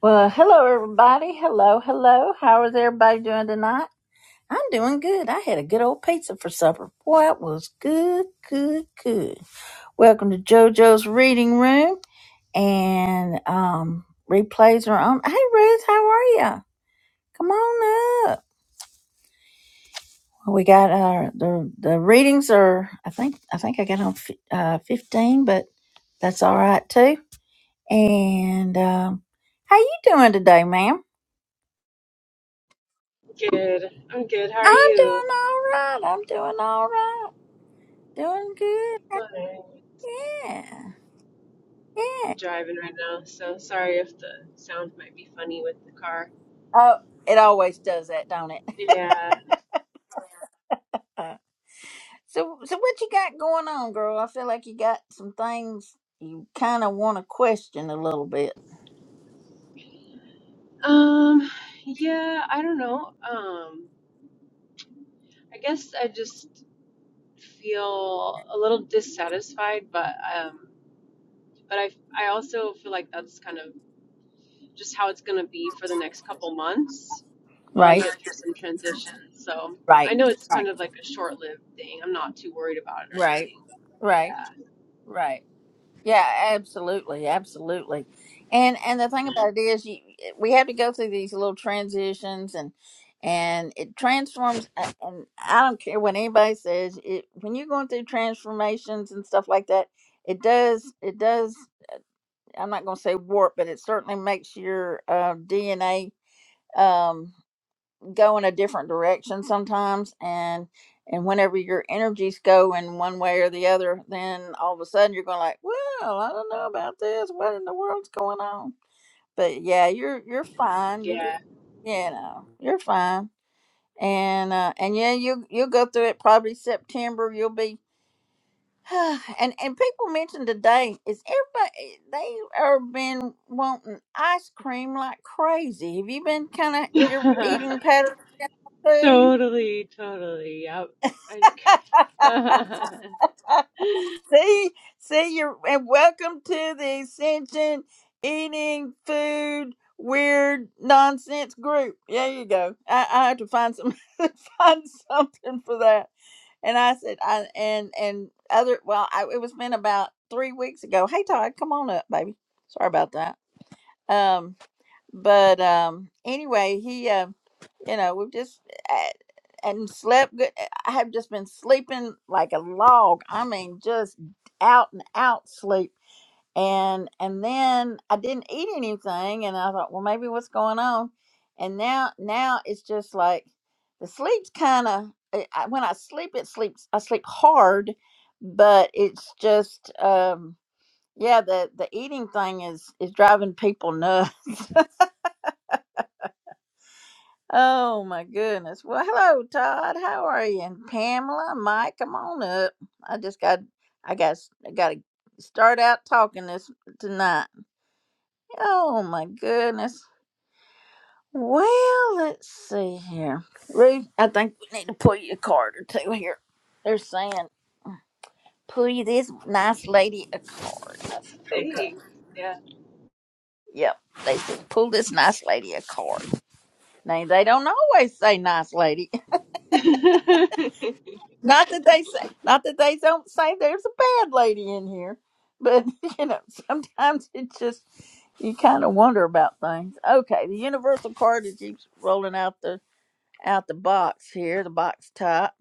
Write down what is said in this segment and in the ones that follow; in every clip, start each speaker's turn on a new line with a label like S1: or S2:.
S1: Well, hello everybody. Hello, hello. How is everybody doing tonight? I'm doing good. I had a good old pizza for supper. Boy, it was good, good, good. Welcome to JoJo's Reading Room and um replays are on. Hey Ruth, how are you? Come on up. Well, We got our the the readings are I think I think I got on fi- uh 15, but that's all right too. And um how you doing today, ma'am?
S2: Good. I'm good. How are
S1: I'm doing
S2: you?
S1: all right. I'm doing all right. Doing good.
S2: Not bad.
S1: Yeah. Yeah.
S2: I'm driving right now, so sorry if the sound might be funny with the car.
S1: Oh, it always does that, don't it?
S2: Yeah.
S1: Uh, so, so what you got going on, girl? I feel like you got some things you kind of want to question a little bit.
S2: Um, yeah, I don't know. Um, I guess I just feel a little dissatisfied, but um, but I I also feel like that's kind of just how it's gonna be for the next couple months while I
S1: Right.
S2: get through some transition. So I
S1: Right.
S2: know it's
S1: Right.
S2: kind of like a short-lived thing. I'm not too worried about it or
S1: Right.
S2: anything.
S1: Right. Right. Yeah, absolutely, absolutely. And and the thing about it is, you, we have to go through these little transitions, and and it transforms. a- And I don't care what anybody says. It when you're going through transformations and stuff like that, it does it does. I'm not going to say warp, but it certainly makes your uh, DNA. Um, go in a different direction sometimes and and whenever your energies go in one way or the other then all of a sudden you're going like well i don't know about this what in the world's going on but yeah you're you're fine you
S2: Yeah.
S1: just you know you're fine and uh and yeah you you'll go through it probably september you'll be and and people mentioned today is everybody they are been wanting ice cream like crazy have you been kind of if you're eating patterns too
S2: totally, totally. Yep. Ice cream.
S1: see, see you, and welcome to the Ascension Eating Food Weird Nonsense Group. There you go. I, I had to find some find something for that. And I said, I and and other. Well, I, it was been about three weeks ago. Hey, Todd, come on up, baby. Sorry about that. Um, but um, anyway, he. um you know we've just a- and slept good eh, i have just been sleeping like a log i mean just out and out sleep and and then i didn't eat anything and i thought well maybe what's going on and now now it's just like the sleep's kind of I, I- when i sleep it sleeps i sleep hard but it's just um yeah the the eating thing is is driving people nuts Oh my goodness. Well, hello, Todd. How are you? And Pamela, Mike, come on up. I just got, I got, I got to start out talking this tonight. Oh my goodness. Well, let's see here. Ruth, I think we need to pull you a card or two here. They're saying pull you this nice lady a card. I said, okay.
S2: Thanks. Yeah.
S1: Yep. They said pull this nice lady a card. Now they don't always say nice lady. Not that they say, not that they don't say there's a bad lady in here, but you know, sometimes it just you kind of wonder about things. Okay, the universal card that keeps rolling out the out the box here, the box top.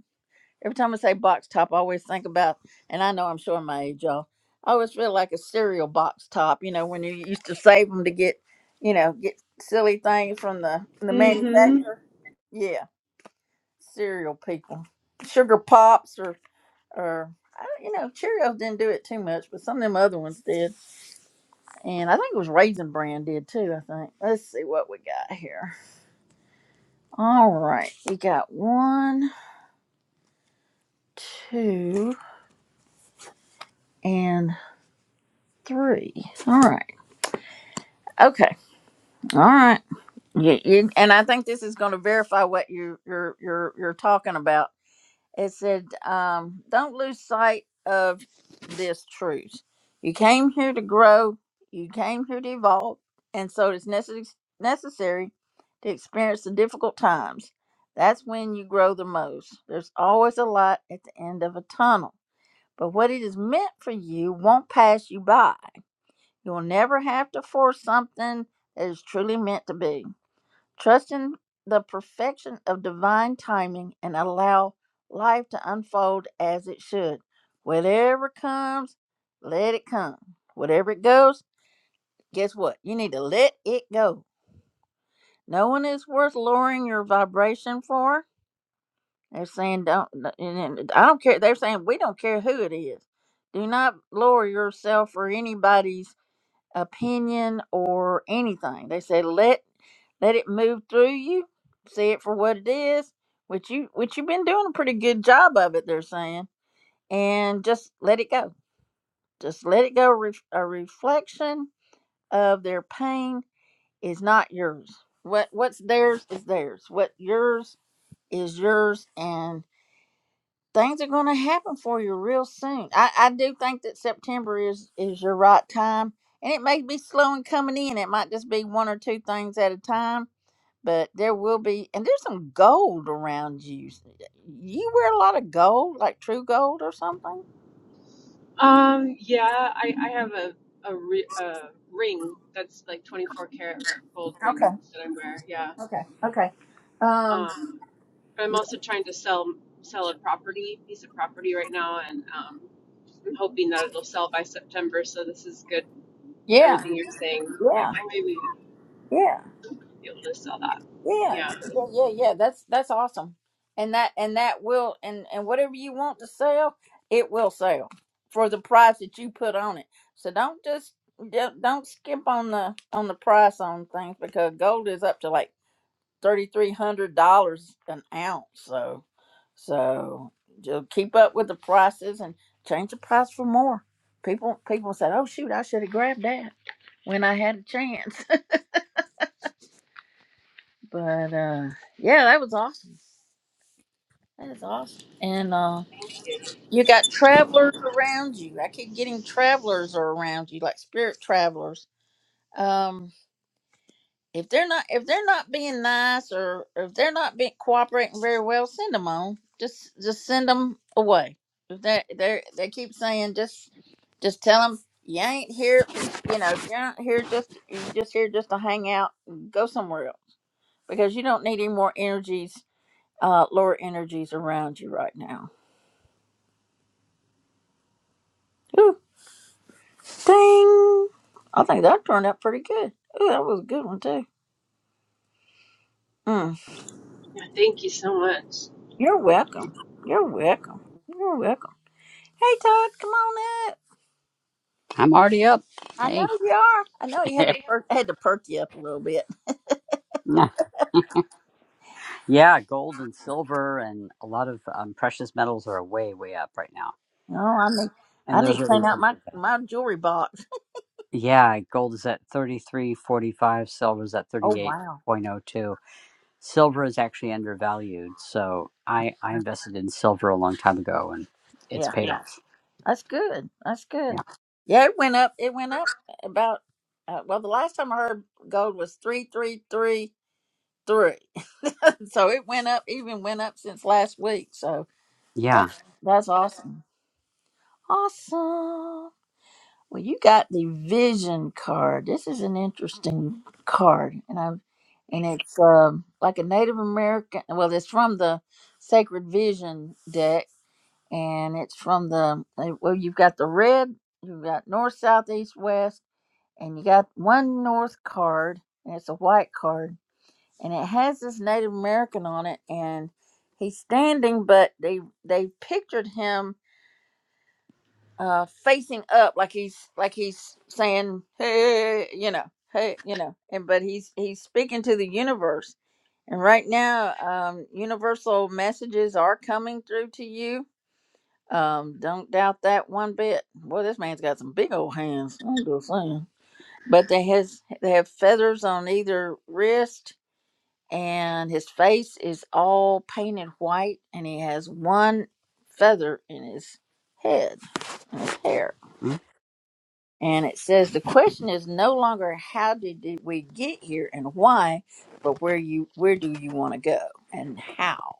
S1: Every time I say box top, I always think about, and I know I'm showing my age, y'all. I always feel like a cereal box top. You know, when you used to save them to get, you know, get silly things from the from the
S2: hmm
S1: manufacturer. Yeah, cereal people, sugar pops or or I don't- you know, Cheerios didn't do it too much, but some of them other ones did. And I think it was Raisin Bran did too. I think. Let's see what we got here. All right, we got one, two, and three. All right. Okay. All right. You, you, and I think this is going to verify what you, you're you're you're talking about. it said, um, don't lose sight of this truth. You came here to grow, you came here to evolve, and so it's necess- necessary to experience the difficult times. That's when you grow the most. There's always a light at the end of a tunnel, but what it is meant for you won't pass you by. You'll never have to force something that is truly meant to be. Trust in the perfection of divine timing and allow life to unfold as it should. Whatever comes, let it come. Whatever it goes, guess what? You need to let it go. No one is worth lowering your vibration for. They're saying don't. n- I n- I don't care. They're saying we don't care who it is. Do not lower yourself for anybody's opinion or anything. They say let let it move through you, see it for what it is, which you which you've been doing a pretty good job of it. They're saying, and just let it go. Just let it go. Ref- A reflection of their pain is not yours. What what's theirs is theirs. What yours is yours, and things are going to happen for you real soon. I, I do think that September is is your right time, and it may be slow in coming in. It might just be one or two things at a time, but there will be, and there's some gold around you. You wear a lot of gold, like true gold or something.
S2: Um, yeah, I, I have a, a, re- a ring that's like 24 karat gold ring
S1: Okay.
S2: that I wear. Yeah.
S1: Okay. Okay. Um.
S2: Um, but I'm also trying to sell sell a property, piece of property right now, and um, I'm hoping that it'll sell by September. So this is good.
S1: Yeah,
S2: Everything you're saying, like,
S1: yeah,
S2: oh, maybe
S1: yeah.
S2: be able to sell that.
S1: Yeah,
S2: Yeah.
S1: yeah, yeah, yeah. That's that's awesome, and that and that will and and whatever you want to sell, it will sell for the price that you put on it. So don't just don't don't skimp on the on the price on things because gold is up to like thirty three hundred dollars an ounce. So so just keep up with the prices and change the price for more. People people said, "Oh shoot, I should have grabbed that when I had a chance." but uh, yeah, that was awesome. That is awesome. And uh,
S2: Thank you.
S1: you got travelers around you. I keep getting travelers are around you, like spirit travelers. Um, if they're not if they're not being nice or, or if they're not being cooperating very well, send them on. Just just send them away. If they they they keep saying just just tell them you ain't here. You know you're not here just you're just here just to hang out. Go somewhere else because you don't need any more energies, uh, lower energies around you right now. Whew. Ding! I think that turned out pretty good. Ooh, that was a good one too. Mm.
S2: Thank you so much.
S1: You're welcome. You're welcome. You're welcome. Hey Todd, come on up.
S3: I'm already up.
S1: I know
S3: Hey.
S1: you are. I know you had to perk had to perk you up a little bit.
S3: yeah, gold and silver and a lot of um, precious metals are way, way up right now.
S1: Oh, I need I
S3: And
S1: need
S3: there's
S1: to
S3: a
S1: clean out
S3: reason
S1: my
S3: for that.
S1: my jewelry box.
S3: Yeah, gold is at 33.45, silver is at
S1: Oh wow.
S3: 38.02. Silver is actually undervalued. So I, I invested in silver a long time ago and it's
S1: Yeah,
S3: paid Yeah. off.
S1: that's good. That's good.
S3: Yeah.
S1: Yeah, it went up. It went up about uh, well, the last time I heard gold was three three three three. So it went up, even went up since last week. So
S3: Yeah.
S1: That's awesome. Awesome. Well, you got the vision card. This is an interesting card, and I, and it's um, like a Native American. Well, it's from the Sacred Vision deck, and it's from the eh, well. You've got the red. You've got north, south, east, west, and you got one north card, and it's a white card, and it has this Native American on it, and he's standing, but they they pictured him uh facing up like he's like he's saying hey you know hey you know and but he's he's speaking to the universe and right now um universal messages are coming through to you um don't doubt that one bit boy this man's got some big old hands i'm just saying but they has they have feathers on either wrist and his face is all painted white and he has one feather in his head in his hair
S3: Mm,
S1: and it says the question is no longer how did it- we get here and why, but where you where do you want to go and how.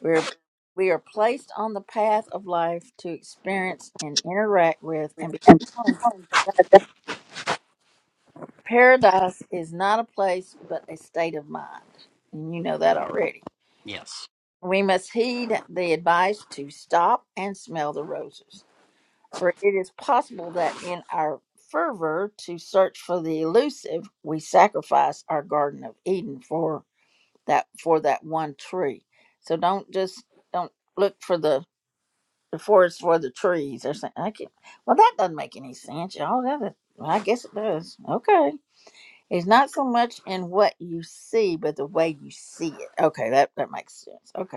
S1: We're we are placed on the path of life to experience and interact with and become. Paradise is not a place but a state of mind. And you know that already.
S3: Yes.
S1: We must heed the advice to stop and smell the roses. For it is possible that in our fervor to search for the elusive, we sacrifice our Garden of Eden for that for that one tree. So don't just don't look for the the forest for the trees or something. I can't, well, that doesn't make any sense, y'all. That is, well, I guess it does. Okay, it's not so much in what you see, but the way you see it. Okay, that that makes sense. Okay.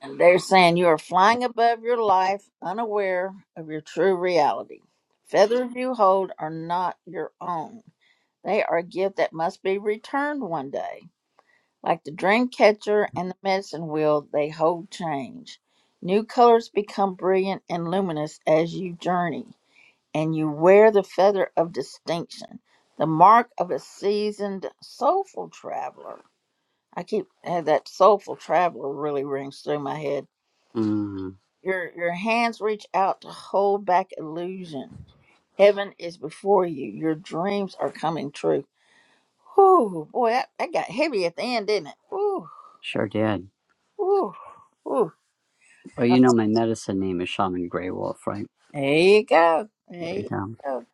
S1: And they're saying you are flying above your life, unaware of your true reality. Feathers you hold are not your own. They are a gift that must be returned one day. Like the dream catcher and the medicine wheel, they hold change. New colors become brilliant and luminous as you journey, and you wear the feather of distinction, the mark of a seasoned, soulful traveler. I keep eh, that soulful traveler really rings through my head
S3: Mm,
S1: your your hands reach out to hold back illusion. Heaven is before you. Your dreams are coming true. Whew, boy, that, that got heavy at the end, didn't it? Whew,
S3: sure did.
S1: whew, whew.
S3: Well, you know, my medicine name is Shaman Grey Wolf, right?
S1: There you go.
S3: There
S1: There
S3: you
S1: you go.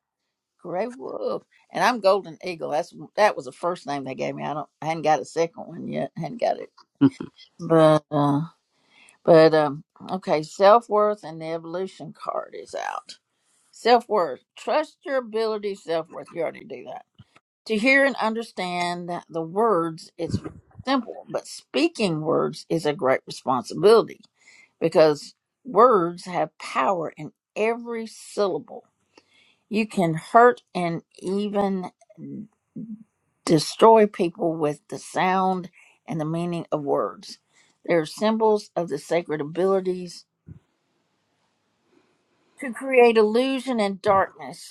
S1: Gray Wolf. And I'm Golden Eagle. That's that was the first name they gave me. I don't I hadn't got a second one yet. I hadn't got it.
S3: go.
S1: But uh, but um okay, self worth and the evolution card is out. Self worth. Trust your ability, self worth. You already do that To hear and understand the words, it's very simple, but speaking words is a great responsibility because words have power in every syllable. You can hurt and even destroy people with the sound and the meaning of words. They're symbols of the sacred abilities to create illusion and darkness.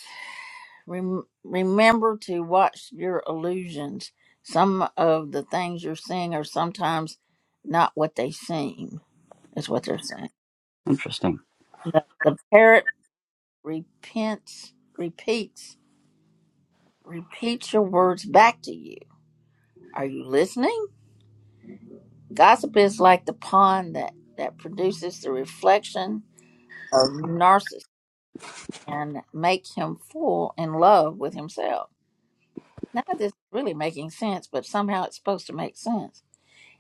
S1: Rem- remember to watch your illusions. Some of the things you're seeing are sometimes not what they seem, is what they're saying.
S3: Interesting.
S1: The, the parrot repents, repeats, repeats your words back to you. Are you listening? Gossip is like the pond that, that produces the reflection of narcissist and make him full in love with himself. None of this is really making sense, but somehow it's supposed to make sense.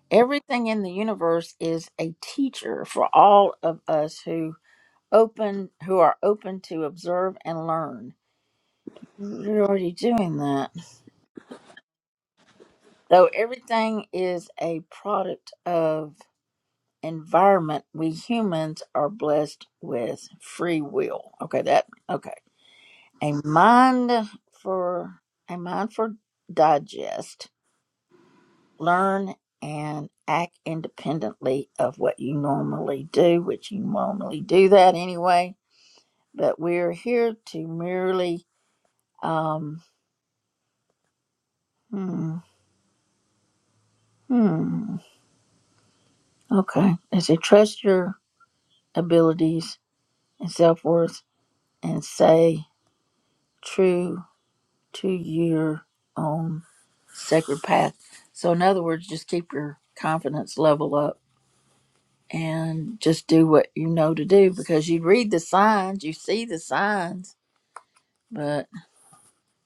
S1: Everything in the universe is a teacher for all of us who open who are open to observe and learn. You're already doing that. So everything is a product of environment we humans are blessed with free will. Okay, that okay. A mind for a mind for digest learn and act independently of what you normally do, which you normally do that anyway. But we're here to merely, um, hmm, hmm, okay, I say trust your abilities and self worth and say true to your own sacred path. So, in other words, just keep your confidence level up and just do what you know to do because you read the signs, you see the signs But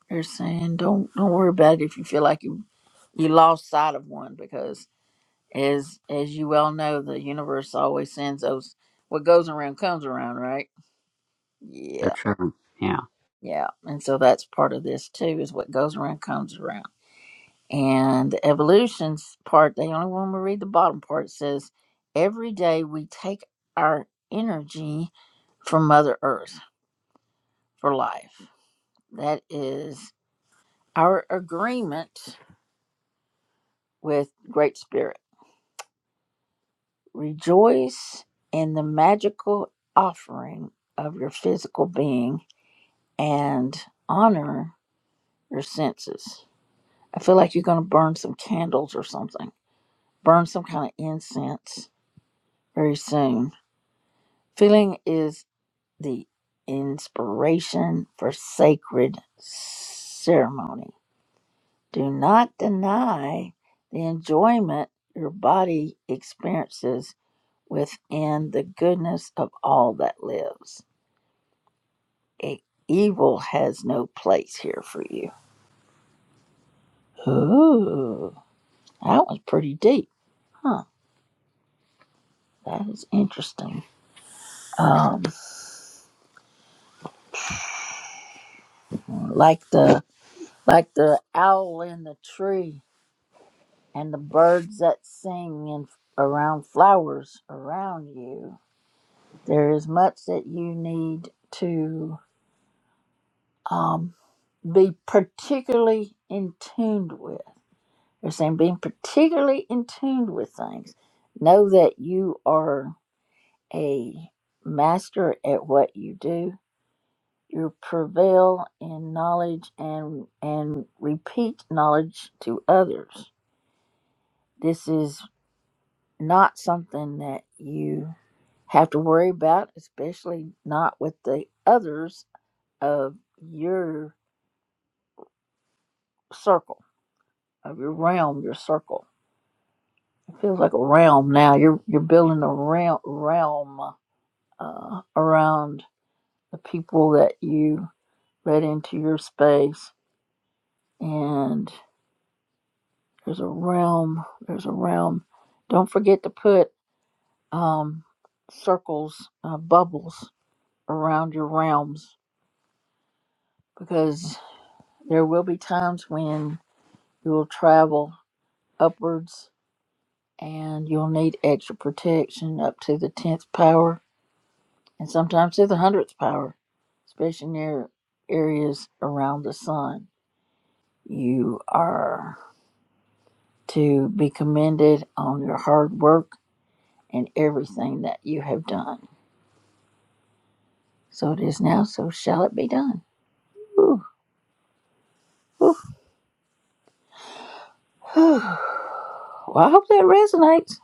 S1: they're saying don't don't worry about it if you feel like you you lost sight of one because as as you well know, the universe always sends those what goes around comes around, right?
S3: So
S1: Yeah.
S3: true. Yeah.
S1: Yeah. And so that's part of this too, is what goes around comes around. And the evolution's part, they only want me to read the bottom part, it says every day we take our energy from Mother Earth for life. That is our agreement with Great Spirit Rejoice in the magical offering of your physical being and honor your senses. I feel like you're going to burn some candles or something, burn some kind of incense very soon. Feeling is the inspiration for sacred ceremony. Do not deny the enjoyment your body experiences within the goodness of all that lives. e- evil has no place here for you. Ooh, that was pretty deep, huh? That is interesting. Um, like the like the owl in the tree and the birds that sing in, around flowers around you. There is much that you need to um, be particularly in tuned with. They're saying being particularly in tuned with things. Know that you are a master at what you do. You prevail in knowledge and and repeat knowledge to others. This is not something that you have to worry about, especially not with the others of your circle, of your realm, your circle. It feels like a realm now. You're you're building a realm realm uh, around the people that you let into your space and there's a realm there's a realm don't forget to put um circles uh, bubbles around your realms because there will be times when you will travel upwards and you'll need extra protection up to the 10th power and sometimes to the 100th power especially near areas around the sun you are to be commended on your hard work in everything that you have done. So it is now, so shall it be done. Ooh, ooh, ooh. Well, I hope that resonates.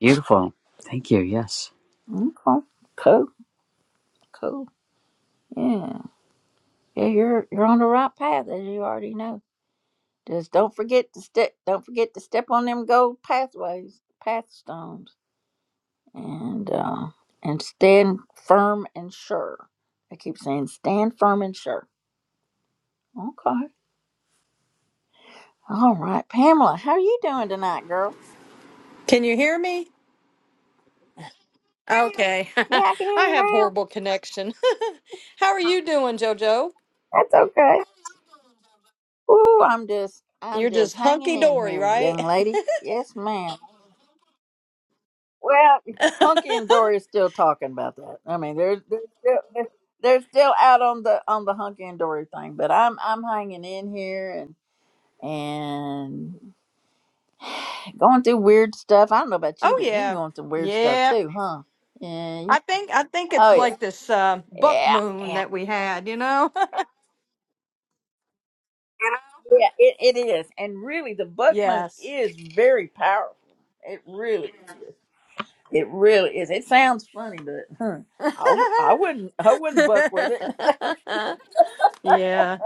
S3: Beautiful. Thank you. Yes.
S1: Okay. Cool. Cool. Yeah. Yeah, you're you're on the right path as you already know. Just don't forget to step don't forget to step on them gold pathways, path stones. And uh and stand firm and sure. I keep saying stand firm and sure. Okay. All right. Pamela, how are you doing tonight, girl?
S4: Can you hear me? Okay.
S1: Yeah, I can hear
S4: I
S1: you
S4: have horrible
S1: now.
S4: connection. How are you doing, Jojo?
S1: That's okay. Ooh, I'm just, I'm
S4: You're
S1: just
S4: just
S1: hanging
S4: hunky
S1: in
S4: dory,
S1: here,
S4: right?
S1: young lady. Yes, ma'am. Well, Hunky and
S4: oh
S1: Dory is still talking about that. I mean, they're they're still, they're, they're still out on the on the Hunky and Dory thing, but I'm I'm hanging in here and and going through weird stuff. I don't know about you, but you
S4: yeah.
S1: going through weird stuff
S4: Yeah.
S1: too, huh? Yeah. you-
S4: I think I think
S1: Oh
S4: it's like this uh, buck
S1: yeah. Yeah.
S4: moon that we had, you know?
S1: Yeah, it, it is. And really, the buck moon
S4: yes.
S1: is very powerful. It really is. It really is. It sounds funny, but huh, I, w- I wouldn't I wouldn't buck with it.
S4: yeah.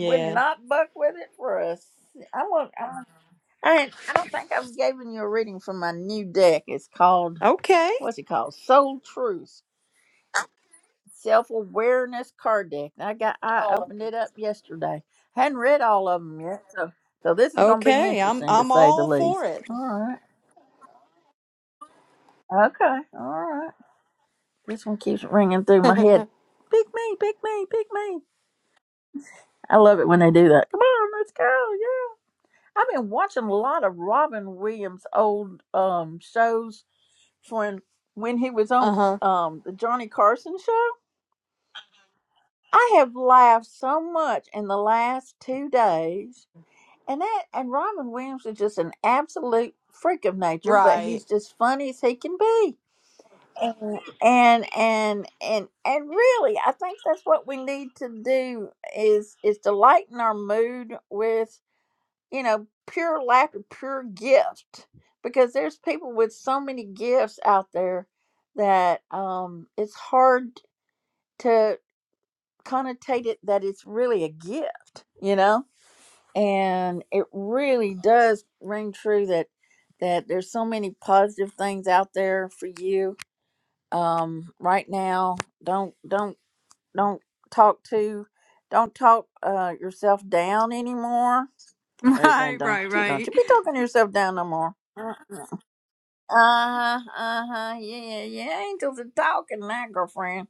S1: Would not buck with it for us. I want. I, want- I ain't- I don't think I've given you a reading from my new deck. It's called
S4: Okay.
S1: what's it called? Soul Truth. Self awareness card deck. I got I opened it up yesterday. Hadn't read all of them yet, so so this is gonna be
S4: Okay. I'm
S1: interesting to
S4: I'm
S1: say the
S4: all for
S1: least.
S4: it.
S1: All right. Okay. All right. This one keeps ringing through my head. Pick me, pick me, pick me. I love it when they do that. Come on, let's go. Yeah. I've been watching a lot of Robin Williams old um shows when when he was on
S4: uh-huh.
S1: um the Johnny Carson show. I have laughed so much in the last two days And that and Robin Williams is just an absolute freak of nature, but
S4: Right.
S1: he's just funny as he can be. And and and and, and really, I think that's what we need to do is is to lighten our mood with you know pure laughter, pure gift, because there's people with so many gifts out there that um it's hard to connotate it that it's really a gift, you know and it really does ring true that that there's so many positive things out there for you um right now don't don't don't talk to don't talk uh yourself down anymore or saying
S4: Right,
S1: don't
S4: right,
S1: you don't you
S4: right.
S1: be talking yourself down no more uh-huh uh-huh yeah yeah yeah. angels are talking now girlfriend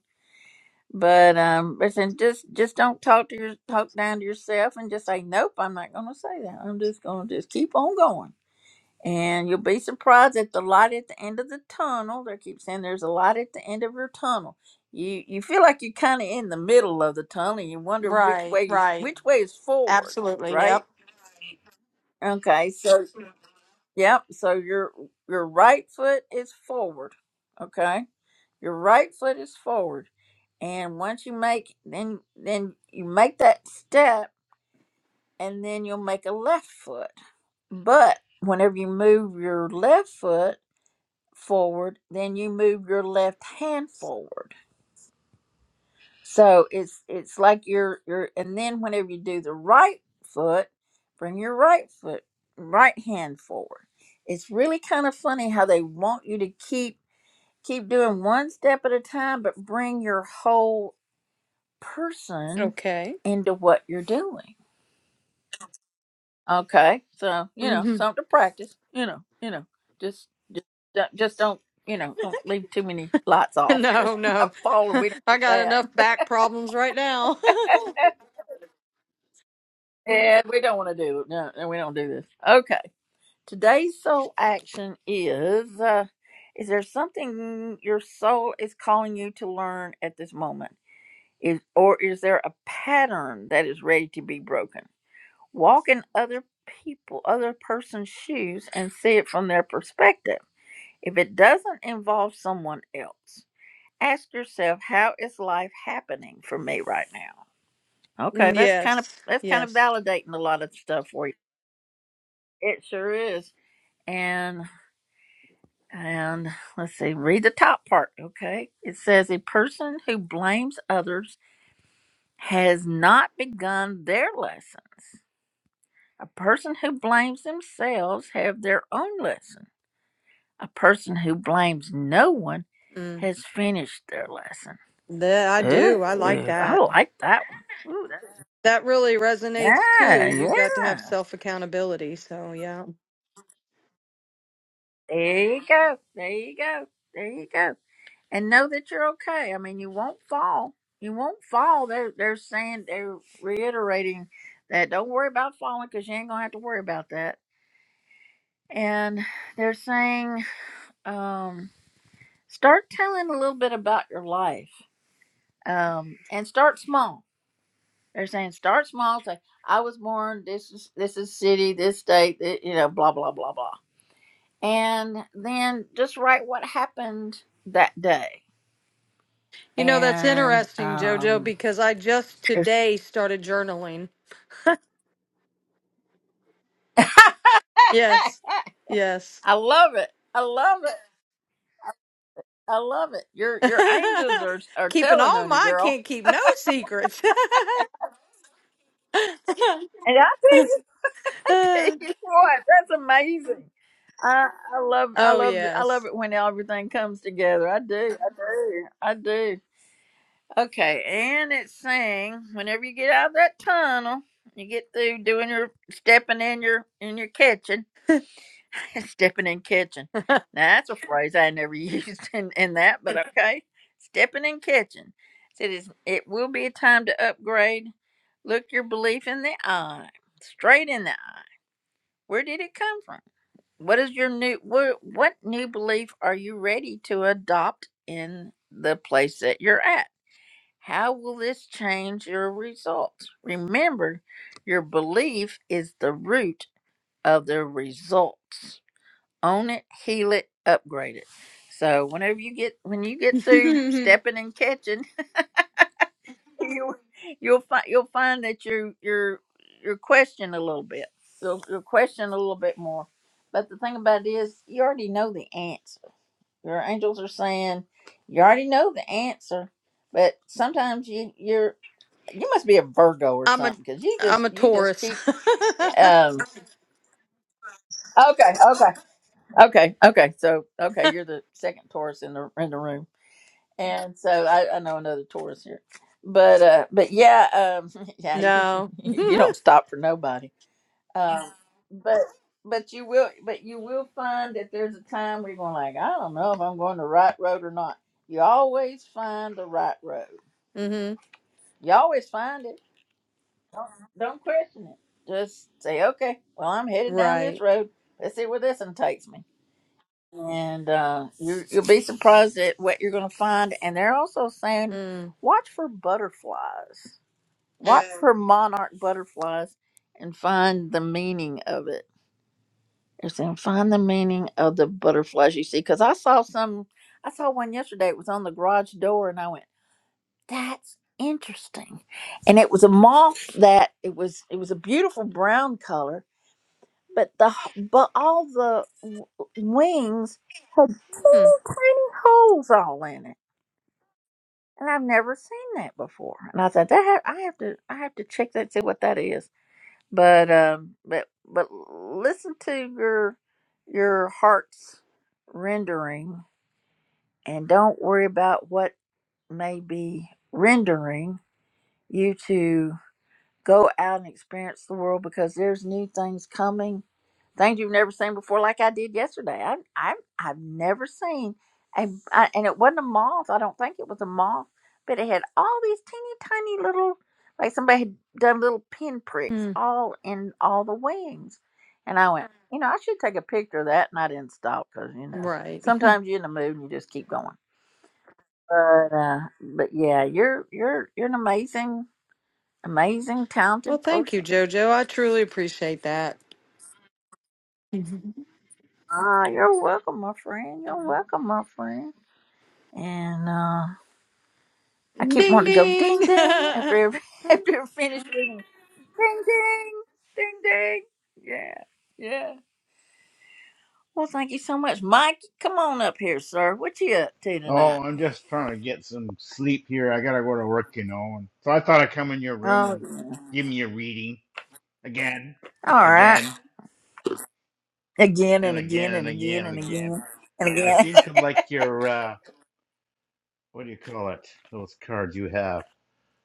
S1: but um, but then just just don't talk to your talk down to yourself and just say nope. I'm not going to say that. I'm just going to just keep on going, and you'll be surprised at the light at the end of the tunnel. They keep saying there's a light at the end of your tunnel. You you feel like you're kind of in the middle of the tunnel. And you wonder which
S4: Right,
S1: way is
S4: right.
S1: which way is forward,
S4: Absolutely.
S1: right?
S4: Yep.
S1: Okay, so yep. So your your right foot is forward, okay your right foot is forward. And once you make then then you make that step and then you'll make a left foot. But whenever you move your left foot forward, then you move your left hand forward. So it's it's like your your and then whenever you do the right foot, bring your right foot right hand forward. It's really kind of funny how they want you to keep keep doing one step at a time but bring your whole person
S4: Okay.
S1: into what you're doing. Okay, so you know
S4: hmm
S1: something to practice. You know, you know, just just don't- just don't you know don't leave too many lights off because
S4: No,
S1: you might
S4: no.
S1: fall, and we don't do
S4: I got
S1: that.
S4: enough back problems right now.
S1: Yeah, we don't want to do no, and we don't do this. Okay, today's soul action is: uh, is there something your soul is calling you to learn at this moment? Is or is there a pattern that is ready to be broken? Walk in other people, other person's shoes and see it from their perspective. If it doesn't involve someone else, ask yourself, how is life happening for me right now? Okay, that's kind of
S4: yes,
S1: that's kind of
S4: yes.
S1: validating a lot of stuff for you. It sure is. And and let's see, read the top part, okay? It says a person who blames others has not begun their lessons. A person who blames themselves have their own lessons. A person who blames no one
S4: Mm.
S1: has finished their lesson.
S4: That I do. I like
S1: Ooh, I
S4: that.
S1: like that one. Ooh, that-
S4: That really resonates too. You
S1: yeah,
S4: got to have
S1: yeah.
S4: self accountability. So, yeah.
S1: There you go. There you go. There you go. And know that you're okay. I mean, you won't fall. You won't fall. They're they're saying they're reiterating that don't worry about falling because you ain't gonna have to worry about that. And they're saying um, start telling a little bit about your life um, and start small They're saying start small. Say I was born. This is this is city. This state. thi- you know, blah blah blah blah. And then just write what happened that day.
S4: You know, that's
S1: And
S4: interesting, JoJo,
S1: um,
S4: because I just
S1: if-
S4: today started journaling. Yes, yes.
S1: I love it. I love it. I love it. Your your angels are are
S4: Keeping
S1: telling
S4: all
S1: on you,
S4: my,
S1: girl.
S4: can't keep no secrets.
S1: And I tell
S4: oh,
S1: you what, that's amazing. I, I love I love I love
S4: yes.
S1: it when everything comes together. I do. I do. I do. Okay, and it's saying whenever you get out of that tunnel, you get through doing your stepping in your in your kitchen, stepping in kitchen. Now that's a phrase I never used in, in that, but okay, stepping in kitchen. It is. It will be a time to upgrade. Look your belief in the eye, straight in the eye. Where did it come from? What is your new what? What new belief are you ready to adopt in the place that you're at? How will this change your results? Remember, your belief is the root of the results. Own it, heal it, upgrade it. So whenever you get when you get through stepping and catching, you you'll find you'll find that you are you're you're questioned a little bit. You'll you'll question a little bit more. But the thing about it is you already know the answer. Your angels are saying you already know the answer, but sometimes you you're you must be a Virgo or
S4: I'm a
S1: something because you
S4: I'm
S1: just
S4: a
S1: you just
S4: Taurus.
S1: keep um okay okay okay okay so okay you're the second Taurus in the in the room and so I, I know another Taurus here but uh but yeah um yeah you
S4: no.
S1: you don't stop for nobody um but but you will but you will find that there's a time where you're going like I don't know if I'm going the right road or not you always find the right road
S4: hmm
S1: you always find it Don't, don't question it. Just say, okay, well, I'm headed down this
S4: Right.
S1: road. Let's see where this one takes me. And uh, you, you'll be surprised at what you're going to find. And they're also saying,
S4: Mm.
S1: watch for butterflies, watch Yeah. for monarch butterflies, and find the meaning of it. They're saying, find the meaning of the butterflies you see. Because I saw some, I saw one yesterday. It was on the garage door, and I went, that's interesting. And it was a moth that it was it was a beautiful brown color, but the h- but all the w- wings had
S4: Mm.
S1: teeny tiny holes all in it. And I've never seen that before. And I thought that ha- I have to I have to check that see what that is. But um but but listen to your your heart's rendering and don't worry about what may be rendering you to Go out and experience the world because there's new things coming, things you've never seen before, like I did yesterday. I, I, I've never seen, a, I, and it wasn't a moth. I don't think it was a moth, but it had all these teeny tiny little, like somebody had done little pin pricks
S4: Mm.
S1: all in all the wings. And I went, you know, I should take a picture of that, and I didn't stop because you know
S4: Right.
S1: sometimes you're in the mood and you just keep going. But uh, but yeah, you're you're you're an amazing, amazing,
S4: Well,
S1: talented
S4: thank
S1: person.
S4: you, Jojo. I truly appreciate that. Mhm.
S1: Ah, you're welcome, my friend. You're welcome, my friend. And uh, I keep
S4: Ding
S1: wanting to go ding ding after
S4: ding.
S1: every after I finish reading. Ding ding, ding ding. Yeah, yeah. Well, thank you so much, Mike. Come on up here, sir. What you up to tonight?
S5: Oh, I'm just trying to get some sleep here. I gotta go to work, you know. And so I thought I'd come in your room
S1: Oh,
S5: and
S1: yeah.
S5: give me a reading again,
S1: all right.
S5: again,
S1: Again
S5: and
S1: and
S5: again,
S1: again
S5: and
S1: and again
S5: again, and
S1: and
S5: again.
S1: again and
S5: I
S1: again.
S5: seem to like your uh, what do you call it? Those cards you have,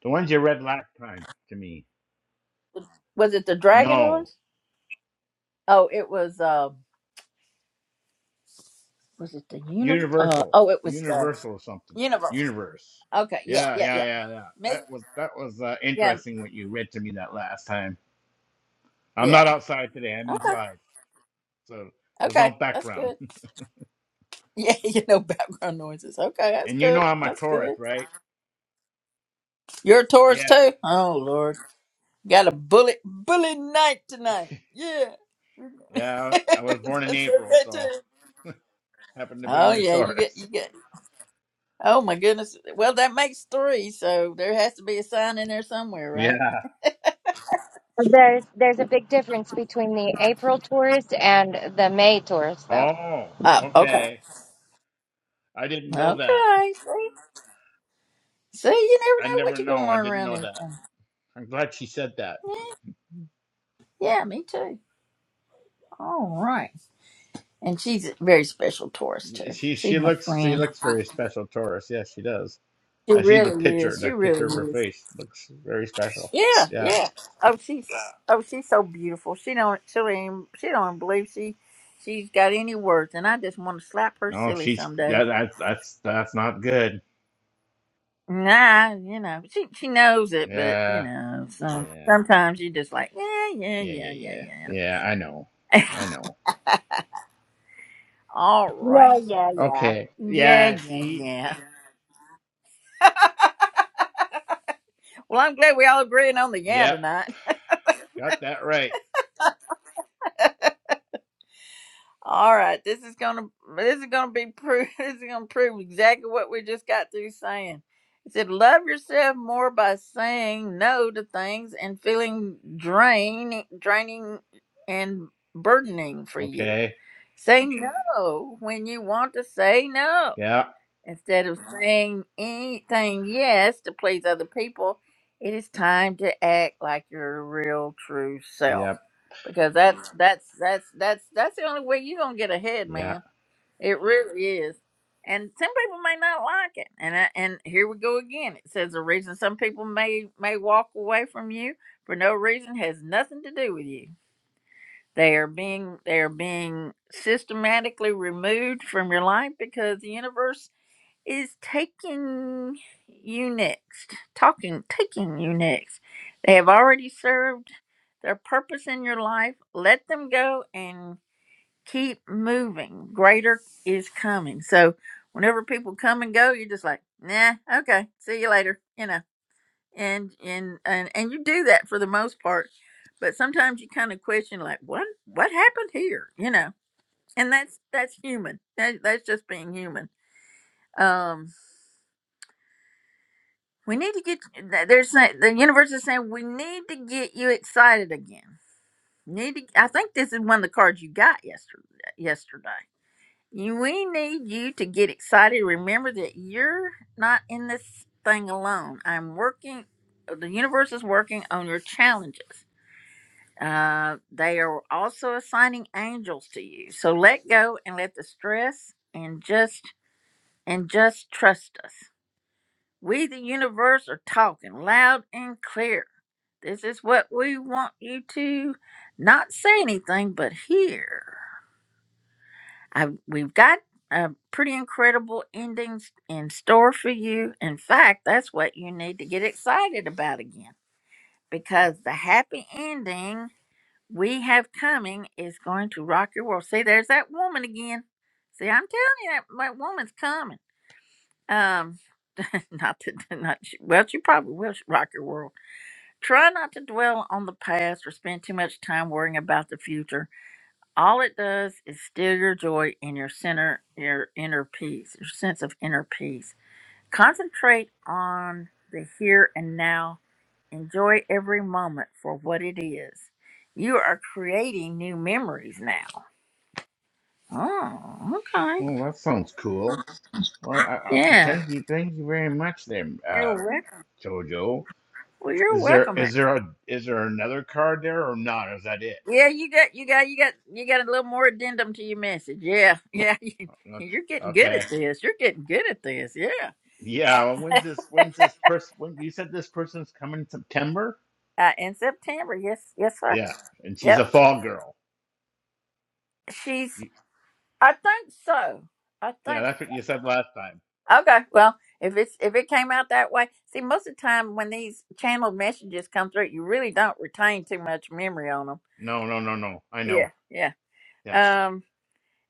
S5: the ones you read last time to me.
S1: was it the dragon
S5: No,
S1: ones? Oh, it was. Uh, was it the universe? Uh,
S5: universal,
S1: oh, it was the
S5: universal or something,
S1: universe.
S5: universe.
S1: Okay, yeah,
S5: Yeah,
S1: yeah, yeah.
S5: yeah, yeah, yeah.
S1: Miss,
S5: That was that was uh,
S1: yeah,
S5: interesting what you read to me that last time. I'm
S1: Yeah.
S5: not outside today. I'm
S1: Okay.
S5: inside. so there's
S1: Okay.
S5: no
S1: That's
S5: background.
S1: good. Yeah, you know background noises. Okay, that's
S5: And you know
S1: good.
S5: I'm a
S1: That's
S5: Taurus,
S1: good.
S5: right?
S1: You're a Taurus
S5: Yes.
S1: too? Oh Lord. Got a bullet bullet night tonight. Yeah.
S5: Yeah,
S1: that's
S5: I was born in April,
S1: okay too.
S5: so happened to be
S1: Oh
S5: in the
S1: yeah, you get
S5: Taurus.
S1: you get oh my goodness. Well that makes three, so there has to be a sign in there somewhere, right?
S5: Yeah.
S6: There's there's a big difference between the April tourist and the May tourist, though.
S5: Oh,
S1: Oh, okay.
S5: okay. I didn't know that.
S1: Okay. See? See, you
S5: I
S1: never know what
S5: never
S1: you're gonna
S5: know. I
S1: learn
S5: didn't
S1: around
S5: know
S1: this
S5: that.
S1: thing.
S5: I'm glad she said that.
S1: Yeah, yeah, me too. All right. And she's a very special to us too.
S5: She
S1: She's
S5: she
S1: my
S5: looks she
S1: friend.
S5: looks very special, Taurus. Yes, she does.
S1: She
S5: I see the
S1: really
S5: picture.
S1: is. She
S5: The
S1: really
S5: picture of her
S1: is.
S5: face looks very special.
S1: Yeah,
S5: Yeah.
S1: yeah. Oh, she's oh, she's so beautiful. She don't she don't even, she don't even believe she she's got any worth. And I just want to slap her
S5: Oh,
S1: silly
S5: she's
S1: some days.
S5: that, that that's that's not good.
S1: Nah, you know she she knows it, but you
S5: Yeah.
S1: know some
S5: Yeah.
S1: sometimes you just like yeah yeah
S5: Yeah. Yeah.
S1: yeah yeah
S5: Yeah.
S1: yeah.
S5: Yeah. I know. I know.
S1: All right.
S6: Yeah, yeah, yeah.
S5: Okay.
S1: Yeah
S5: Yeah.
S1: yeah
S5: See.
S1: yeah. well, I'm glad we all agreeing on the yeah
S5: Yep.
S1: tonight.
S5: Got that right.
S1: All right, this is gonna this is gonna be prove this is gonna prove exactly what we just got through saying. It said, "Love yourself more by saying no to things and feeling drain, draining, and burdening for you.
S5: Okay.
S1: Say Mhm. no when you want to say no."
S5: Yep.
S1: Instead of saying anything yes to please other people, it is time to act like your real true self.
S5: Yep.
S1: Because that's that's that's that's that's the only way you're gonna get ahead,
S5: Yeah.
S1: man. It really is. And some people may not like it. And I, and here we go again. It says the reason some people may may walk away from you for no reason has nothing to do with you. They are being they are being systematically removed from your life because the universe is taking you next. Talking, taking you next. They have already served their purpose in your life. Let them go and keep moving. Greater is coming. So, whenever people come and go, you're just like, nah, okay, see you later. You know, and and and and you do that for the most part. But sometimes you kind of question, like, what what happened here? You know, and that's that's human. That, that's just being human Um. We need to get th- they're saying the universe is saying we need to get you excited again. Need to, I think this is one of the cards you got yesterday. Yesterday, you, we need you to get excited. Remember that you're not in this thing alone. I'm working. The universe is working on your challenges. Uh, they are also assigning angels to you. So let go and let the stress and just and just trust us. We, the universe, are talking loud and clear. This is what we want you to not say anything, but hear. I, we've got uh, pretty incredible endings in store for you. In fact, that's what you need to get excited about again because the happy ending we have coming is going to rock your world. See, there's that woman again. See, I'm telling you, that, that woman's coming. Um, not that, not she- well, she probably will rock your world Try not to dwell on the past or spend too much time worrying about the future. All it does is steal your joy and your center, your inner peace, your sense of inner peace. Concentrate on the here and now. Enjoy every moment for what it is. You are creating new memories now. Oh, okay.
S5: Well, that sounds cool. Well, I, I,
S1: Yeah.
S5: thank you. Thank you very much, there,
S1: You're
S5: uh,
S1: welcome.
S5: Jojo.
S1: Well, you're
S5: Is there
S1: welcome.
S5: is there a is there another card there or not? Or is that it?
S1: Yeah, you got you got you got you got a little more addendum to your message. Yeah, yeah,
S5: Uh,
S1: you're getting good at
S5: Okay.
S1: this. You're getting good at this. Yeah,
S5: Yeah. well, When's this? When's this person? When you said this person's coming in September?
S1: uh, in September. Yes, yes, sir.
S5: Yeah. And she's a
S1: Yep.
S5: fall girl.
S1: She's.
S5: You,
S1: I think so. I
S5: yeah.
S1: think.
S5: That's what you said last time.
S1: Okay. Well, if it's if it came out that way, see, most of the time when these channeled messages come through, you really don't retain too much memory on them.
S5: No. No. No. No. I know.
S1: Yeah. Yeah.
S5: Yeah.
S1: Um.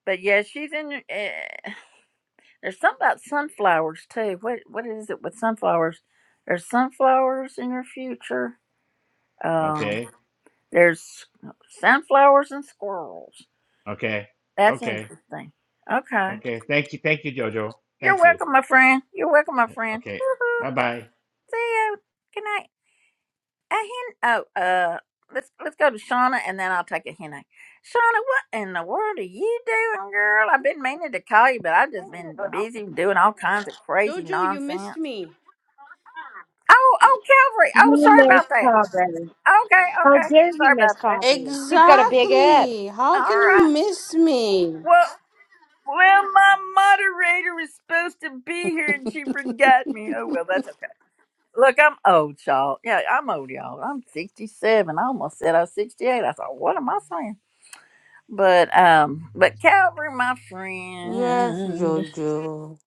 S1: But yeah, she's in. Uh, There's something about sunflowers too. What what is it with sunflowers? There's sunflowers in your future. Um,
S5: Okay.
S1: there's sunflowers and squirrels.
S5: Okay.
S1: That's
S5: Okay.
S1: interesting. Okay.
S5: Okay. Thank you. Thank you, Jojo.
S1: You're
S5: Thank you.
S1: welcome, my friend. You're welcome, my friend.
S5: Okay. Bye
S1: Woohoo.
S5: bye.
S1: See you. Good night. A hen. Oh, uh, let's let's go to Shauna, and then I'll take a hen. egg. Shauna, what in the world are you doing, girl? I've been meaning to call you, but I've just been busy doing all kinds of crazy
S7: Jojo, you missed
S1: nonsense.
S7: me.
S1: Oh, oh, Calvary. Oh,
S6: You
S1: sorry
S6: miss
S1: about that.
S6: Coburn.
S1: Okay,
S6: How
S1: okay.
S6: dare you
S1: Sorry
S6: miss
S1: about that.
S6: Coburn? She's got a big head.
S7: Exactly. How
S1: All
S7: can
S1: right.
S7: you miss me?
S1: Well, well, my moderator is supposed to be here and she forgot me. Oh well, that's okay. Look, I'm old, y'all. Yeah, I'm old, y'all. I'm 67. I almost said I was 68. I thought, what am I saying? But um, but Calvary, my
S7: Yes,
S1: friend.
S7: Jojo.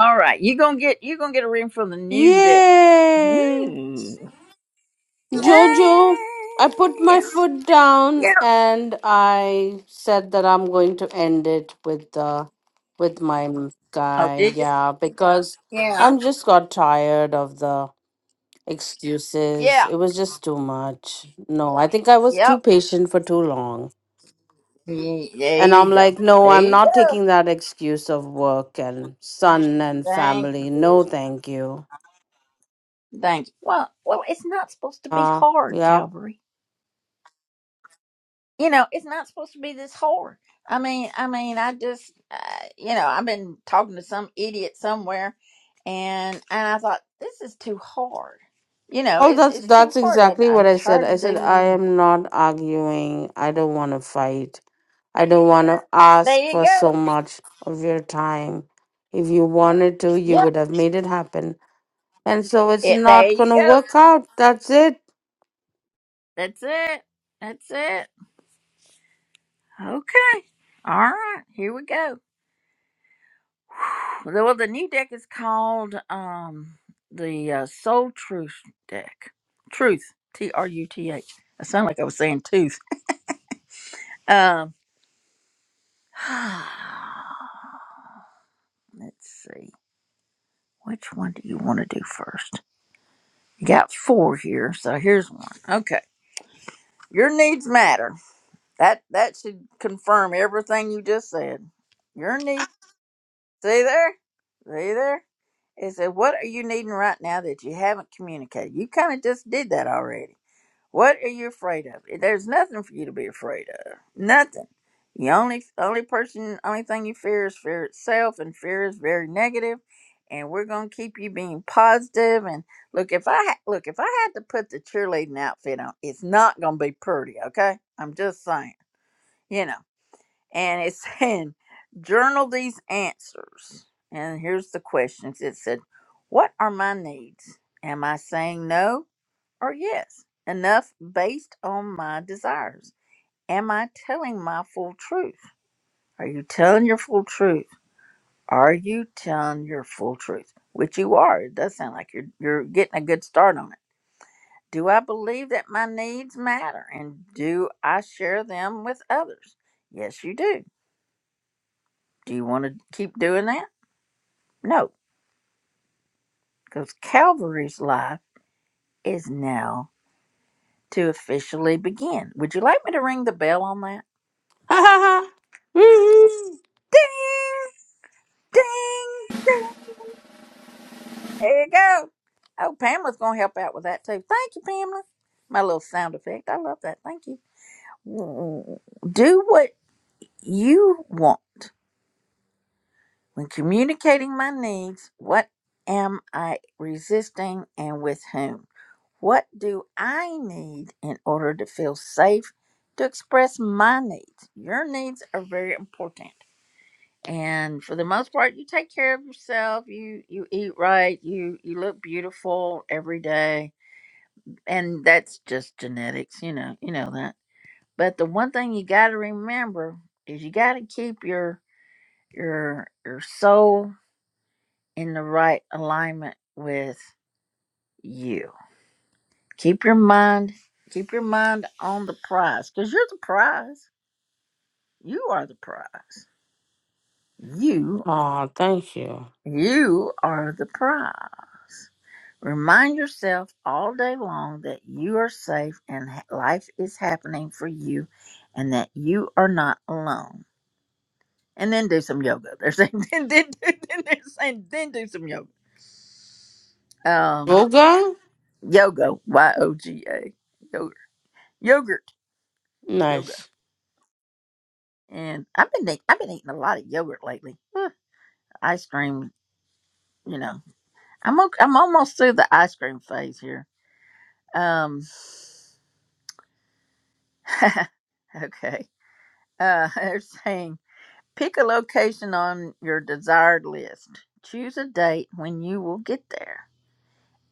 S1: All right, you gonna get you gonna get a ring from the new deck.
S7: Yay!
S1: Ooh.
S7: Jojo, I put
S1: Yay.
S7: my foot down
S1: Yeah.
S7: and I said that I'm going to end it with the with my
S1: Oh,
S7: guy.
S1: did you?
S7: Yeah, because
S1: Yeah.
S7: I'm just got tired of the excuses.
S1: Yeah.
S7: It was just too much. No, I think I was too
S1: Yep.
S7: patient for too long.
S1: Ye- There
S7: And
S1: you
S7: I'm
S1: go.
S7: like, no,
S1: There
S7: I'm
S1: you go.
S7: not taking that excuse of work and son and
S1: Thank
S7: family.
S1: you.
S7: No, thank you.
S1: Thank you. Well, well, it's not supposed to be
S7: Uh,
S1: hard,
S7: yeah.
S1: Calvary. You know, it's not supposed to be this hard. I mean, I mean, I just, uh, you know, I've been talking to some idiot somewhere, and and I thought this is too hard. You know,
S7: Oh,
S1: it's
S7: that's
S1: it's too
S7: that's
S1: hard. I,
S7: exactly what
S1: I'm
S7: I said.
S1: tired
S7: I
S1: of
S7: said I
S1: doing.
S7: am not arguing. I don't want to fight. I don't want to
S1: There
S7: ask
S1: you
S7: for
S1: go.
S7: so much of your time. If you wanted to, you
S1: Yeah.
S7: would have made it happen. And so it's
S1: It. There
S7: not going
S1: you
S7: to
S1: go.
S7: work out. That's it.
S1: That's it. That's it. Okay. All right. Here we go. The- Well, the new deck is called um the uh, Soul Truth deck. Truth, T R U T H. I sound like I was saying tooth. Um, let's see. Which one do you want to do first? You got four here, so here's one. Okay, your needs matter. That that should confirm everything you just said. Your needs. See there? See there? It said, "What are you needing right now that you haven't communicated?" You kind of just did that already. What are you afraid of? There's nothing for you to be afraid of. Nothing. The only only person, only thing you fear is fear itself, and fear is very negative. And we're gonna keep you being positive. And look, if I ha- look, if I had to put the cheerleading outfit on, it's not gonna be pretty. Okay, I'm just saying. You know. And it's saying, journal these answers. And here's the questions. It said, "What are my needs? Am I saying no? or yes, enough based on my desires? Am I telling my full truth? Are you telling your full truth? Are you telling your full truth? Which you are. It does sound like you're you're getting a good start on it. Do I believe that my needs matter and do I share them with others? Yes, you do. Do you want to keep doing that? No, because Calvary's life is now to officially begin. Would you like me to ring the bell on that? Ding. Ding, ding. There you go. Oh, Pamela's going to help out with that too. Thank you, Pamela. My little sound effect. I love that. Thank you. Do what you want. When communicating my needs, what am I resisting and with whom? What do I need in order to feel safe to express my needs? Your needs are very important. and for the most part you take care of yourself you you eat right you you look beautiful every day and that's just genetics you know you know that but the one thing you got to remember is you got to keep your your your soul in the right alignment with you keep your mind keep your mind on the prize because you're the prize you are the prize you
S7: Ah, thank you.
S1: you are the prize Remind yourself all day long that you are safe and ha- life is happening for you and that you are not alone. And then do some yoga. They're saying, then, then, then, then they're saying, then do some yoga. Um,
S7: Okay.
S1: yoga, Y O G A, yogurt, yogurt, yoga.
S7: Nice.
S1: And I've been, eat- I've been eating a lot of yogurt lately. Huh, ice cream, you know, I'm, okay, I'm almost through the ice cream phase here. Um, okay. Uh, they're saying. Pick a location on your desired list. Choose a date when you will get there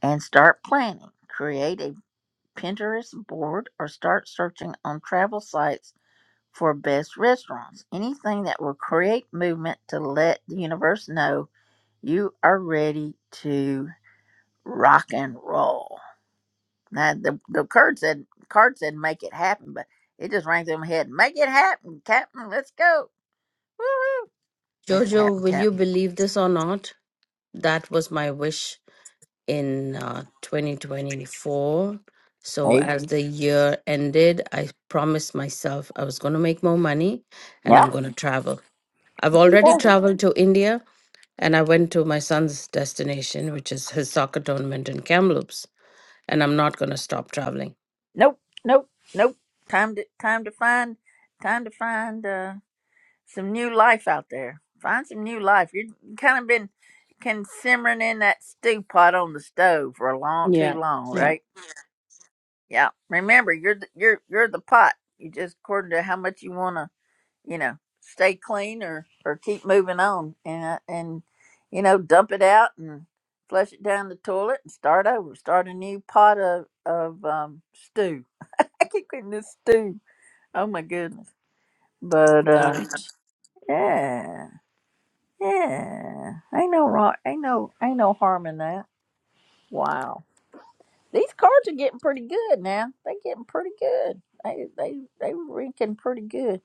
S1: and start planning. Create a Pinterest board or start searching on travel sites for best restaurants. Anything that will create movement to let the universe know you are ready to rock and roll. Now the, the card said card said make it happen, but it just rang through my head. Make it happen, Captain. Let's go. Woo! Make it
S7: Giorgio,
S1: happen,
S7: will you
S1: Captain.
S7: believe this or not? That was my wish in uh, 2024. So,
S1: Hey.
S7: as the year ended, I promised myself I was going to make more money and
S1: Yeah.
S7: I'm going to travel. I've
S1: Okay.
S7: already traveled to India and I went to my son's destination, which is his soccer tournament in Kamloops. And I'm not going to stop traveling.
S1: Nope, nope, nope. Time to time to find time to find uh, some new life out there. Find some new life. You've kind of been can simmering in that stew pot on the stove for a long too
S7: Yeah.
S1: long,
S7: Yeah.
S1: right? Yeah. Remember, you're the, you're you're the pot. You just according to how much you want to, you know, stay clean or or keep moving on and uh, and you know dump it out and flush it down the toilet and start over. Start a new pot of of um, stew I keep getting this stew. Oh my goodness. But uh
S7: Got it.
S1: yeah. Yeah. Ain't no wrong ain't no ain't no harm in that. Wow. These cards are getting pretty good now. They're getting pretty good. They they they rinking pretty good.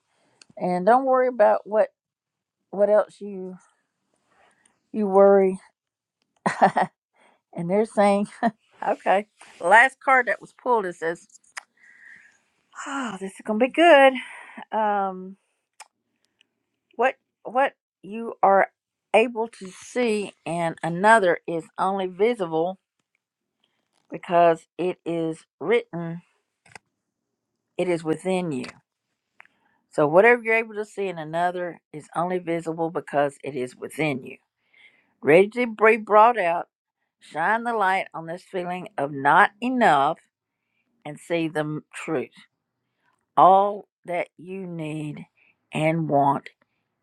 S1: And don't worry about what what else you you worry. and they're saying, okay. Last card that was pulled it says, Oh, this is gonna be good. Um what what you are able to see in another is only visible because it is written it is within you so whatever you're able to see in another is only visible because it is within you ready to be brought out shine the light on this feeling of not enough and see the m- truth all that you need and want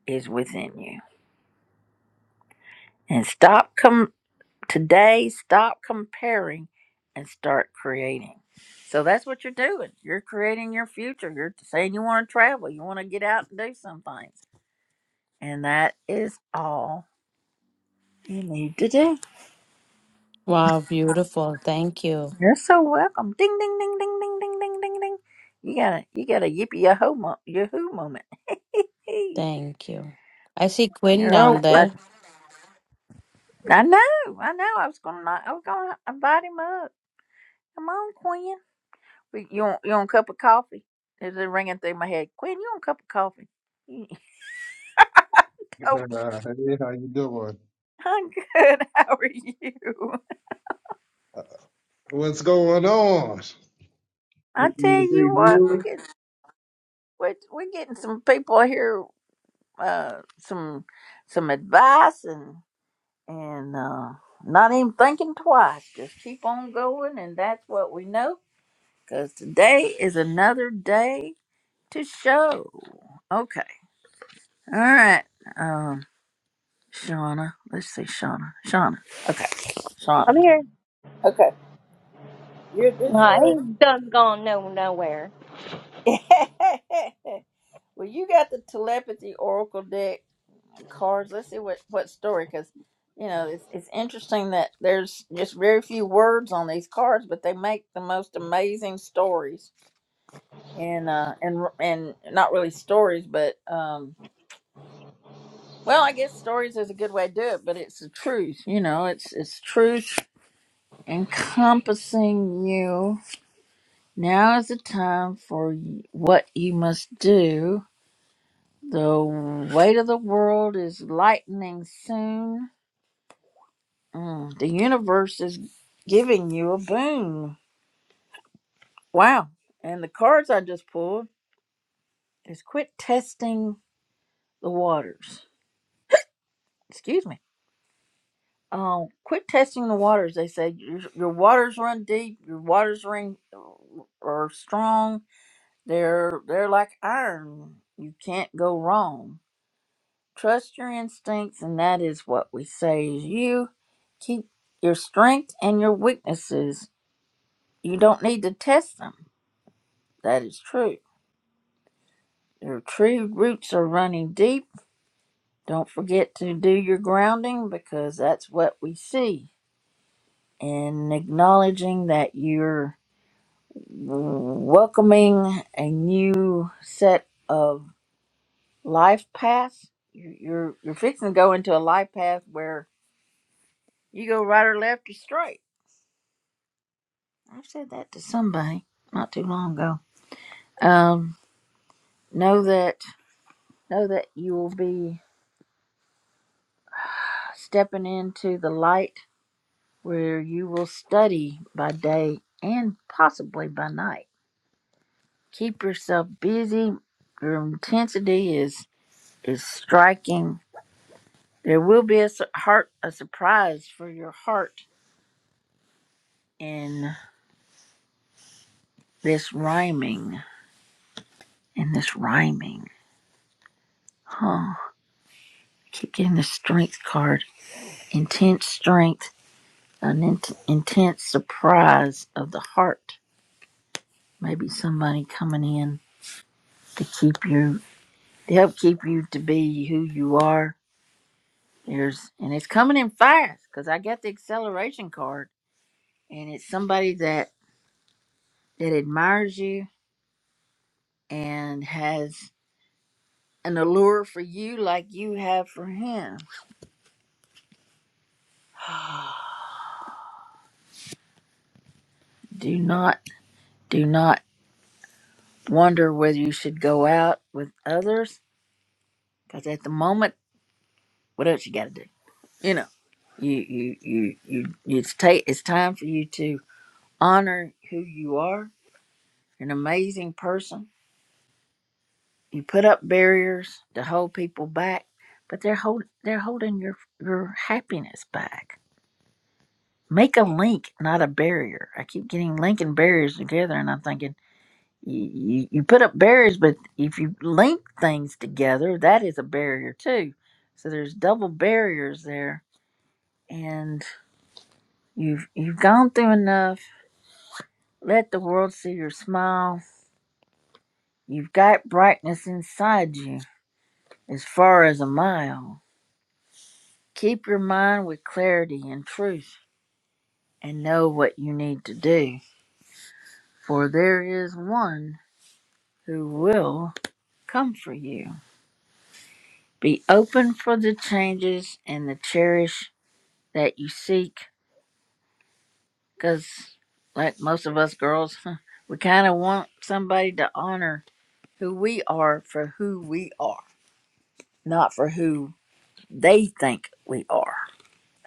S1: is within you and stop com- Today, stop comparing and start creating. So that's what you're doing. You're creating your future. You're saying you want to travel, you want to get out and do some things. And that is all you need to do.
S7: Wow, beautiful. Thank you.
S1: You're so welcome. Ding ding ding ding ding ding ding ding ding. You got a you got a yippee yahoo mo- yahoo moment.
S7: Thank you. I see Quinn
S1: You're
S7: down there.
S1: welcome. I know, I know. I was gonna not, I was gonna invite him up. Come on, Quinn. You want you want a cup of coffee? It's just ringing through my head. Quinn, you want a cup of coffee? oh,
S8: Hey, how you doing?
S1: I'm good. How are you?
S8: Uh, What's going on?
S1: I
S8: You
S1: tell
S8: in a
S1: you
S8: great
S1: what, we're getting we're, we're getting some people here, uh, some some advice and and uh, not even thinking twice. Just keep on going, and that's what we know. Because today is another day to show. Okay, all right. um. Shauna. Let's see, Shauna. Shauna. Okay. Shauna.
S6: I'm here.
S1: Okay. You're this
S6: I
S1: is.
S6: ain't done gone no nowhere.
S1: well, you got the telepathy oracle deck cards. Let's see what what story because you know it's it's interesting that there's just very few words on these cards, but they make the most amazing stories and uh and and not really stories, but um. Well, I guess stories is a good way to do it, but it's the truth. You know, it's it's truth encompassing you Now is the time for y- what you must do. The weight of the world is lightening soon. Mm, the universe is giving you a boon. Wow. And the cards I just pulled is quit testing the waters. Excuse me. Um, quit testing the waters. They say your, your waters run deep, your waters ring uh, are strong. They're they're like iron. You can't go wrong Trust your instincts, and that is what we say is you keep your strength and your weaknesses. You don't need to test them. That is true. Your true roots are running deep. Don't forget to do your grounding because that's what we see. And acknowledging that you're welcoming a new set of life paths. You're you're you're fixing to go into a life path where you go right or left or straight I've said that to somebody not too long ago. Um, know that know that you will be stepping into the light where you will study by day and possibly by night. Keep yourself busy. Your intensity is is striking. There will be a su- heart a surprise for your heart in this rhyming. In this rhyming, huh? I Keep getting the strength card. Intense strength an int intense surprise of the heart. Maybe somebody coming in to keep you, to help keep you to be who you are. There's, and it's coming in fast because I got the acceleration card, and it's somebody that that admires you and has an allure for you like you have for him. Do not, do not wonder whether you should go out with others because at the moment, what else you got to do? You know, you you you you it's take it's time for you to honor who you are, an amazing person. You put up barriers to hold people back, but they're hold they're holding your your happiness back. Make a link, not a barrier. I keep getting linking barriers together, and I'm thinking you, you, you put up barriers, but if you link things together, that is a barrier too. So there's double barriers there, and you've you've gone through enough Let the world see your smile. You've got brightness inside you as far as a mile. Keep your mind with clarity and truth and know what you need to do, for there is one who will come for you. Be open for the changes and the cherish that you seek, because, like most of us girls, we kind of want somebody to honor who we are for who we are, not for who they think we are.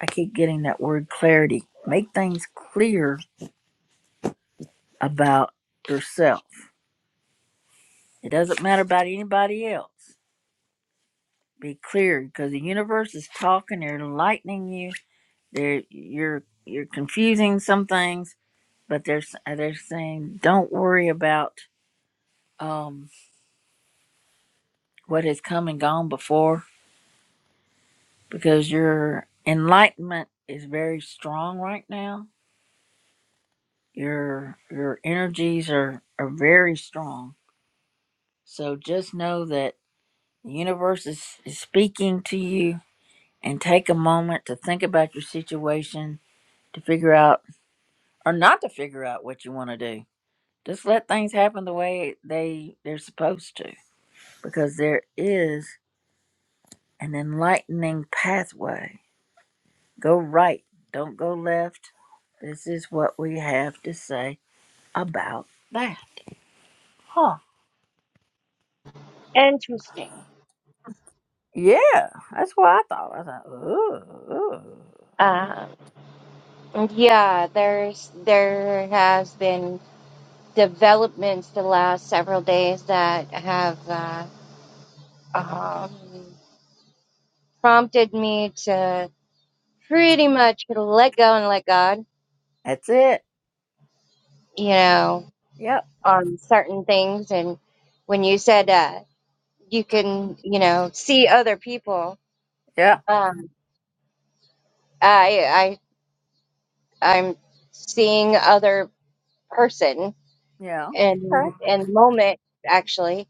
S1: I keep getting that word clarity. Make things clear about yourself. It doesn't matter about anybody else. Be clear because the universe is talking. They're enlightening you. They're you're you're confusing some things, but they're s- uh, they're saying don't worry about um, what has come and gone before because your enlightenment is very strong right now. Your your energies are are very strong. So just know that. The universe is, is speaking to you, and take a moment to think about your situation, to figure out or not to figure out what you want to do. Just let things happen the way they they're supposed to, because there is an enlightening pathway. Go right, don't go left. This is what we have to say about that. Huh?
S6: Interesting.
S1: Yeah, that's what I thought. I thought, ooh, ooh.
S6: Uh, yeah, there's there has been developments the last several days that have uh, um, prompted me to pretty much let go and let God.
S1: that's it.
S6: you know,
S1: Yep,
S6: on certain things. And when you said uh, you can, you know, see other people,
S1: yeah,
S6: um, I, I, I'm seeing other person
S1: yeah. Okay.
S6: in in the moment. Actually,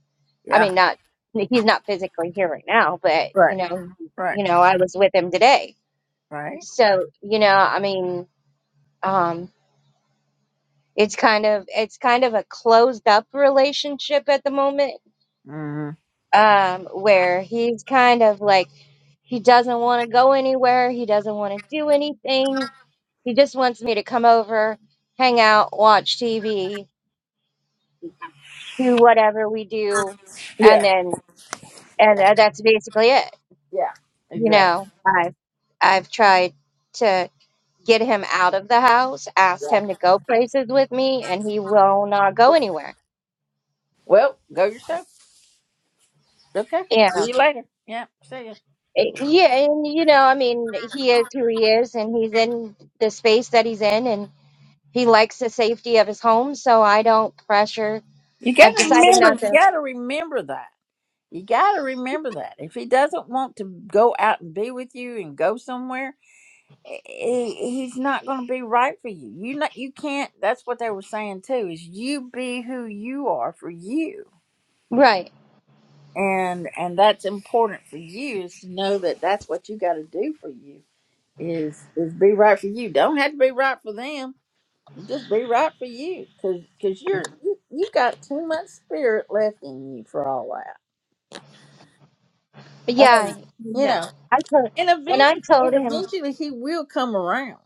S6: I
S1: Yeah.
S6: mean, not he's not physically here right now, but
S1: Right,
S6: you know, he-
S1: right,
S6: you know, I was with him today.
S1: right.
S6: So you know, I mean, um, it's kind of it's kind of a closed up relationship at the moment
S1: hmm
S6: um, where he's kind of like he doesn't want to go anywhere, he doesn't want to do anything. He just wants me to come over, hang out, watch TV, do whatever we do, and
S1: Yeah,
S6: then and tha- that's basically it.
S1: yeah,
S6: You
S1: exactly.
S6: know, I've I've tried to get him out of the house, asked
S1: Yeah.
S6: him to go places with me, and he will not go anywhere.
S1: Well, go yourself. Okay.
S6: Yeah,
S1: See you later. Yeah. See ya.
S6: Eh, yeah, and you know, I mean, he is who he is, and he's in the space that he's in, He likes the safety of his home, so I don't pressure.
S1: You
S6: I've
S1: gotta
S6: decided
S1: remember.
S6: not
S1: You
S6: to.
S1: gotta remember that. You gotta remember that. If he doesn't want to go out and be with you and go somewhere, i- i- he's not going to be right for you. You not. You can't. That's what they were saying too. Is you be who you are for you,
S6: Right.
S1: and and that's important for you is to know that that's what you got to do for you is is be right for you. Don't have to be right for them. Just be right for you, cause cause you're you, you got too much spirit left in you for all that.
S6: But
S1: I
S6: yeah,
S1: mean, you
S6: no.
S1: know,
S6: I told,
S1: and
S6: and I
S1: eventually,
S6: told
S1: and
S6: him,
S1: eventually he will come around.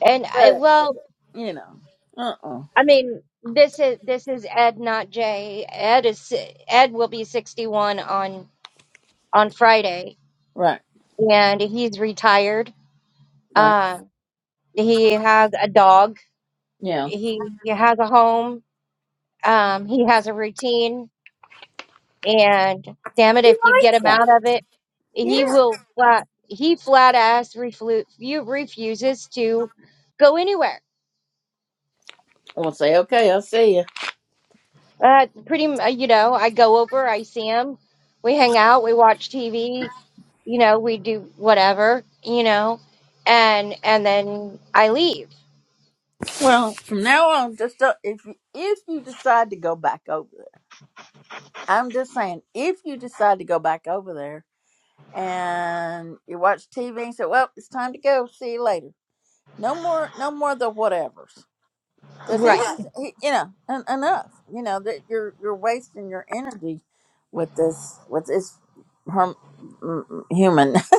S6: and I
S1: But
S6: well,
S1: you know, uh uh
S6: I mean, this is this is Ed, not Jay. Ed is Ed will be sixty one on on Friday,
S1: right,
S6: and he's retired.
S1: right,
S6: Um, he has a dog.
S1: yeah.
S6: He, he has a home. Um, he has a routine And damn it,
S1: He
S6: if you get
S1: likes
S6: him
S1: that.
S6: out of it, he
S1: Yeah.
S6: will flat he flat ass reflu- you refuses to go anywhere.
S1: I will say, okay, I'll see you.
S6: Uh, pretty, m- uh, you know, I go over, I see him, we hang out, we watch TV, you know, we do whatever, you know, and and then I leave.
S1: Well, from now on, just don't, if you, if you decide to go back over there, I'm just saying, if you decide to go back over there and you watch TV and say, "Well, it's time to go. See you later." No more, no more of the whatevers, because he's,
S6: Right.
S1: just- he, you know, en- enough. You know that you're you're wasting your energy with this with this herm, mm, mm, human,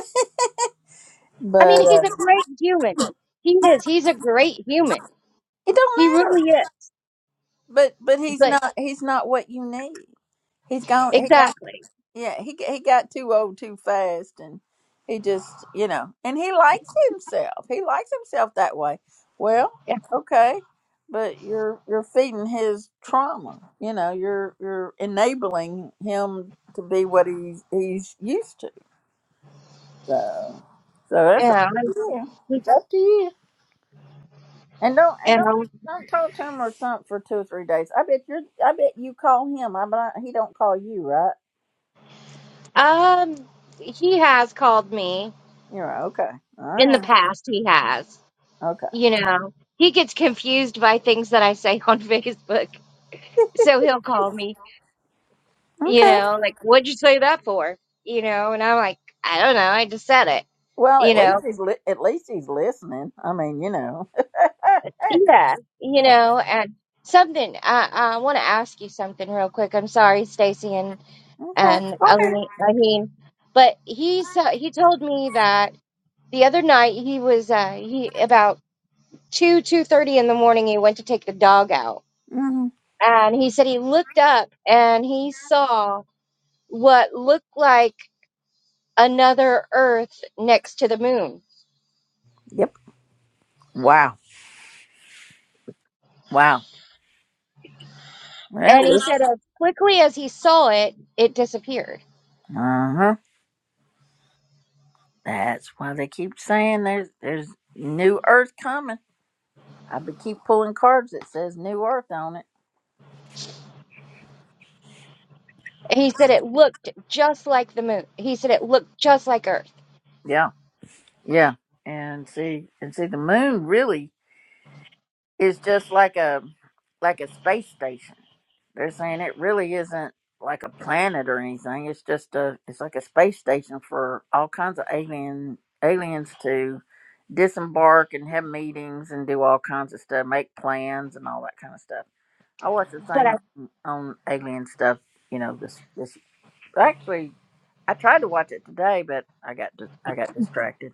S6: I
S1: but
S6: mean, he's
S1: uh,
S6: a great human. He is. He's a great human.
S1: it don't
S6: He
S1: matter.
S6: really is.
S1: But but he's
S6: But
S1: not he's not what you need. He's gone. He got
S6: exactly.
S1: Yeah, he he got too old too fast, and he just you know, and he likes himself. He likes himself that way. Well,
S6: Yeah.
S1: okay, but you're you're feeding his trauma. You know, you're you're enabling him to be what he's he's used to. So so that's up
S6: Yeah.
S1: to you. It's up to you. And don't and don't. Don't talk to him or something for two or three days. I bet you're. I bet you call him. I bet he don't call you, right?
S6: Um, he has called me
S1: You're right. Okay. All
S6: in the
S1: right.
S6: past. He has,
S1: Okay.
S6: you know, he gets confused by things that I say on Facebook, so he'll call me, you
S1: Okay.
S6: know, like, "What'd you say that for?" You know, and I'm like, "I don't know. I just said it."
S1: Well, at
S6: You
S1: least
S6: know,
S1: he's li- at least he's listening. I mean, you know.
S6: yeah, you
S1: yeah.
S6: know, and something. I I want to ask you something real quick. I'm sorry, Stacy and
S1: Okay.
S6: and
S1: Okay.
S6: Ali- I mean, but he sa- he told me that the other night he was uh he about. two two thirty in the morning he went to take the dog out
S1: hmm
S6: and he said he looked up and he saw what looked like another earth next to the moon
S1: Yep. Wow. Wow. Well,
S6: and he
S1: uh
S6: said as quickly as he saw it it disappeared
S1: huh. That's why they keep saying there's there's new Earth coming. I be keep pulling cards that says new Earth on it.
S6: he said it looked just like the moon he said it looked just like earth
S1: Yeah. Yeah. And see and see the moon really. It's just like a like a space station. They're saying it really isn't like a planet or anything. It's just a it's like a space station for all kinds of alien aliens to disembark and have meetings and do all kinds of stuff, make plans and all that kind of stuff. I watched a
S6: but
S1: thing
S6: i
S1: on, on alien stuff, you know, this this actually I tried to watch it today but I got dis- I got distracted.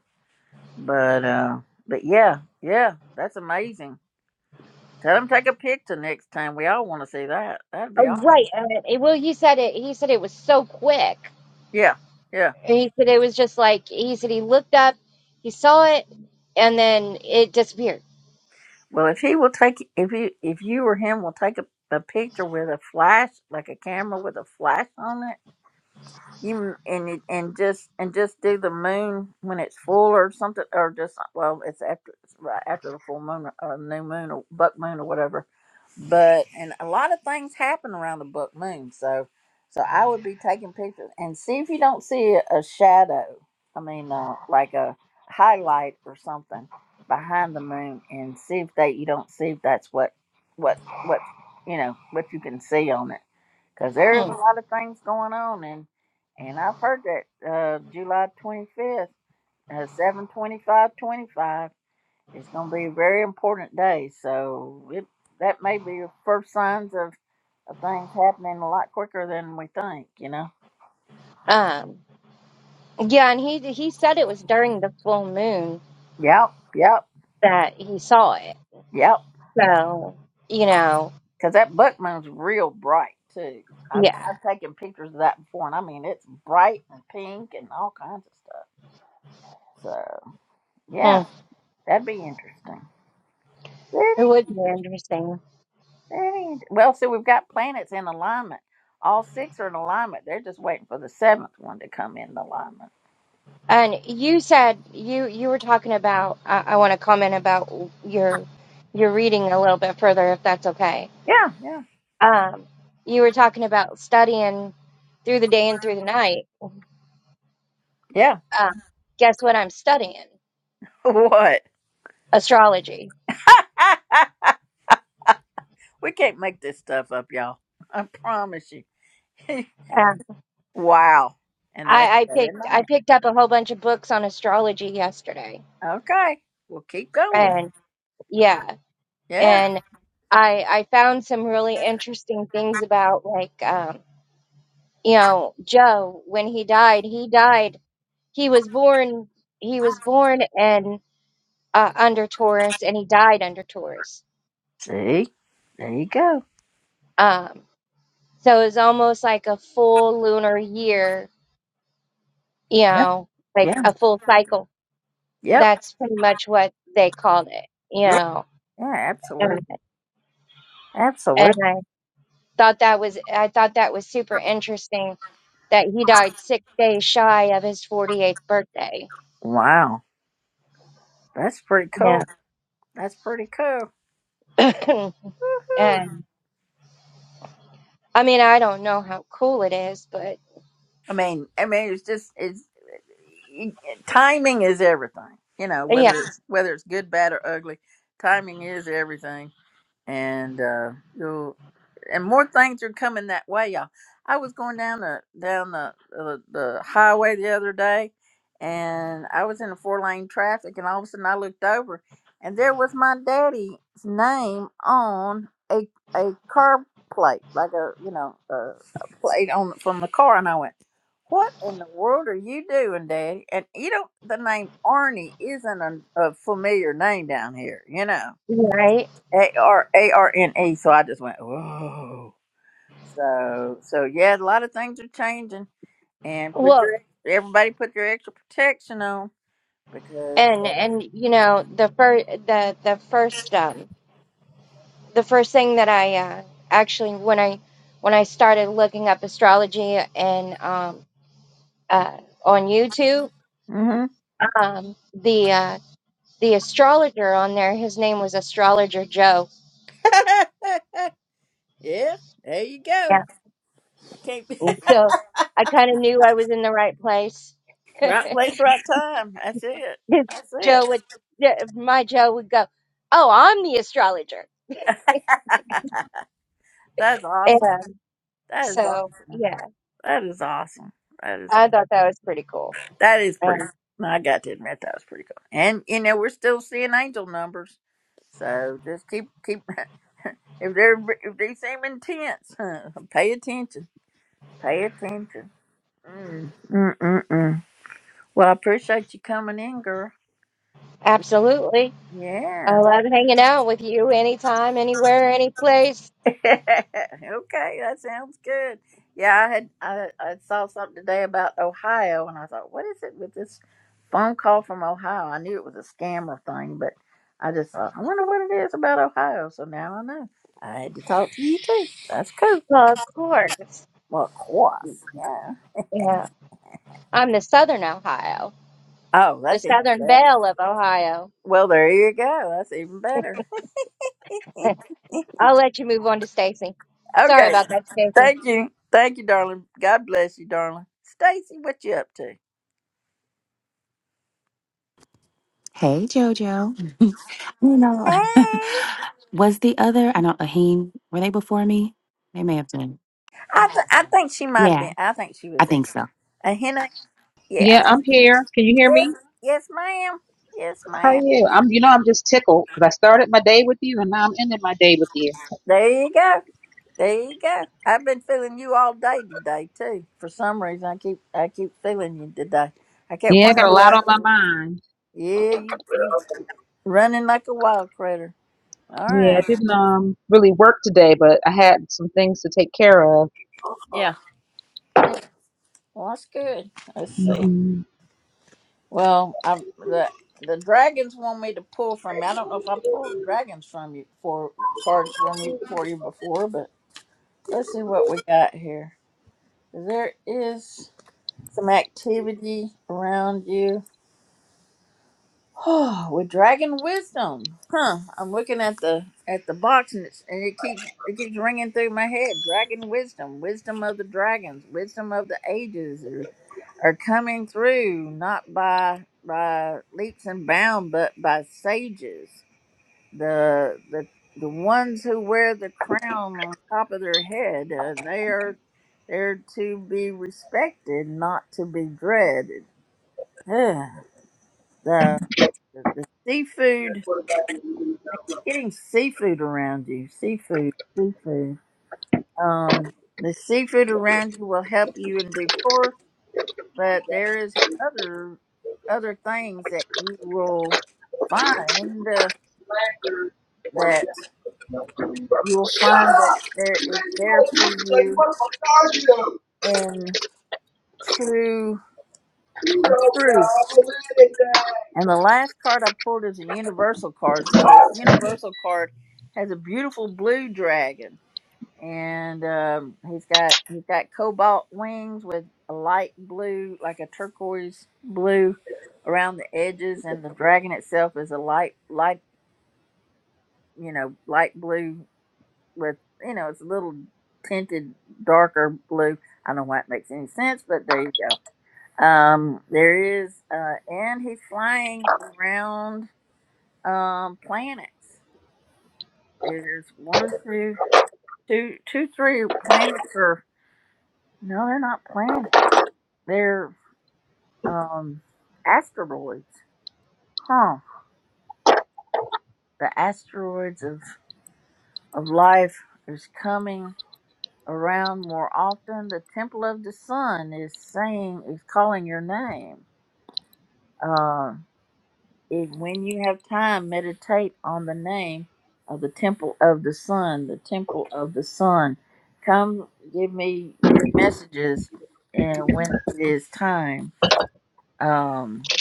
S1: But uh but yeah, yeah, that's amazing. Tell him take a picture next time. We all want to see that. That'd be
S6: oh,
S1: awesome.
S6: right and well he said it he said it was so quick
S1: Yeah, yeah.
S6: he said it was just like he said he looked up he saw it and then it disappeared
S1: Well, if he will take, if you, if you or him will take a, a picture with a flash, like a camera with a flash on it. you and you, and just and just do the moon when it's full or something or just well it's after it's right after the full moon or new moon or buck moon or whatever but and a lot of things happen around the buck moon so so i would be taking pictures and see if you don't see a, a shadow i mean uh, like a highlight or something behind the moon and see if that you don't see if that's what what what you know what you can see on it because there's
S6: Hmm.
S1: a lot of things going on and and i've heard that uh july 25th uh, 7:25:25 is going to be a very important day so it that may be the first signs of, of things happening a lot quicker than we think you know
S6: Um, Yeah, and he he said it was during the full moon
S1: yep yep
S6: that he saw it.
S1: yep
S6: So, you know,
S1: because that buckman's real bright too I've,
S6: yeah.
S1: I've taken pictures of that before and i mean it's bright and pink and all kinds of stuff so yeah
S6: Hmm.
S1: that'd be interesting
S6: It would be interesting.
S1: Dang. Well, so we've got planets in alignment. All six are in alignment. They're just waiting for the seventh one to come in alignment.
S6: And you said you you were talking about I, I want to comment about your your reading a little bit further if that's okay.
S1: Yeah, yeah,
S6: Um, you were talking about studying through the day and through the night.
S1: yeah.
S6: Um, guess what I'm studying?
S1: What?
S6: Astrology.
S1: we can't make this stuff up, y'all. I promise you.
S6: Um,
S1: wow. And that's
S6: I, I
S1: day and
S6: picked I
S1: night.
S6: picked up a whole bunch of books on astrology yesterday.
S1: Okay. We'll keep going.
S6: and. yeah
S1: Yeah.
S6: and i i found some really interesting things about like um you know joe when he died he died he was born he was born and uh, under taurus and he died under taurus
S1: See? There you go.
S6: um so it was almost like a full lunar year you
S1: Yep.
S6: know like
S1: Yeah.
S6: a full cycle
S1: Yep.
S6: that's pretty much what they called it you
S1: Yeah.
S6: know
S1: Yeah, absolutely.
S6: and, and
S1: Absolutely.
S6: i thought that was i thought that was super interesting that he died six days shy of his 48th birthday.
S1: Wow. That's pretty cool.
S6: Yeah.
S1: That's pretty cool.
S6: and I mean, I don't know how cool it is, but
S1: I mean, I mean, it's just it's timing is everything. You know,
S6: yeah,
S1: whether it's whether it's good, bad, or ugly, timing is everything. And uh, and more things are coming that way, y'all. I was going down the down the the, the highway the other day, and I was in a four lane traffic, and all of a sudden I looked over, and there was my daddy's name on a a car plate, like a you know a, a plate on from the car, and I went. What in the world are you doing, Daddy? And you know the name Arnie isn't a, a familiar name down here, you know,
S6: right.
S1: A R A R N E. So I just went, whoa so, so yeah, a lot of things are changing, and put
S6: Well,
S1: your everybody put your extra protection on because.
S6: and
S1: Uh,
S6: and you know the first the the first um the first thing that I uh, actually when I when I started looking up astrology and um uh on YouTube
S1: hmm
S6: um the uh the astrologer on there his name was astrologer Joe
S1: yeah, there you go. Can't be-
S6: So I kind of knew I was in the right place.
S1: right place, right time. That's it.
S6: 'Cause
S1: That's
S6: Joe
S1: it.
S6: would, yeah, my Joe would go, "Oh, I'm the astrologer."
S1: That's awesome.
S6: And
S1: That is
S6: so,
S1: awesome.
S6: yeah,
S1: That is awesome. That is
S6: I
S1: awesome.
S6: thought that was pretty cool.
S1: That is pretty.
S6: Um,
S1: Cool. I got to admit that was pretty cool. And you know we're still seeing angel numbers, so just keep keep. If they're if they seem intense, pay attention. Pay attention. Mm. Mm-mm-mm. Well, I appreciate you coming in, girl.
S6: absolutely, I
S1: Yeah.
S6: love hanging out with you anytime, anywhere, any place.
S1: okay, that sounds good. Yeah, I had I, I saw something today about Ohio, and I thought, what is it with this phone call from Ohio? I knew it was a scammer thing, but I just thought, I wonder what it is about Ohio. So now I know. I had to talk to you too. That's cool.
S6: Well, of course.
S1: Well, of course. Yeah.
S6: Yeah, I'm the Southern Ohio,
S1: Oh,
S6: the
S1: that's even
S6: Southern
S1: better.
S6: Belle of Ohio.
S1: Well, there you go. That's even better.
S6: I'll let you move on to Stacy. Sorry
S1: Okay.
S6: about that, Stacy.
S1: Thank you. Thank you, darling. God bless you, darling. Stacy, what you up to?
S9: Hey, Jojo. You know,
S1: Hey.
S9: was the other, I know, Aheen, were they before me? They may have been.
S1: I th- I think she might have been.
S9: Yeah,
S1: I think she
S9: I
S1: was there.
S9: think so.
S1: A henna? Yeah. I
S10: Yeah,
S1: think-
S10: I'm here. Can you hear
S1: Yes,
S10: me?
S1: yes, ma'am. Yes,
S10: How are
S1: ma'am.
S10: you? I'm, you know, I'm just tickled because I started my day with you and now I'm ending my day with you.
S1: There you go. There you go. I've been feeling you all day today too. For some reason, I keep I keep feeling you today. I kept
S10: Yeah, I got
S1: wondering
S10: a
S1: who
S10: lot
S1: I.
S10: on my mind.
S1: Yeah, you you running like a wild critter. All
S10: Yeah, I
S1: right.
S10: didn't um really work today, but I had some things to take care of.
S1: Yeah. Yeah. Well, that's good. Let's see.
S10: hmm
S1: Well, I the the dragons want me to pull from you. I don't know if I pulled dragons from you for cards from you for you before, but let's see what we got here. There is some activity around you. Oh, with dragon wisdom, huh? I'm looking at the at the box and it's and it keeps it keeps ringing through my head. Dragon wisdom, wisdom of the dragons, wisdom of the ages, are coming through not by by leaps and bounds but by sages the the the ones who wear the crown on top of their head uh, they are there to be respected not to be dreaded Ugh, the, the the seafood i keep getting seafood around you seafood seafood um the seafood around you will help you endure but there is other other things that you will find uh, that you will find that there is there for you in true truth. And the last card I pulled is a universal card. So this universal card has a beautiful blue dragon, and um, he's got he's got cobalt wings with a light blue, like a turquoise blue, around the edges, and the dragon itself is a light light you know, light blue with, you know, it's a little tinted darker blue. I don't know why it makes any sense, but there you go. Um, there is, uh, and he's flying around um, planets. There's one, two, two, two, three planets, or no, they're not planets. They're um, asteroids, huh? The asteroids of of life is coming around more often. The temple of the sun is saying, is calling your name. Uh, if, when you have time, meditate on the name of the temple of the sun, the temple of the sun. Come give me your messages and when it is time. Um,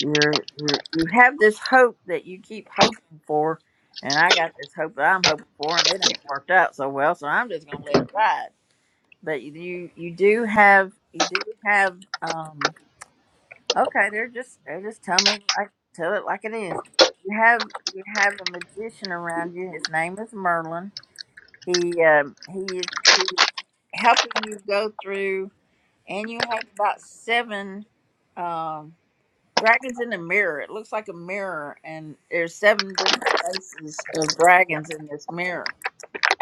S1: you're, you're, you have this hope that you keep hoping for, and I got this hope that I'm hoping for, and it ain't worked out so well, so I'm just going to let it ride but you do- you do have you do have um okay they're just they're just tell me like tell it like it is you have you have a magician around you his name is merlin he um he is he is helping you go through and you have about seven um dragons in the mirror it looks like a mirror and there's seven different faces of dragons in this mirror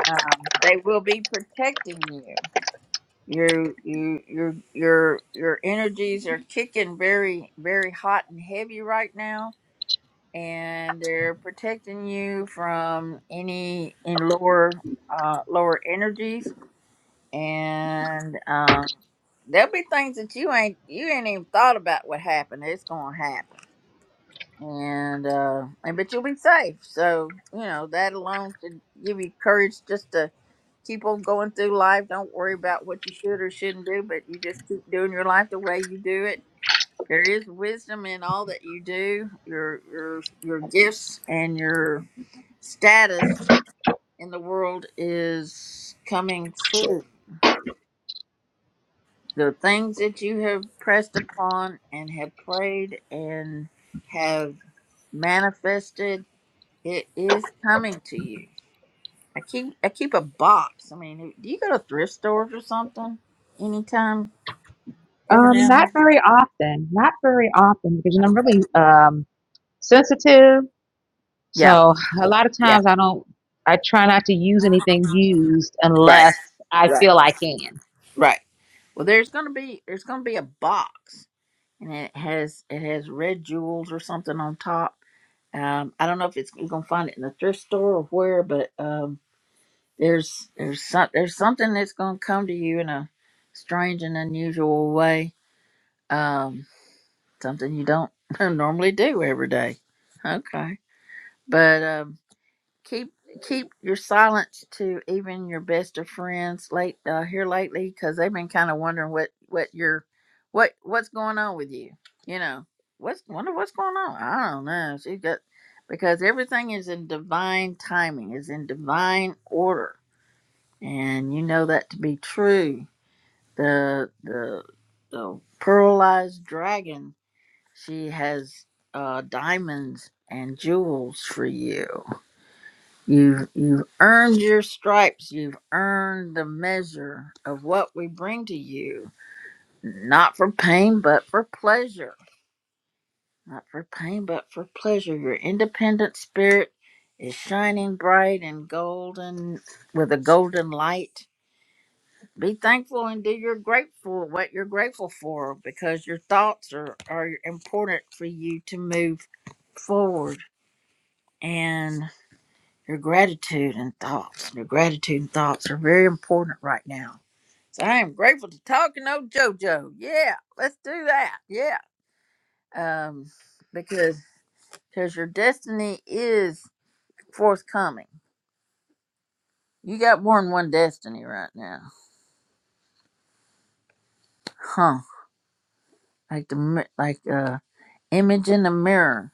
S1: um, they will be protecting you your you your your your energies are kicking very very hot and heavy right now, and they're protecting you from any in lower uh lower energies, and um there'll be things that you ain't you ain't even thought about what happened. It's gonna happen, and uh and but you'll be safe. So you know that alone should give you courage just to keep on going through life. Don't worry about what you should or shouldn't do, but you just keep doing your life the way you do it. There is wisdom in all that you do. Your your your gifts and your status in the world is coming true. The things that you have pressed upon and have prayed and have manifested, it is coming to you. I keep I keep a box. I mean, do you go to thrift stores or something anytime? Every
S10: Um,
S1: now and
S10: not
S1: then.
S10: very often. Not very often because you know, I'm
S1: Okay.
S10: really um sensitive
S1: Yeah,
S10: So a lot of
S1: Yeah.
S10: times I don't, I try not to use anything used
S1: Right.
S10: unless I
S1: Right.
S10: feel I can.
S1: Right. Well, there's gonna be there's gonna be a box, and it has it has red jewels or something on top. Um, I don't know if it's you're gonna find it in the thrift store or where, but um, there's there's some, there's something that's gonna come to you in a strange and unusual way. Um, something you don't normally do every day. Okay, but um, keep keep your silence to even your best of friends late uh, here lately because they've been kind of wondering what what your what what's going on with you you know what's wonder what's going on i don't know she got because everything is in divine timing is in divine order and you know that to be true the the the pearlized dragon she has uh diamonds and jewels for you You've, you've earned your stripes. You've earned the measure of what we bring to you, not for pain, but for pleasure. Not for pain, but for pleasure. Your independent spirit is shining bright and golden with a golden light. Be thankful and do your grateful what you're grateful for because your thoughts are, are important for you to move forward. and. Your gratitude and thoughts, your gratitude and thoughts are very important right now. So I am grateful to talking old JoJo. Yeah, let's do that. Yeah, um, because because your destiny is forthcoming. You got more than one destiny right now, huh? Like the mi- like uh, image in the mirror.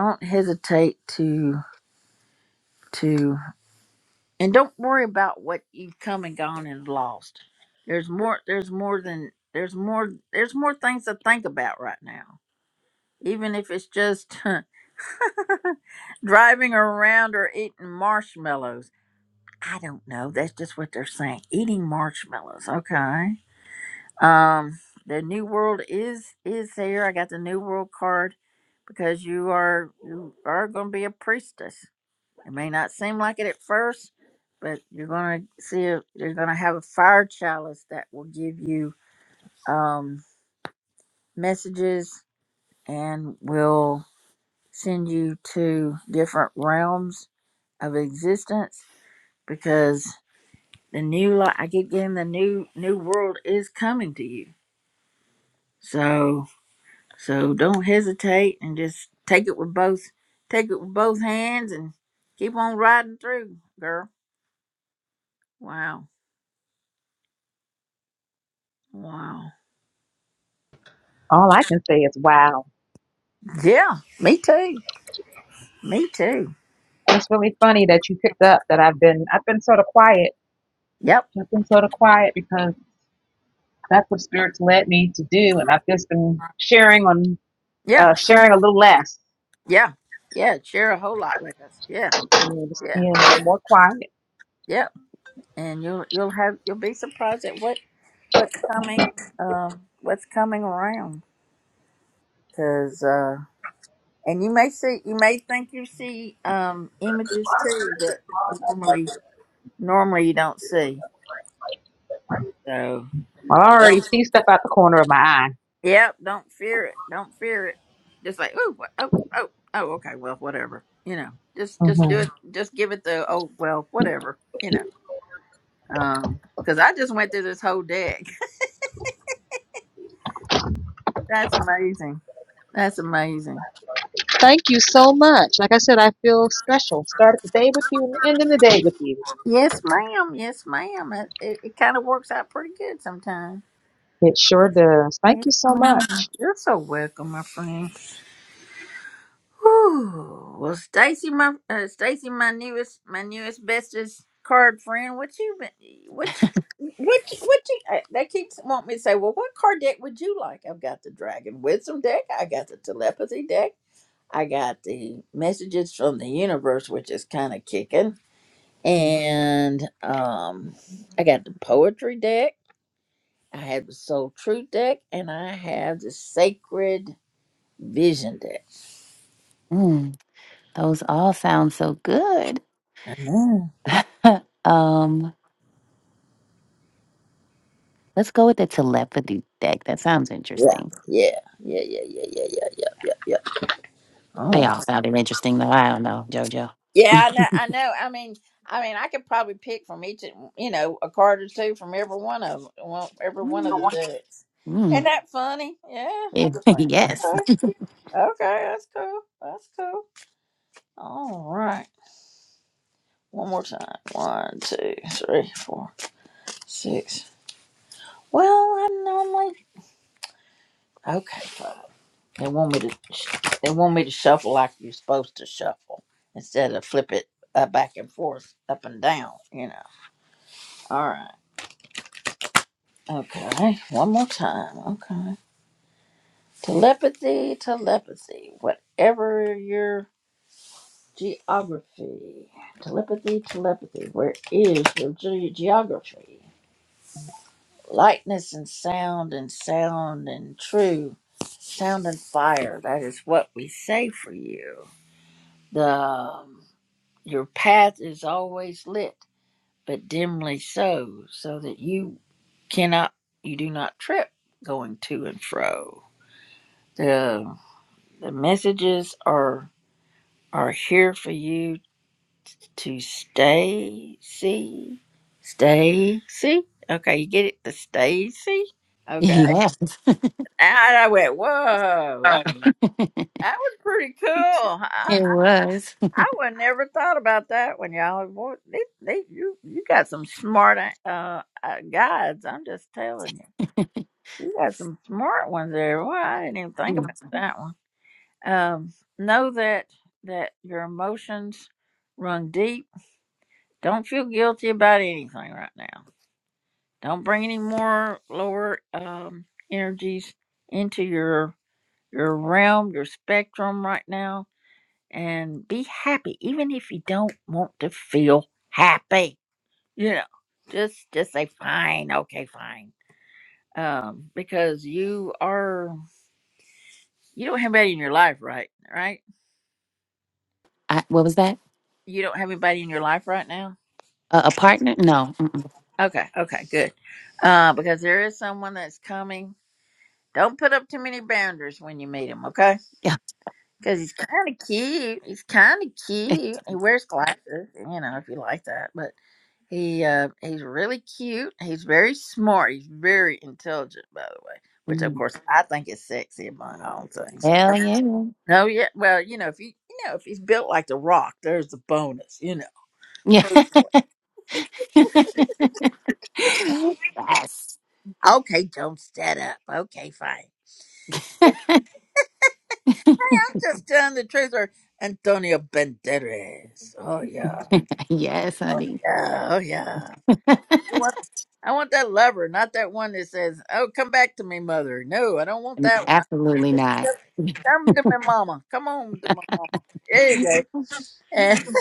S1: Don't hesitate to to and don't worry about what you've come and gone and lost there's more there's more than there's more there's more things to think about right now even if it's just driving around or eating marshmallows i don't know that's just what they're saying eating marshmallows okay um the new world is is here i got the new world card because you are you are going to be a priestess It may not seem like it at first, but you're going to see, a, you're going to have a fire chalice that will give you um, messages and will send you to different realms of existence because the new life, I keep getting the new, new world is coming to you. So, so don't hesitate and just take it with both, take it with both hands and keep on riding through, girl. Wow. Wow.
S10: All I can say is, wow,
S1: Yeah, me too. Me too.
S10: It's really funny that you picked up that I've been, I've been sort of quiet.
S1: Yep.
S10: I've been sort of quiet because that's what spirits led me to do. And I've just been sharing on,
S1: Yeah.
S10: uh, sharing a little less,
S1: Yeah. Yeah. Share a whole lot with us. Yeah.
S10: you know, just
S1: Yeah.
S10: being a little
S1: Yeah.
S10: more quiet.
S1: Yep. And you'll you'll have you'll be surprised at what what's coming um what's coming around because uh and you may see you may think you see um images too that normally normally you don't see so.
S10: I
S1: don't
S10: already see stuff out the corner of my eye.
S1: Yep, don't fear it. Don't fear it. Just like, oh, oh, oh, oh, okay, well, whatever. You know, just just do
S10: hmm
S1: it. Just give it the oh, well, whatever. You know, um, because I just went through this whole deck. That's amazing. That's amazing.
S10: Thank you so much. Like I said, I feel special. Started the day with you and ending the day with you.
S1: Yes, ma'am. Yes, ma'am. It, it, it kind of works out pretty good sometimes.
S10: It sure does. Thank
S1: Yes,
S10: you so
S1: ma'am.
S10: much.
S1: You're so welcome, my friend. Ooh, well, Stacy, my uh, Stacy, my newest, my newest bestest card friend. What you been? What? you- What? you- What you? Uh, they keep wanting me to say. Well, what card deck would you like? I've got the Dragon Wisdom deck. I got the Telepathy deck. I got the Messages from the Universe, which is kind of kicking,
S9: Mm,
S1: and um, I got the Poetry deck. I have the Soul Truth deck, and I have the Sacred Vision deck.
S9: mm, those all sound so good. um, let's go with the telepathy deck. That sounds
S1: Yeah,
S9: interesting.
S1: yeah, yeah, yeah, yeah, yeah, yeah, yeah.
S9: They
S1: Oh.
S9: all sounded interesting, though. I don't know, Jojo.
S1: Yeah, I know. I know. I mean, I mean, I could probably pick from each, you know, a card or two from every one of them, well, every one of
S9: Mm,
S1: the decks. Isn't
S9: mm,
S1: that funny? Yeah, I just went,
S9: yes,
S1: okay, okay, that's cool, that's cool. All right, one more time. One, two, three, four, six. Well, I normally okay. They want me to they want me to shuffle like you're supposed to shuffle instead of flip it uh, back and forth, up and down. You know. All right. Okay. One more time. Okay. Telepathy, telepathy. Whatever your geography, telepathy, telepathy. Where is your ge- geography? Lightness and sound and sound and true sound and fire. That is what we say for you. The um, your path is always lit, but dimly so, so that you cannot, you do not trip going to and fro. The, the messages are are here for you to stay, see, stay, see. Okay, you get it? The stay, see. Okay,
S9: yes.
S1: and I went, whoa, that,
S9: it
S1: that was pretty cool. huh?"
S9: was.
S1: I would never thought about that one, y'all. Boy, they, they, you, you got some smart uh, uh guides. I'm just telling you, you got some smart ones there. Well, I didn't even
S9: It
S1: think about
S9: was-
S1: that one. Um, know that that your emotions run deep. Don't feel guilty about anything right now. Don't bring any more lower um energies into your your realm, your spectrum right now and be happy, even if you don't want to feel happy. You know, just just say fine, okay, fine, um, because you are you don't have anybody in your life, right? Right?
S9: I, what was that?
S1: You don't have anybody in your life right now.
S9: A, a partner? No. mm-mm.
S1: Okay, okay, good. Uh, because there is someone that's coming. Don't put up too many boundaries when you meet him, okay?
S9: Yeah.
S1: Because he's kind of cute. He's kind of cute. He wears glasses, you know, if you like that. but. He uh, he's really cute. He's very smart. He's very intelligent, by the way, which of course I think is sexy among all things.
S9: Hell yeah.
S1: No, yeah, well, you know, if you you know if he's built like the Rock, there's the bonus, you know.
S9: Yeah.
S1: Personally,
S9: yes.
S1: okay, don't stand up. Okay, fine. Hey, I'm just telling the truth. Or Antonio Banderas. Oh yeah,
S9: Yes, honey.
S1: yeah, oh yeah. I want, I want that lover, not that one that says, "Oh, come back to me, mother." No, I don't want that one.
S9: Absolutely not.
S1: Come to my mama. Come on to my mama. There you go. And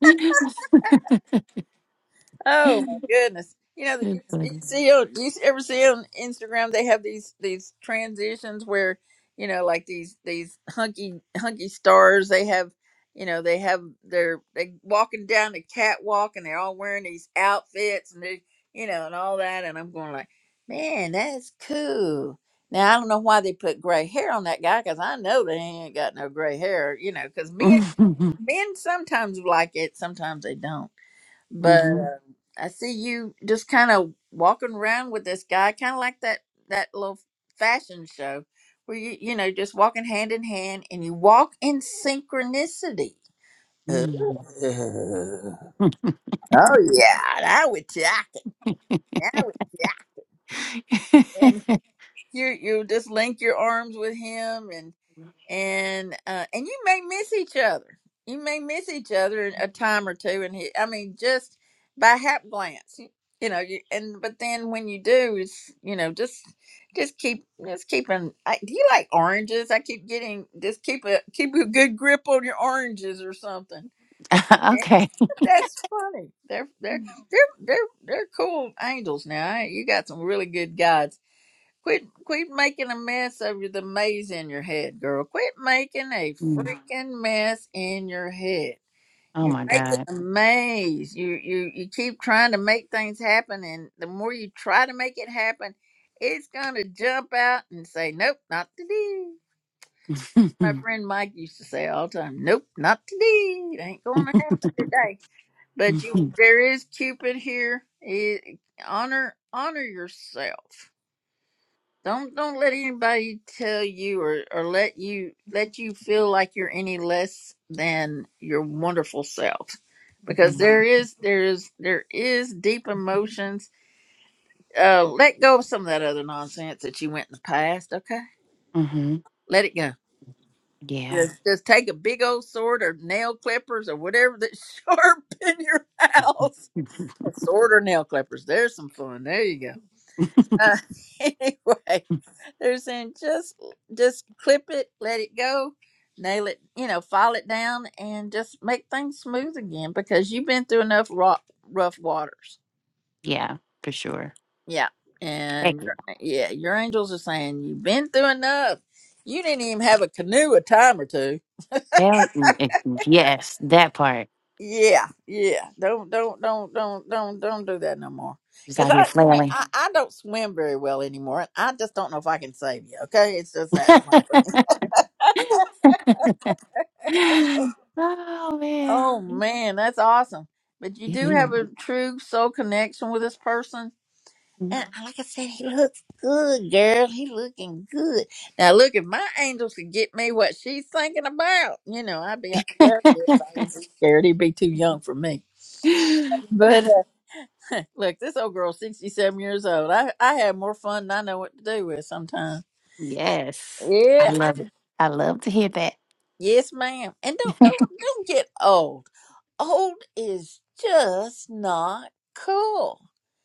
S9: It's
S1: oh my goodness, you know, you, you
S9: funny.
S1: see, on- you ever see on Instagram they have these these transitions where you know, like these these hunky hunky stars. They have, you know, they have their they walking down the catwalk and they're all wearing these outfits and they, you know, and all that. And I'm going like, man, that's cool. Now I don't know why they put gray hair on that guy because I know they ain't got no gray hair, you know. Because me
S9: Mhm.
S1: Men sometimes like it, sometimes they don't. But
S9: Mhm.
S1: um I see you just kind of walking around with this guy, kind of like that that little fashion show where you you know just walking hand in hand, and you walk in synchronicity.
S9: Mm.
S1: Uh, Oh yeah, that would jack it. That would jack. And you you just link your arms with him, and uh, and you may miss each other. You may miss each other a time or two, and he, I mean, just by hap glance, you, you know. You, and but then when you do, it's you know just just keep just keeping. I, do you like oranges? I keep getting just keep a keep a good grip on your oranges or something. Yeah,
S9: okay.
S1: That's funny. They're they're they're they're they're cool angels now. I, you got some really good guides. Quit quit making a mess of the maze in your head, girl. Quit making a
S9: Mm.
S1: freaking mess in your head.
S9: Oh
S1: You're
S9: my
S1: making
S9: God.
S1: a maze. You you you keep trying to make things happen and the more you try to make it happen, it's gonna jump out and say, Nope, not today. My friend Mike used to say all the time, Nope, not today. It ain't gonna happen today. But you
S9: hmm
S1: there is Cupid here. It, honor honor yourself. Don't don't let anybody tell you or, or let you let you feel like you're any less than your wonderful self. Because there is there is there is deep emotions. Uh let go of some of that other nonsense that you went in the past, okay? Let it go.
S9: Yeah.
S1: Just, just take a big old sword or nail clippers or whatever that's sharp in your house. A sword or nail clippers. There's some fun. There you go. Uh, anyway, They're saying just just clip it, let it go, nail it, you know, file it down, and just make things smooth again because you've been through enough rough, rough waters.
S9: yeah, for sure.
S1: Yeah,
S9: Heck
S1: and
S9: yeah.
S1: your- yeah, your angels are saying you've been through enough. You didn't even have a canoe a time or two.
S9: Hell mm, eh, yes, that part.
S1: Yeah, yeah. Don't don't don't don't don't don't do that no more.
S9: Just
S1: Cause
S9: out here
S1: I, you know,
S9: flailing.
S1: I, I don't swim very well anymore, and I just don't know if I can save you. Okay, it's just that. one
S9: oh man.
S1: Oh man, that's awesome. But you do have
S9: It
S1: a true soul connection with this person.
S9: is.
S1: And like I said, he looks good, girl. He looking good. Now look, if my angels could get me what she's thinking about, you know, I'd be well, yes, I would be scared. He'd be too young for me. But uh, look, this old girl's sixty seven years old. I I have more fun than I know what to do with sometimes.
S9: yes. I
S1: Yeah.
S9: love it. I love to hear that.
S1: Yes, ma'am. And don't don't don't get old. Old is just not cool.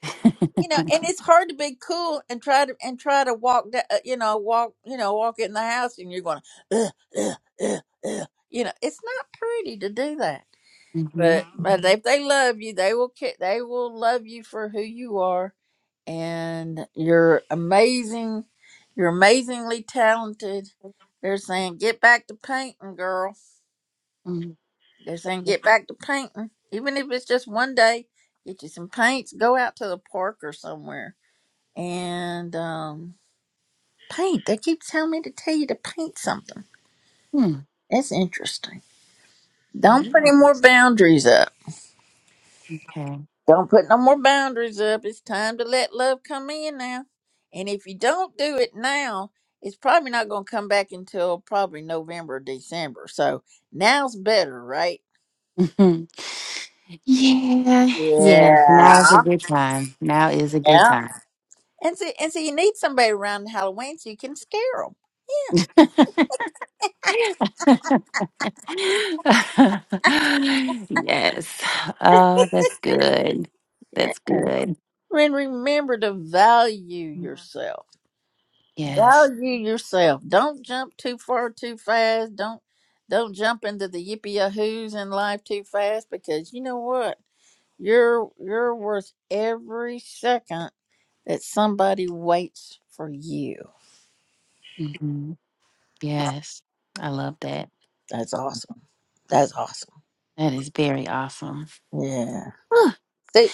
S1: you know and it's hard to be cool and try to and try to walk that you know walk you know walk in the house and you're going ugh, ugh, ugh, ugh." you know it's not pretty to do that
S9: hmm
S1: but but if they love you they will ca- they will love you for who you are and you're amazing you're amazingly talented they're saying get back to painting girl they're saying get back to painting even if it's just one day get you some paints go out to the park or somewhere and um, paint. They keep telling me to tell you to paint something.
S9: hmm
S1: That's interesting. Don't
S9: It
S1: put any more
S9: is.
S1: boundaries up.
S9: Okay.
S1: Don't put no more boundaries up. It's time to let love come in now. And if you don't do it now, it's probably not going to come back until probably November or December. So now's better, right?
S9: Mhm. yeah. Yes. Now is a
S1: Yeah.
S9: good time. Now is a good
S1: Yeah.
S9: time.
S1: And see, and see, you need somebody around Halloween so you can scare them.
S9: yes. Oh, that's good.
S1: Yeah.
S9: That's good.
S1: And remember to value yourself.
S9: Yes.
S1: value yourself. Don't jump too far too fast. Don't don't jump into the yippee yahoos in life too fast because you know what? You're you're worth every second that somebody waits for you.
S9: hmm Yes. I love that.
S1: That's awesome. That's awesome.
S9: That is very awesome.
S1: Yeah.
S9: hmm
S1: See,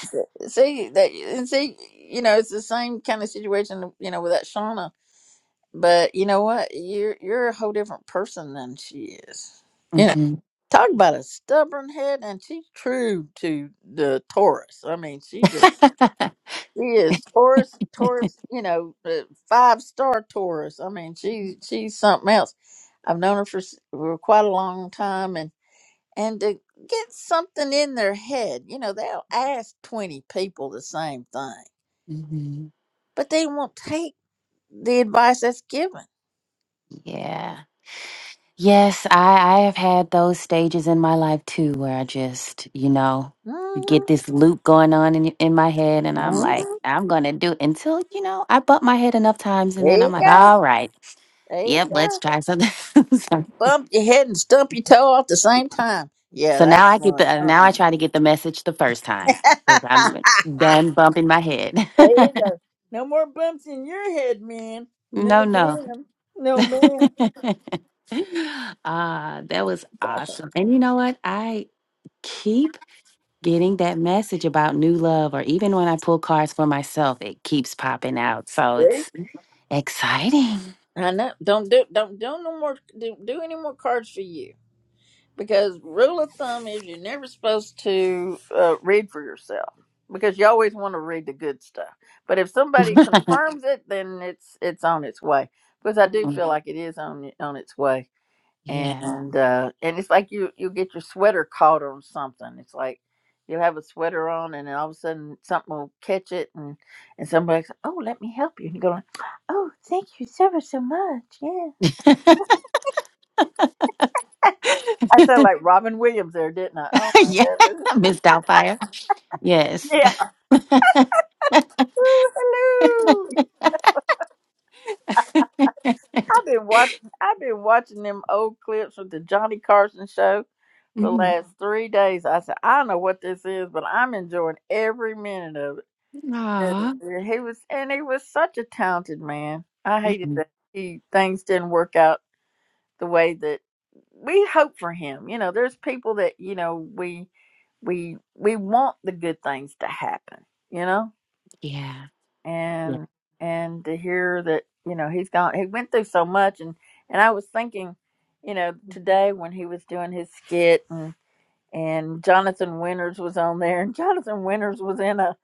S1: see that, and see, you know, it's the same kind of situation, you know, with that Shauna. But you know what? You're you're a whole different person than she is.
S9: hmm
S1: Talk about a stubborn head, and she's true to the Taurus. I mean, she just she is Taurus, Taurus. You know, five star Taurus. I mean, she she's something else. I've known her for, s- for quite a long time, and and to get something in their head, you know, they'll ask twenty people the same thing, but they won't take the advice that's given.
S9: Yeah. Yes, I, I have had those stages in my life too where I just, you know,
S1: Mhm.
S9: get this loop going on in, in my head and I'm like,
S1: Mhm.
S9: I'm going to do it until, you know, I bump my head enough times and
S1: There
S9: then I'm
S1: you
S9: like,
S1: go.
S9: all right,
S1: There you
S9: yep,
S1: go.
S9: let's try something. so,
S1: Bump your head and stump your toe at the same time. Yeah,
S9: so now
S1: that's
S9: I get
S1: smart.
S9: the, now
S1: Uh
S9: I try to get the message the first time
S1: uh
S9: because I'm done bumping my head.
S1: there you go. No more bumps in your head, man.
S9: no,
S1: No
S9: no.
S1: ma'am. No ma'am.
S9: Ah, that was awesome. And you know what? I keep getting that message about new love, or even when I pull cards for myself, it keeps popping out. So
S1: Right?
S9: it's exciting.
S1: I know. Don't do don't do no more do, do any more cards for you because rule of thumb is you're never supposed to uh, read for yourself because you always want to read the good stuff. But if somebody confirms it, then it's it's on its way because I do
S9: Mm,
S1: feel like it is on on its way
S9: yeah.
S1: and uh and it's like you you get your sweater caught on something it's like you'll have a sweater on and then all of a sudden something will catch it and and somebody's oh let me help you and you go like oh thank you so much so much yeah i sound like robin williams there didn't i oh my
S9: yeah.
S1: goodness
S9: Miss Doubtfire. Yes.
S1: yeah Ooh, hello i've been watching i've been watching them old clips with the johnny carson show for the
S9: Mhm.
S1: last three days i said i don't know what this is but i'm enjoying every minute of it Yeah,
S9: Aw.
S1: He was, and he was such a talented man. I hated
S9: Mhm.
S1: that he things didn't work out the way that we hope for him. You know, there's people that you know we we we want the good things to happen. You know,
S9: Yeah. Yeah.
S1: and and to hear that you know he's gone, he went through so much, and and I was thinking, you know, today when he was doing his skit and. And Jonathan Winters was on there, and Jonathan Winters was in a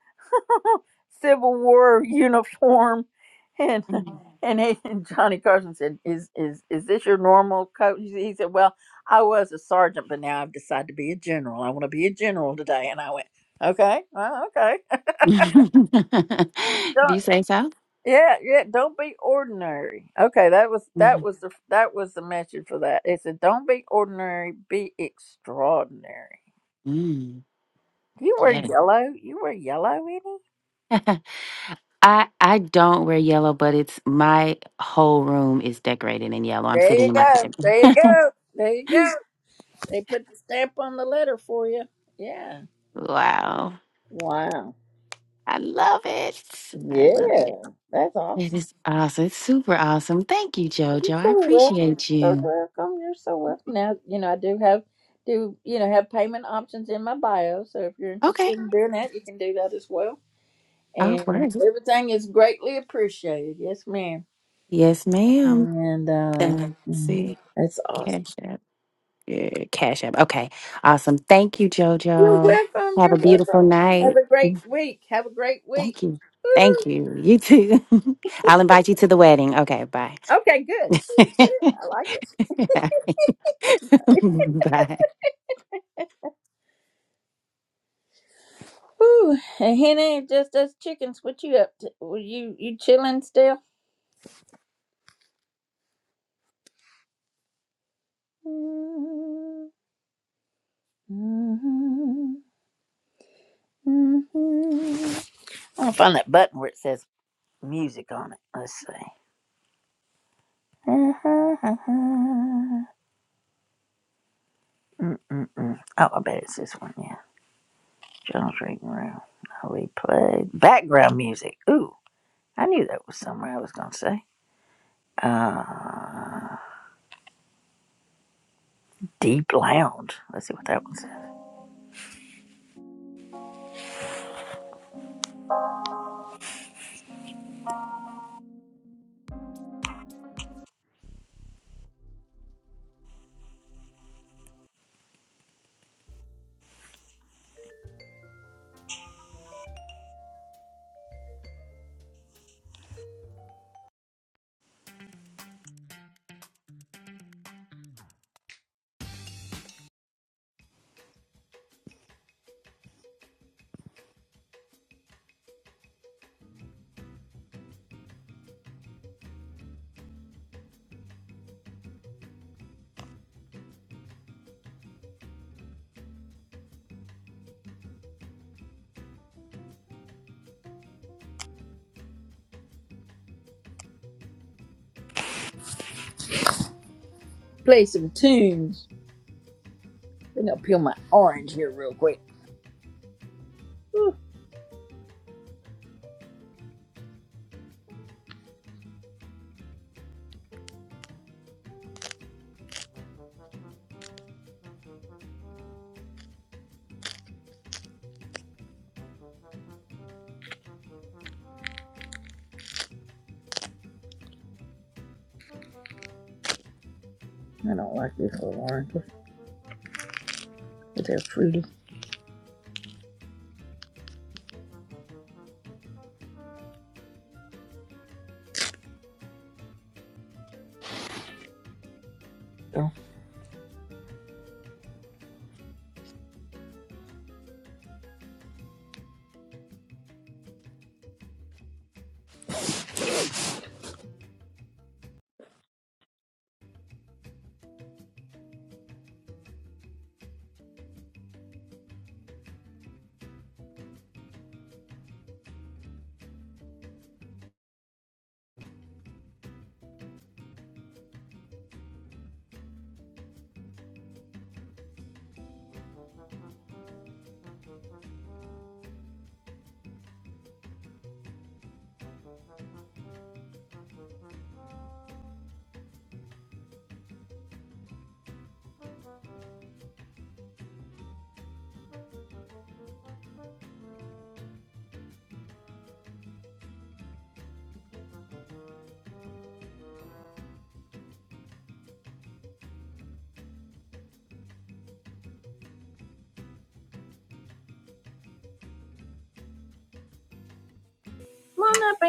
S1: Civil War uniform. And
S9: Mm.
S1: and, he- and Johnny Carson said, "Is is is this your normal coat?" He he said, "Well, I was a sergeant, but now I've decided to be a general. I want to be a general today." And I went, "Okay, well, okay,
S9: if
S1: don't,
S9: you say so.
S1: yeah, yeah, don't be ordinary." Okay, that was that
S9: Mhm.
S1: was the that was the message for that. It said, "Don't be ordinary, be extraordinary."
S9: Mm,
S1: You wear
S9: Yeah.
S1: yellow. You wear yellow, Eddie.
S9: I I don't wear yellow, but it's my whole room is decorated in yellow. I'm
S1: There
S9: sitting
S1: you
S9: in my
S1: go.
S9: bed.
S1: There you go. There you go. They put the stamp on the letter for you. Yeah.
S9: Wow.
S1: Wow.
S9: I love it. I love
S1: Yeah.
S9: it.
S1: That's
S9: It
S1: awesome.
S9: is awesome. It's super awesome. Thank you,
S1: You're
S9: Jojo. I
S1: so welcome.
S9: appreciate
S1: So
S9: you.
S1: welcome. You're so welcome. Now, you know, I do have do, you know, have payment options in my bio. So if you're
S9: Okay.
S1: interested in doing that, you can do that as well.
S9: All
S1: And
S9: right.
S1: everything is greatly appreciated. Yes, ma'am.
S9: Yes, ma'am.
S1: And
S9: Uh,
S1: uh
S9: Let's
S1: mm,
S9: see.
S1: that's awesome.
S9: Cash app. Yeah, cash app. Okay. Awesome. Thank you,
S1: You're
S9: Jojo.
S1: welcome.
S9: Have
S1: You're
S9: a beautiful
S1: welcome. Have
S9: night.
S1: a great week. Have a great week.
S9: Thank you. Thank
S1: Woo-hoo.
S9: you. You too. I'll invite you to the wedding. Okay. Bye.
S1: Okay, good. I like it.
S9: Bye.
S1: Woo! And Henny, it's just us chickens. What you up to? Were you you chilling still? Mm-hmm, mm-hmm. I'm gonna find that button where it says music on it. Let's see. Mm-mm-mm. Oh, I bet it's this one. Yeah, John's reading room. I replay background music. Ooh, I knew that was somewhere I was gonna say. Uh, deep lounge. Let's see what that one says. Play some tunes. I'm gonna peel my orange here real quick. Ooh, I don't like these little oranges, but they're fruity. So.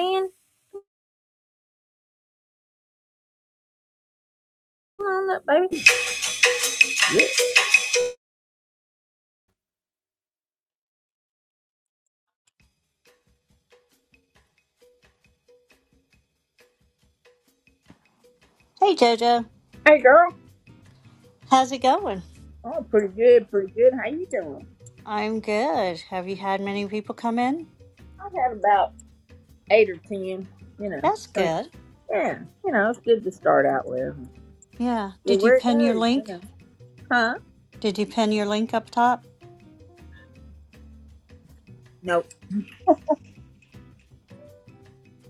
S1: Morning. Yeah.
S11: Hey Jojo,
S1: Hey, girl.
S11: how's it going?
S1: Oh, pretty good, pretty good. How you doing?
S11: I'm good. Have you had many people come in?
S1: I've had about eight or ten. You know,
S11: That's
S1: I mean,
S11: good.
S1: yeah. You know, it's good to start out with.
S11: Yeah.
S1: Yeah,
S11: Did you
S1: where it
S11: pin your
S1: goes, you
S11: link?
S1: know. Huh?
S11: Did you pin your link up top?
S1: Nope.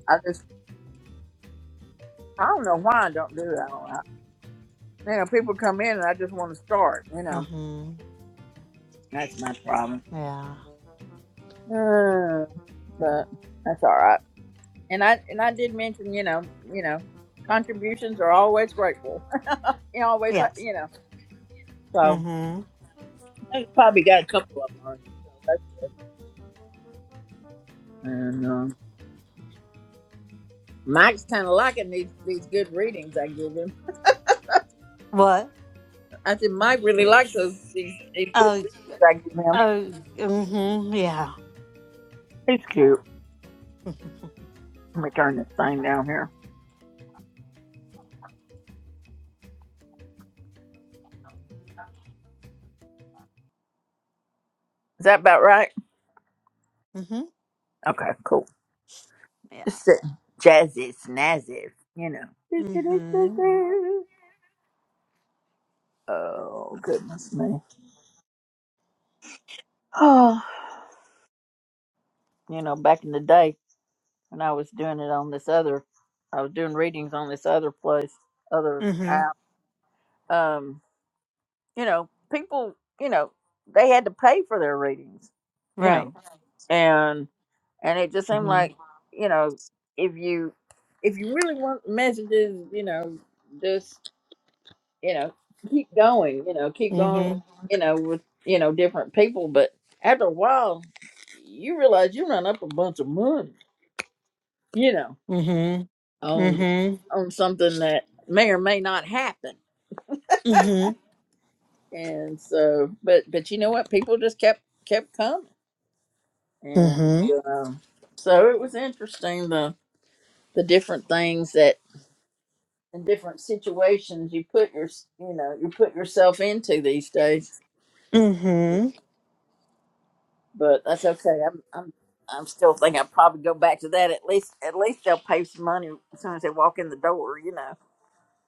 S1: I just, I don't know why I don't do that. I You know, people come in and I just want to start. You know,
S11: Mm-hmm.
S1: that's my problem.
S11: Yeah.
S1: Uh, but that's all right. And I and I did mention, you know, you know, contributions are always grateful. you always,
S11: Yes.
S1: you know. So
S11: Mm-hmm.
S1: I probably got a couple of them. Already, so that's good. And um, Mike's kind of liking these these good readings I give him.
S11: What?
S1: I said Mike really likes those these, these good
S11: Oh.
S1: readings I give him.
S11: Oh. Mm-hmm. Yeah.
S1: He's cute. Let me turn this thing down here. Is that about right?
S11: Mm-hmm.
S1: Okay, cool.
S11: Yeah.
S1: Just sitting jazzy, snazzy, you know.
S11: Mm-hmm.
S1: Oh goodness me. Oh, you know, back in the day. and I was doing it on this other. I was doing readings on this other place, other
S11: Mm-hmm.
S1: app. Um, you know, people, you know, they had to pay for their readings, you know,
S11: Right.
S1: and and it just seemed
S11: Mm-hmm.
S1: like, you know, if you if you really want messages, you know, just you know, keep going, you know, keep going,
S11: Mm-hmm.
S1: you know, with you know different people, but after a while, you realize you run up a bunch of money, you know
S11: Mm-hmm.
S1: on
S11: Mm-hmm.
S1: on something that may or may not happen.
S11: Mm-hmm.
S1: And so, but but you know what? People just kept kept coming, and
S11: Mm-hmm.
S1: um, so it was interesting the the different things that and different situations you put your you know you put yourself into these days.
S11: Mm-hmm.
S1: But that's okay. I'm I'm I'm still thinking I'll probably go back to that. At least at least they'll pay some money as soon as they walk in the door. You know.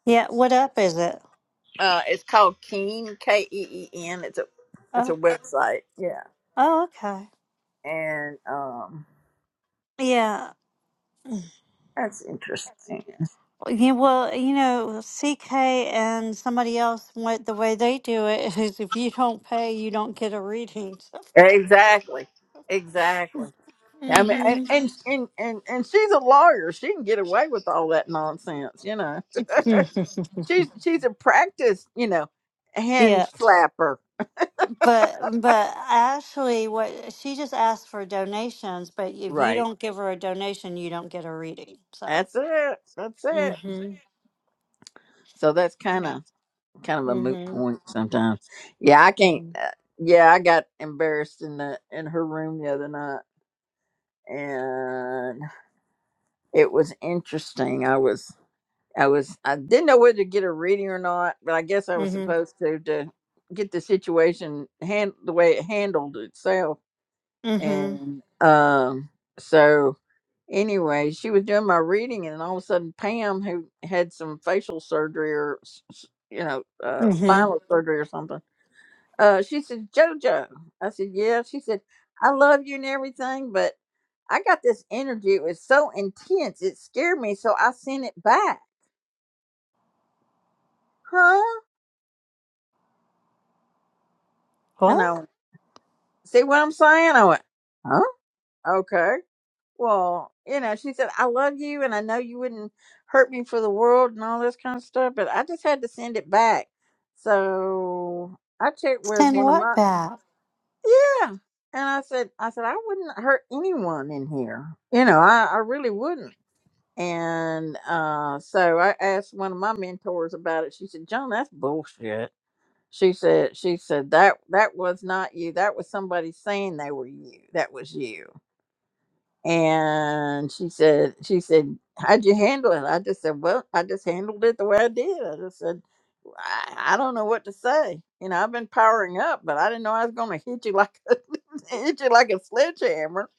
S11: Yeah. What up is it?
S1: Uh, it's called Keen K E E N. It's a it's a
S11: Oh.
S1: website. Yeah.
S11: Oh. Okay.
S1: and um,
S11: Yeah.
S1: that's interesting.
S11: Yeah, well, you know, CK and somebody else, what the way they do it is if you don't pay, you don't get a reading. So.
S1: Exactly, exactly. I mean, and,
S11: hmm
S1: and and and and she's a lawyer. She can get away with all that nonsense, you know. She's she's a practiced, you know, hand
S11: Yeah,
S1: slapper.
S11: but but Ashley, what she just asked for donations, but if you
S1: Right.
S11: don't give her a donation, you don't get a reading. So,
S1: That's it. That's it.
S11: mm-hmm.
S1: So that's kind
S11: yeah,
S1: of kind of a moot
S11: mm-hmm.
S1: point sometimes. Yeah, I can't.
S11: Mm-hmm.
S1: Uh, yeah, I got embarrassed in the in her room the other night, and it was interesting. I was I was I didn't know whether to get a reading or not, but I guess I was
S11: Mm-hmm.
S1: supposed to to get the situation hand the way it handled itself.
S11: Mm-hmm.
S1: And um so anyway, she was doing my reading and all of a sudden Pam who had some facial surgery or s- s- you know, uh
S11: Mm-hmm.
S1: spinal Mhm. surgery or something. Uh she said, "Jojo." I said, "Yeah." She said, "I love you and everything, but I got this energy. It was so intense. It scared me, so I sent it back." Huh? And I.
S11: What?
S1: See what I'm saying? I went, huh? Okay. Well, you know, she said, I love you and I know you wouldn't hurt me for the world and all this kind of stuff, but I just had to send it back. So I checked with
S11: Send
S1: one of
S11: what
S1: my,
S11: back?
S1: yeah. And I said, I said, I wouldn't hurt anyone in here. You know, I, I really wouldn't. And uh, so I asked one of my mentors about it. She said, John, that's bullshit. She said, she said that that was not you. That was somebody saying they were you. That was you. And she said, she said, how'd you handle it? I just said, well, I just handled it the way I did. I just said, "Well, I, I don't know what to say. You know, I've been powering up, but I didn't know I was going to hit you like a, hit you like a sledgehammer.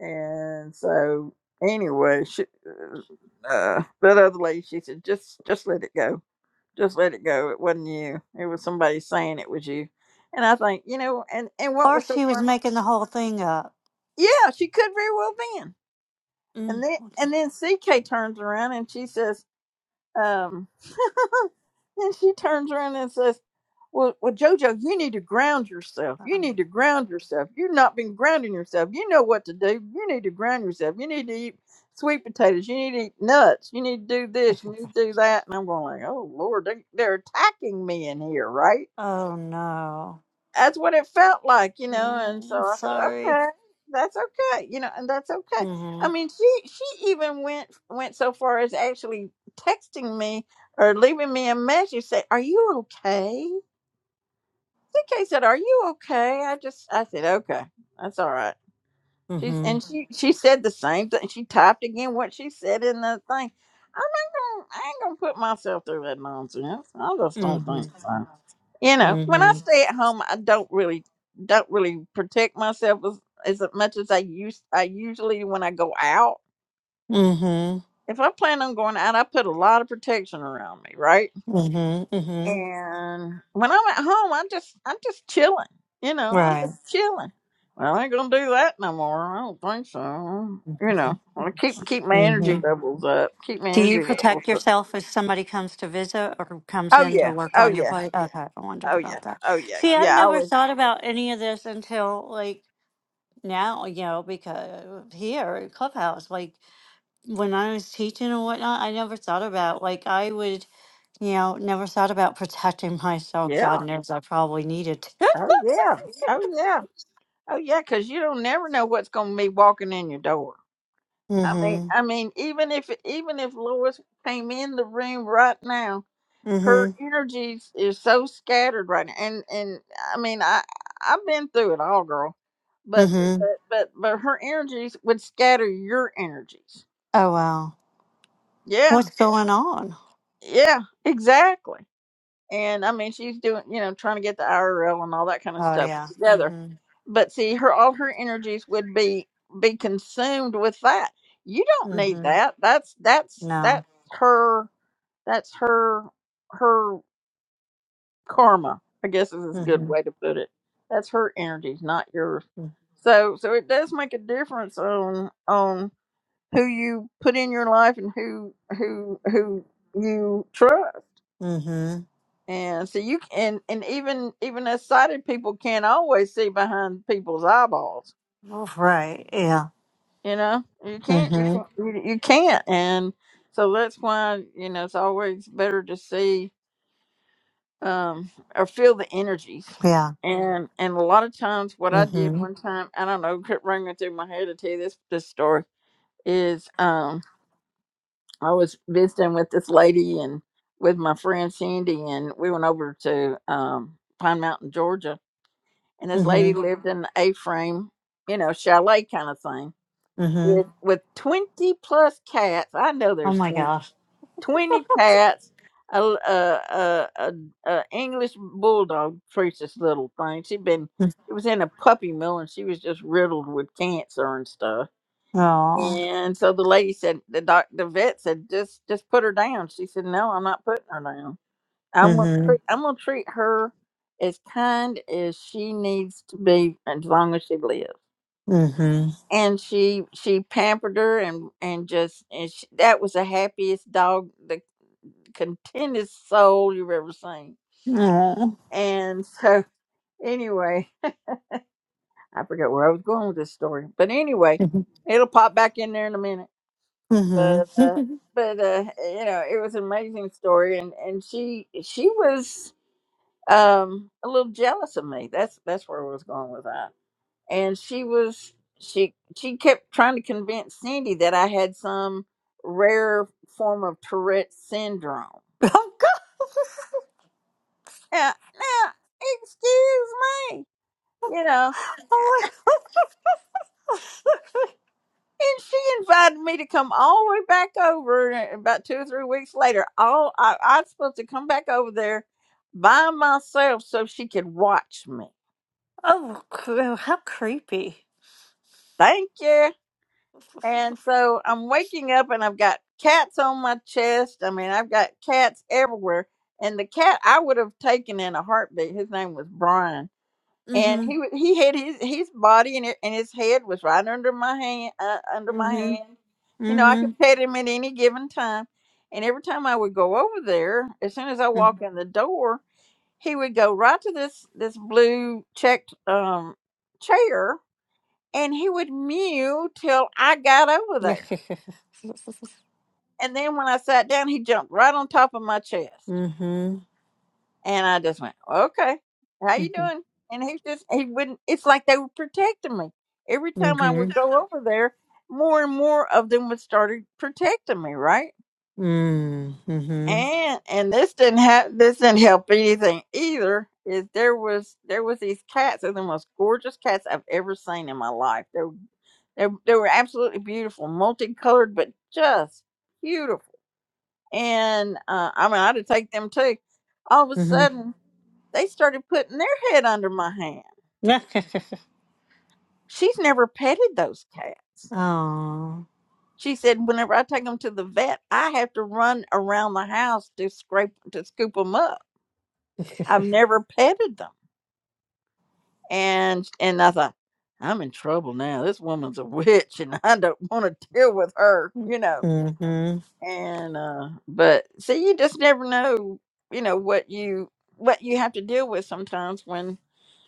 S1: And so, anyway, she, uh, uh, that other lady, she said, just just let it go just let it go. It wasn't you. It was somebody saying it was you. And I think, you know, and and what
S11: Or
S1: was so
S11: she was
S1: funny?
S11: making the whole thing up.
S1: Yeah, she could very well been.
S11: Mm.
S1: And then and then CK turns around and she says, um, and she turns around and says, well, well, Jojo, you need to ground yourself. You need to ground yourself. You've not been grounding yourself. You know what to do. You need to ground yourself. You need to eat sweet potatoes. You need to eat nuts. You need to do this. You need to do that. And I'm going like, oh Lord, they, they're attacking me in here, right?
S11: Oh no.
S1: that's what it felt like, you know. And so
S11: No,
S1: I said, well,
S11: sorry.
S1: okay, that's okay, you know, and that's okay. I
S11: Mhm.
S1: mean, she she even went went so far as actually texting me or leaving me a message say, "Are you okay?" CK said, "Are you okay?" I just I said, "Okay, that's all right." She's and
S11: Mhm.
S1: she she said the same thing. She typed again what she said in the thing. I'm not gonna I ain't gonna put myself through that nonsense. I just don't think
S11: Mhm.
S1: so. You know, when I
S11: Mhm.
S1: stay at home, I don't really don't really protect myself as as much as I used I usually when I go out.
S11: Mhm.
S1: If I plan on going out, I put a lot of protection around me, right?
S11: Mhm. Mhm.
S1: And when I'm at home, I'm just I'm just chilling. You know, I'm
S11: Right.
S1: just chilling. Well, I ain't gonna do that no more. I don't think so. You know, I keep keep my energy
S11: Mhm.
S1: levels up. Keep my
S11: Do you
S1: energy levels
S11: protect
S1: up.
S11: yourself if somebody comes to visit or comes
S1: Oh
S11: in to
S1: yeah.
S11: work
S1: Oh
S11: on your
S1: yeah.
S11: plate? Okay, I wondered
S1: Oh yeah.
S11: about that.
S1: Oh yeah.
S11: See, I've
S1: Yeah. I
S11: never
S1: always.
S11: thought about any of this until like now, you know, because here at Clubhouse, like when I was teaching and whatnot, I never thought about like I would You know, never thought about protecting myself.
S1: Yeah.
S11: God knows I probably needed to.
S1: Oh yeah. Oh yeah. Oh yeah. Because you don't never know what's gonna be walking in your door. I mean,
S11: mm-hmm.
S1: I mean, even if even if Lois came in the room right now.
S11: Mm-hmm.
S1: her energy is is so scattered right now and and i mean i i've been through it all girl but
S11: Mm-hmm.
S1: but but, but her energies would scatter your energies
S11: Oh wow.
S1: yeah
S11: What's going on?
S1: yeah exactly and i mean she's doing you know trying to get the irl and all that kind of
S11: Oh
S1: stuff
S11: yeah.
S1: together
S11: Mm-hmm.
S1: but see her all her energies would be be consumed with that you don't need
S11: Mm-hmm.
S1: that that's that's
S11: No.
S1: that's her that's her her karma i guess is a good
S11: Mm-hmm.
S1: way to put it that's her energies not yours
S11: mm,
S1: so so it does make a difference on on who you put in your life and who who who you trust
S11: Mm-hmm.
S1: and so you can and even even as sighted people can't always see behind people's eyeballs
S11: All right. Yeah.
S1: you know you can't you can't
S11: Mm-hmm.
S1: you, you can't and so that's why you know it's always better to see um, or feel the energies.
S11: Yeah.
S1: And and a lot of times, what I did
S11: Mm-hmm.
S1: one time, I don't know, kept running through my head to tell you this this story is um, I was visiting with this lady and with my friend Cindy, and we went over to um, Pine Mountain, Georgia, and this lady
S11: Mm-hmm.
S1: lived in an A-frame, you know, chalet kind of thing
S11: Mm-hmm.
S1: with with twenty plus cats. I know
S11: Oh
S1: there's
S11: my
S1: 20
S11: gosh.
S1: 20 cats, a a a a a English bulldog, Teresa's little thing. She'd been, she was in a puppy mill and she was just riddled with cancer and stuff.
S11: Oh.
S1: And so the lady said, the doc, the vet said, just, just put her down. She said, no, I'm not putting her down. I'm gonna
S11: Mm-hmm.
S1: treat, I'm gonna treat her as kind as she needs to be as long as she lives.
S11: Mm-hmm.
S1: And she she pampered her and and just and she, that was the happiest dog contended soul you've ever seen.
S11: Oh.
S1: And so, anyway, I forget where I was going with this story, but anyway,
S11: hmm
S1: it'll pop back in there in a minute.
S11: Mm-hmm.
S1: But uh, but uh, you know, it was an amazing story, and and she she was um a little jealous of me. That's that's where I was going with that. And she was she she kept trying to convince Cindy that I had some rare form of Tourette syndrome.
S11: oh God.
S1: Now, now excuse me you know.
S11: Oh my God.
S1: And she invited me to come all the way back over uh, about two or three weeks later. All I, I was supposed to come back over there by myself so she could watch me.
S11: Oh, cr- how creepy.
S1: Thank you. And so I'm waking up and I've got cats on my chest. I mean, I've got cats everywhere. And the cat I would have taken in a heartbeat, his name was Brian and
S11: Mm-hmm.
S1: he wa- he had his his body and it, and his head was right under my hand uh, under my
S11: Mm-hmm.
S1: hand. You know, I
S11: Mm-hmm.
S1: could pet him at any given time, and every time I would go over there, as soon as I walk
S11: Mm-hmm.
S1: in the door, he would go right to this this blue checked um chair, and he would mew till I got over there, and then when I sat down, he jumped right on top of my chest. And I just went, okay, how you doing? And he just, he wouldn't, it's like they were protecting me. Every
S11: Mm-hmm.
S1: time I
S11: Mm-hmm.
S1: would go over there, more and more of them would started protecting me, right? And, and this didn't have, this didn't help anything either. Is there was, there was these cats, they're the most gorgeous cats I've ever seen in my life. They were, they, they were absolutely beautiful, multicolored, but just beautiful. And, uh, I mean, I had to take them too. All of a
S11: Mm-hmm.
S1: sudden, they started putting their head under my hand. She's never petted those cats.
S11: Oh.
S1: She said, whenever I take them to the vet, I have to run around the house to scrape to scoop them up. I've
S11: Mm-hmm.
S1: never petted them, and and I thought I'm in trouble now. This woman's a witch, and I don't want to deal with her, you know. And uh, but see, you just never know, you know what you what you have to deal with sometimes when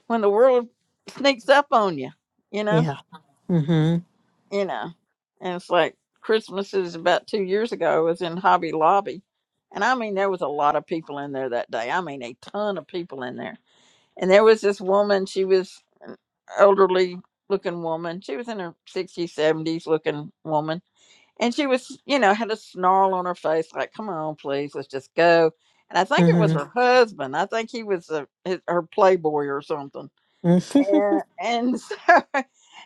S1: when the world sneaks up on you, you know
S11: Yeah. Mm-hmm.
S1: you know. And it's like Christmas is about two years ago. I was in Hobby Lobby, and I mean there was a lot of people in there that day. I mean a ton of people in there. And there was this woman. She was an elderly looking woman. She was in her sixties, seventies looking woman, and she was you know had a snarl on her face like, "Come on, please, let's just go." And I think it was
S11: Mm-hmm.
S1: her husband. I think he was a, his, her playboy or something and and so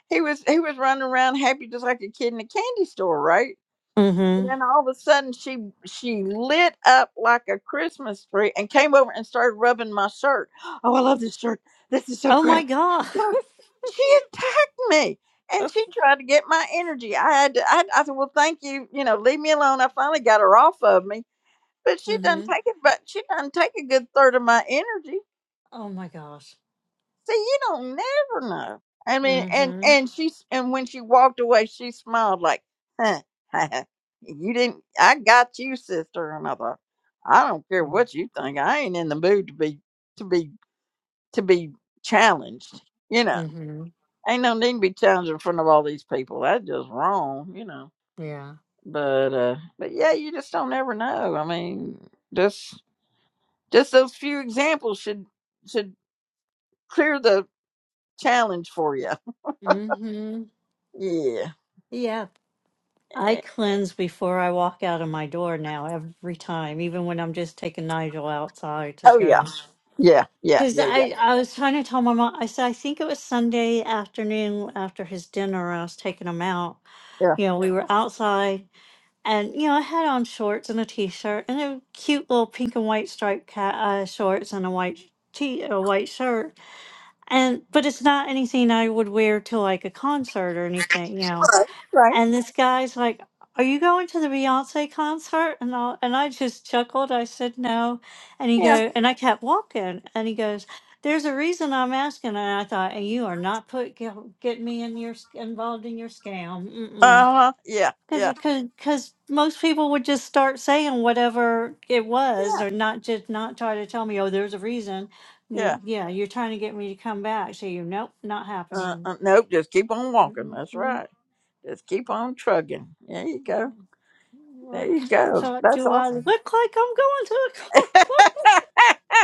S1: he was he was running around happy just like a kid in a candy store, right? And
S11: Mm-hmm.
S1: then all of a sudden she she lit up like a Christmas tree and came over and started rubbing my shirt. Oh, I love this shirt. This is so
S11: Oh
S1: great.
S11: my god.
S1: Look, She attacked me and she tried to get my energy. I had to, I, I said, well, thank you. You know, leave me alone. I finally got her off of me, but she doesn't
S11: Mm-hmm.
S1: take it. But she doesn't take a good third of my energy
S11: Oh my gosh.
S1: See, you don't never know. I mean, and
S11: Mm-hmm.
S1: and she, and when she walked away, she smiled like, huh, "You didn't. I got you, sister." And I thought, I don't care what you think. I ain't in the mood to be to be to be challenged. You know,
S11: Mm-hmm.
S1: ain't no need to be challenged in front of all these people. That's just wrong. You know.
S11: Yeah.
S1: But uh, but yeah, you just don't ever know. I mean, just just those few examples should should clear the challenge for you.
S11: Mm-hmm. Yeah.
S1: Yeah.
S11: I cleanse before I walk out of my door now every time, even when I'm just taking Nigel outside to
S1: Oh yeah,
S11: go.
S1: yeah, yeah,
S11: Because
S1: yeah, yeah,
S11: I, I was trying to tell my mom, I said, I think it was Sunday afternoon after his dinner, I was taking him out.
S1: yeah.
S11: You know, we were outside and, you know, I had on shorts and a t shirt and a cute little pink and white striped cat, uh, shorts and a white t a white shirt and but it's not anything i would wear to like a concert or anything you know
S1: Right, right.
S11: and this guy's like, "Are you going to the Beyonce concert?" And I and I just chuckled. I said no, and he
S1: Yeah.
S11: go and I kept walking. And he goes, "There's a reason I'm asking." And I thought, "And you are not put get, get me in your sc- involved in your
S1: Uh
S11: scam,
S1: huh. Yeah,
S11: because
S1: yeah,
S11: because most people would just start saying whatever it was,
S1: yeah,
S11: or not just not try to tell me, oh, there's a reason.
S1: yeah.
S11: Y- Yeah, you're trying to get me to come back. So you, nope, not
S1: Uh,
S11: happening.
S1: uh, nope. Just keep on walking. That's
S11: Mm-hmm.
S1: right. Just keep on trugging. There you go.
S11: Um,
S1: There
S11: I
S1: you
S11: kind of
S1: go.
S11: thought,
S1: That's
S11: do I look
S1: awesome.
S11: like I'm going to a concert?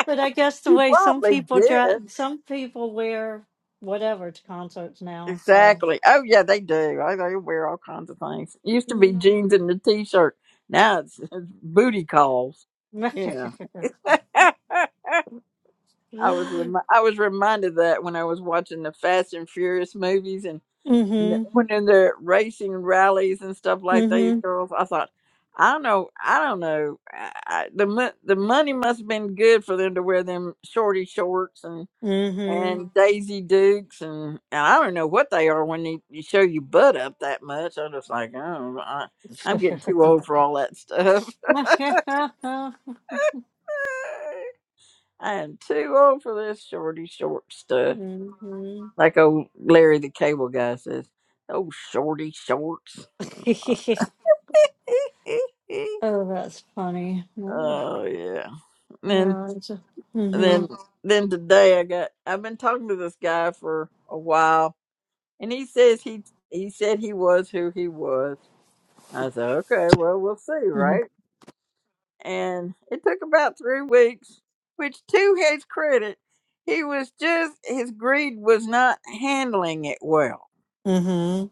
S11: But I guess the
S1: you
S11: way some
S1: probably
S11: people
S1: did.
S11: dress, some people wear whatever to concerts now. So.
S1: Exactly. Oh yeah, they do. I they wear all kinds of things. It used to be
S11: Mm-hmm.
S1: jeans and a t-shirt. Now it's, it's booty calls. You know. I was
S11: mm
S1: remi- I was reminded of that when I was watching the Fast and Furious movies and and the-
S11: mhm. mm
S1: when in their racing rallies and stuff like these
S11: Mhm.
S1: girls, I thought, I don't know, I don't know, I, I, the mo- the money must have been good for them to wear them shorty shorts and
S11: Mhm.
S1: and Daisy Dukes and, and I don't know what they are when you, you show your butt up that much. I'm just like, oh, I, I'm getting too old for all that stuff. I am too old for this shorty short
S11: mhm.
S1: stuff. Like old Larry the Cable Guy says, "Oh, shorty shorts."
S11: oh, that's funny. Mm,
S1: oh yeah. And then
S11: Yeah. it's a-
S1: then
S11: Mhm.
S1: then today I got I've been talking to this guy for a while, and he says he he said he was who he was. I said, okay, well we'll see,
S11: Mhm.
S1: right? And it took about three weeks, which to his credit, he was just his greed was not handling it well
S11: Mhm.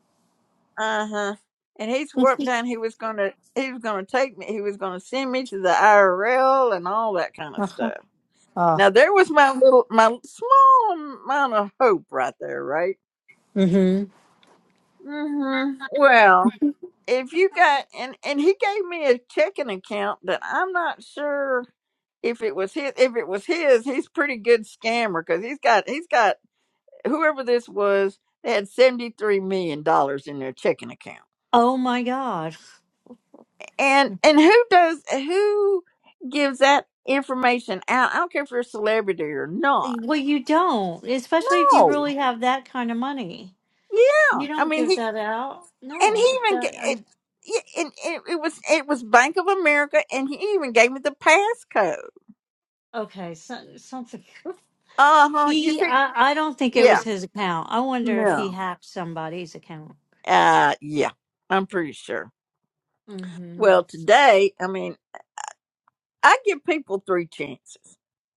S1: Uh-huh. And he swore up and down he was gonna he was gonna take me he was gonna send me to the IRL and all that kind of
S11: Uh-huh.
S1: stuff.
S11: Ah.
S1: Now there was my little my small amount of hope right there, right?
S11: mm Mhm.
S1: Mm-hmm. Well, if you got and and he gave me a checking account that I'm not sure if it was his if it was his he's pretty good scammer because he's got he's got whoever this was they had 73 million dollars in their checking account
S11: Oh my gosh.
S1: And and who does who gives that information out? I don't care if you're a celebrity or not.
S11: Well, you don't, especially if you
S1: No.
S11: really have that kind of money.
S1: Yeah,
S11: You
S1: I
S11: don't
S1: mean
S11: give
S1: he
S11: that out.
S1: and he
S11: No.
S1: even ga-
S11: That, I,
S1: it, yeah, and it, it was it was Bank of America, and he even gave me the passcode.
S11: okay, so, something.
S1: Uh huh. You
S11: He,
S1: think?
S11: I, I don't think it was
S1: Yeah.
S11: his account. I wonder if he
S1: No.
S11: hacked somebody's account.
S1: Uh yeah. I'm pretty sure.
S11: Mm-hmm.
S1: Well, today, I mean, I give people three chances.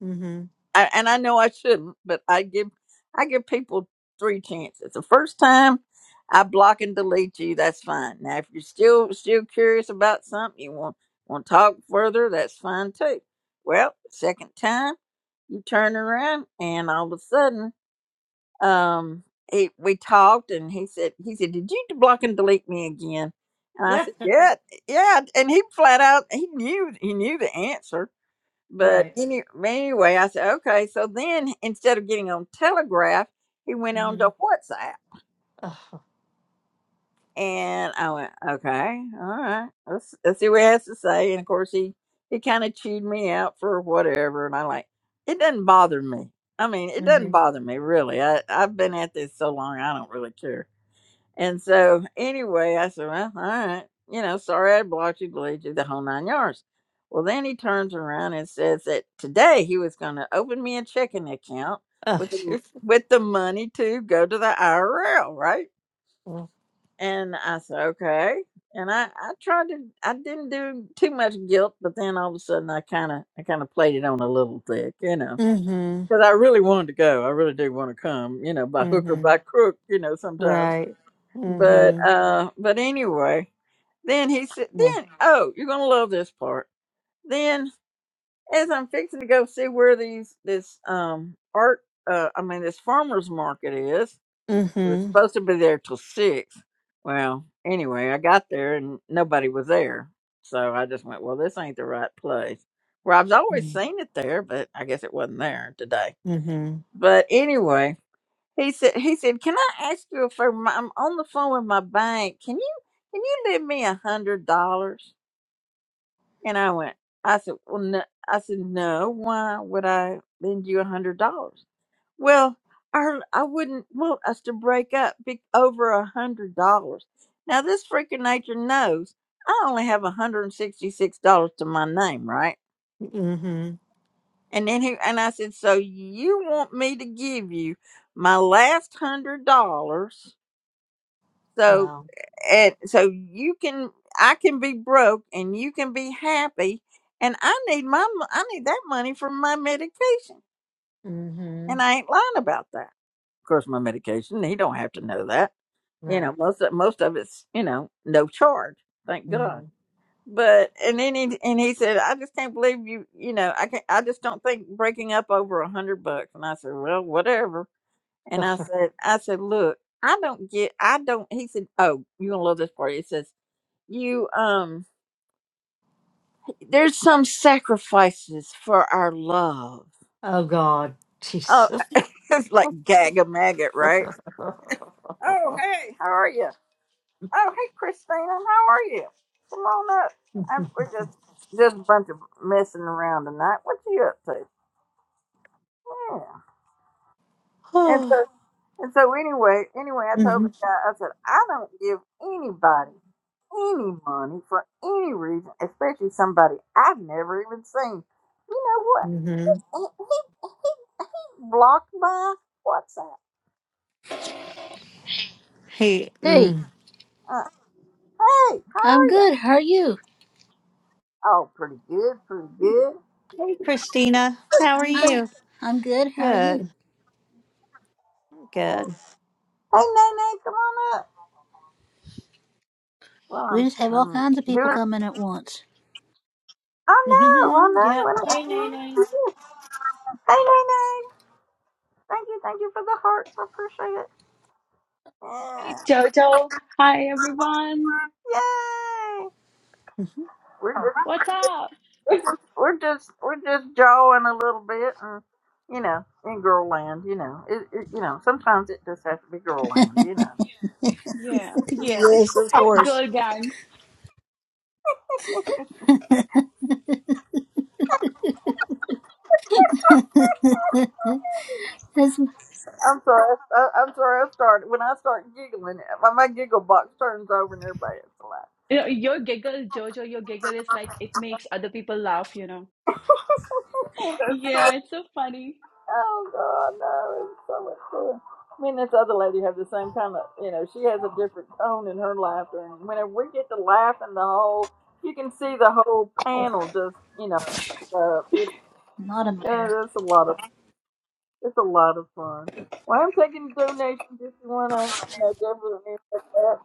S11: Mm-hmm.
S1: I, and I know I shouldn't, but I give I give people three chances. The first time I block and delete you, that's fine. Now if you're still still curious about something, you want want to talk further, that's fine too. Well, second time you turn around and all of a sudden, um, he, we talked and he said he said, "Did you block and delete me again?" And I said, "Yeah, yeah." And he flat out he knew he knew the answer but
S11: right.
S1: any, anyway, I said, okay. So then instead of getting on Telegraph, he went on
S11: Mm-hmm.
S1: to WhatsApp.
S11: Oh,
S1: And I went, okay, all right, let's, let's see what he has to say. And of course, he, he kind of chewed me out for whatever. And I like, it doesn't bother me. I mean, it doesn't
S11: mm-hmm.
S1: bother me really. I, I've been at this so long, I don't really care and so anyway, I said, well, all right, you know, sorry I blocked you, delayed you the whole nine yards. Well, then he turns around and says that today he was going to open me a checking account with the, m-
S11: Oh,
S1: with the money to go to the IRL, right? And I said, okay. And I, I tried to, I didn't do too much guilt, but then all of a sudden I kind of, I kind of played it on a little thick, you know,
S11: mm-hmm.
S1: because I really wanted to go. I really do want to come, you know, by hook or
S11: Mm-hmm.
S1: by crook, you know, sometimes
S11: Right.
S1: but
S11: Mm-hmm.
S1: uh, but anyway, then he said,
S11: Yeah.
S1: then oh, you're gonna love this part. Then as I'm fixing to go see where these this um art uh I mean this farmers market is, it was
S11: Mm-hmm.
S1: supposed to be there till six. Well, anyway, I got there and nobody was there, so I just went, well, this ain't the right place. Where I've always seen it there, but I guess it wasn't there today.
S11: Mm-hmm.
S1: But anyway, he said, he said, can I ask you a favor? I'm on the phone with my bank. Can you, can you lend me a hundred dollars? And I went, I said, well, no. I said, no, why would I lend you a hundred dollars? Well, I, I wouldn't want us to break up be, over a hundred dollars. Now this freak of nature knows I only have $166 to my name, right?
S11: Mm-hmm.
S1: And then he, and I said, so you want me to give you my last hundred dollars So
S11: Wow.
S1: and so you can I can be broke and you can be happy and I need my mo- I need that money for my medication.
S11: Mm-hmm.
S1: And I ain't lying about that. Of course my medication, he don't have to know that. You know,
S11: Right.
S1: most of most of it's, you know, no charge. Thank God.
S11: Mm.
S1: But and then he and he said, I just can't believe you you know, I can not I just don't think breaking up over a hundred bucks and I said, Well, whatever and I said I said, Look, I don't get I don't he said, Oh, you're gonna love this part. He says you um there's some sacrifices for our love
S11: Oh God,
S1: oh
S11: Jesus.
S1: it's like gag a maggot right oh hey how are you oh hey christina how are you come on up i we're just just a bunch of messing around tonight what you up to yeah and
S11: oh.
S1: so and so anyway anyway i told
S11: hmm
S1: the guy i said i don't give anybody any money for any reason especially somebody i've never even seen you know what
S11: hmm
S1: he, he blocked by? What's that?
S11: Hey,
S12: Hey,
S11: mm.
S1: Uh, hey, how
S12: I'm
S1: are you?
S12: good. How are you?
S1: Oh, pretty good, pretty good.
S11: hey, Christina, how are
S12: Hi,
S11: you?
S12: I'm good. How are you?
S11: Good. Good.
S1: Hey, Nene, come on up. Well,
S12: We
S1: I'm,
S12: just have all
S1: I'm
S12: kinds of people
S1: doing.
S12: coming at once.
S1: I know, I
S11: Mm-hmm.
S1: know.
S11: Yep.
S1: I
S11: Hey,
S1: know.
S11: Nene.
S1: Hey, Nene. Thank you, thank you for the hearts. I appreciate it. Yeah.
S13: Hey, Jojo. Hi, everyone.
S1: Yay!
S11: Mhm.
S1: We're just,
S13: What's up?
S1: we're just, we're just jawing a little bit, and you know, in girl land, you know, it, it, you know, sometimes it just has to be girl land, you know.
S13: Yeah, yes.
S12: Yes, of course.
S13: Girl gang.
S12: That's-
S1: I'm sorry. I, I'm sorry. I started when I start giggling. My, my giggle box turns over and everybody has to laugh.
S13: You know, your giggle, Jojo, your giggle is like it makes other people laugh, you know.
S1: That's
S13: Yeah,
S1: so-
S13: it's so funny.
S1: oh God, no! It's so much fun. Me and this other lady have the same kind of, you know, she has a different tone in her laughter, and whenever we get to laughing, the whole you can see the whole
S12: Ow,
S1: panel just, you know, uh, it,
S12: not in my hair.
S1: uh, it's a lot of it's a lot of fun. Well, I'm taking donations if you wanna, you know, give them. anything.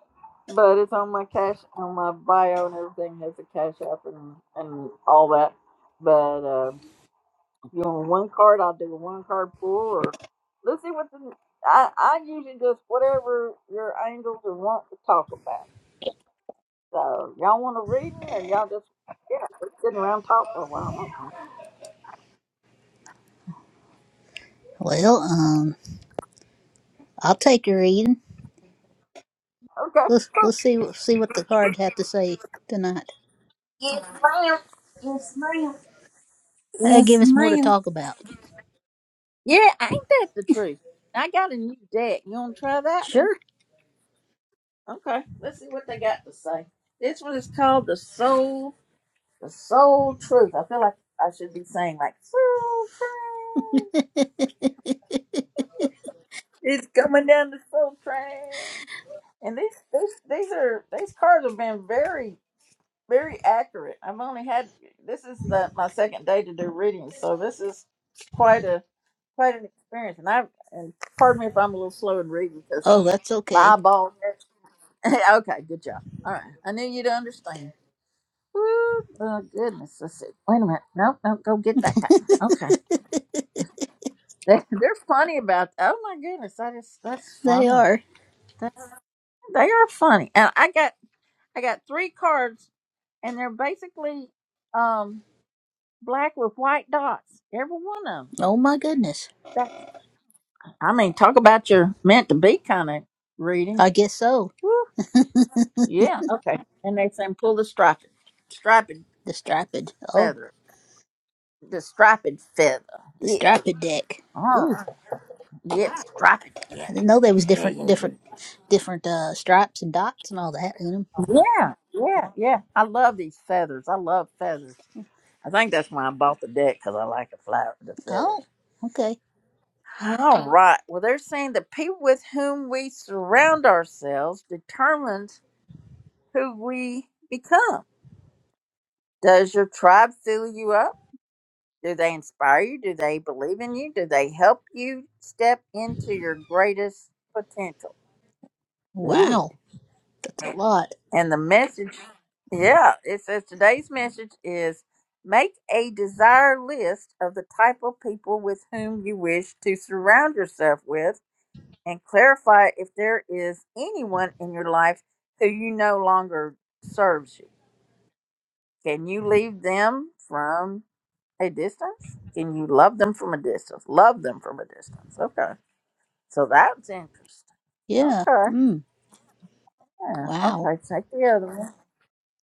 S1: But it's on my cash, on my bio, and everything has a cash app and, and all that. But uh, if you want one card, I'll do a one card pool, or let's see what the. I, I usually just whatever your angels are want to talk about. So y'all want a reading, or y'all just yeah, let's sit around and talk for a while.
S12: Well, um, I'll take your reading.
S1: Okay, okay,
S12: Let's
S1: cool.
S12: let's see see what the cards have to say tonight.
S1: Yes, ma'am. Yes, ma'am.
S12: That'll
S1: Yes,
S12: give us more to
S1: ma'am.
S12: talk about.
S1: Yeah, ain't that the truth? I got a new deck. You want to try that
S12: Sure.
S1: Okay, let's see what they got to say. This one is called the soul, the soul truth. I feel like I should be saying like soul train. It's coming down the soul train. And these these these are these cards have been very very accurate. I've only had this is the my second day to do readings, so this is quite a quite an experience. And I and pardon me if I'm a little slow in reading because
S12: Oh, that's
S1: my
S12: okay.
S1: eyeball. okay, good job. All right, I knew you'd understand. Woo! Oh goodness, let's see. Wait a minute. Nope, nope. Go get back time. Okay, they they're funny about. Oh my goodness, that is that's
S12: They
S1: funny.
S12: are.
S1: That's, they are funny, and I got I got three cards, and they're basically um black with white dots, every one of them.
S12: Oh my goodness.
S1: That I mean, talk about your meant to be kind of reading.
S12: I guess so.
S1: Woo! Yeah. Okay. And they say pull the striped striped
S12: The striped. Oh,
S1: feather, the striped feather.
S12: the
S1: Yeah.
S12: striped deck.
S1: All right. Yeah. Striped. Yeah.
S12: I didn't know there was
S1: Yeah,
S12: different,
S1: yeah, yeah.
S12: different, different uh, stripes and dots and all that in them.
S1: Yeah, yeah, yeah. I love these feathers. I love feathers. I think that's why I bought the deck because I like the flower, the feathers.
S12: Oh, okay.
S1: All right. Well, they're saying the people with whom we surround ourselves determines who we become. Does your tribe fill you up? Do they inspire you? Do they believe in you? Do they help you step into your greatest potential? Ooh.
S12: Wow, that's a lot.
S1: And the message, yeah, it says today's message is make a desire list of the type of people with whom you wish to surround yourself with and clarify if there is anyone in your life who you no longer serves you. Can you leave them from a distance? Can you love them from a distance? Love them from a distance. Okay. So that's interesting.
S12: Yeah.
S1: Okay.
S12: Mm.
S1: Yeah.
S12: Wow,
S1: Okay. Take the other one.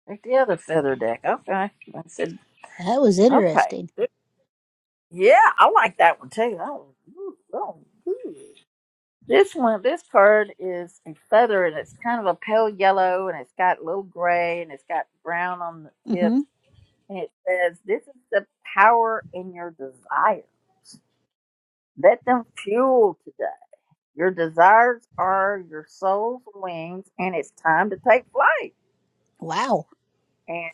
S1: Take the other feather deck. Okay. I said.
S12: that was
S1: Okay.
S12: interesting.
S1: Yeah, I like that one too. That ooh, that was This one, this card is a feather, and it's kind of a pale yellow, and it's got little gray, and it's got brown on the
S12: Mm-hmm.
S1: tips, and it says, "This is the power in your desires. Let them fuel today. Your desires are your soul's wings, and it's time to take flight."
S12: Wow.
S1: And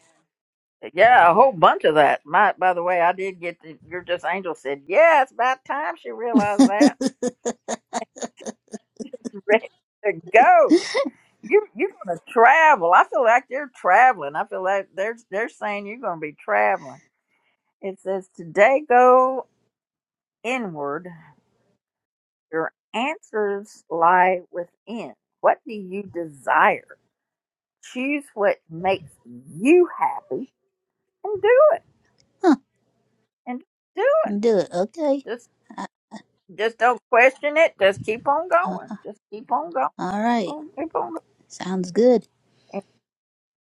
S1: yeah, a whole bunch of that. My, by the way, I did get the. Your just angel said, "Yeah, it's about time she realized that." ready to go. You you're gonna travel. I feel like they're traveling. I feel like they're they're saying you're gonna be traveling. It says today go inward. Your answers lie within. What do you desire? Choose what makes you happy and do it.
S12: Huh.
S1: And do it.
S12: Do it. Okay.
S1: Just
S12: I,
S1: just don't question it. Just keep on
S12: uh,
S1: going. Just keep on
S12: all right.
S1: going. Keep on
S12: Sounds good.
S1: going.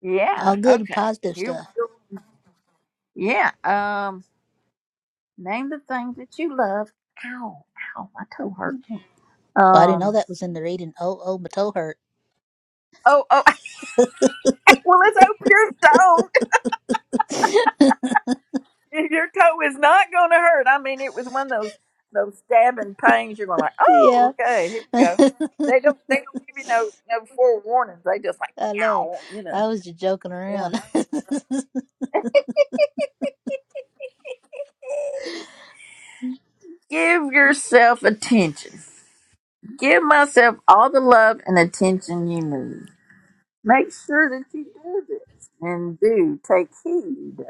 S1: Yeah.
S12: All good
S1: Okay.
S12: positive
S1: You.
S12: stuff.
S1: Yeah. Um. Name the thing that you love. Ow, ow, my toe hurt.
S12: Well, I didn't know
S1: Um.
S12: that was in the reading. Oh, oh, my toe hurt.
S1: Oh, oh. Well, let's hope your toe, your toe is not going to hurt. I mean, it was one of those those stabbing pains. You're going like, oh,
S12: Yeah.
S1: okay, here you
S12: I
S1: go. They don't they don't give you no no forewarnings. They just like,
S12: know.
S1: ow, you know.
S12: I was just joking
S1: Yeah.
S12: around.
S1: Give yourself attention. Give myself all the love and attention you need. Make sure that you do this and do take heed.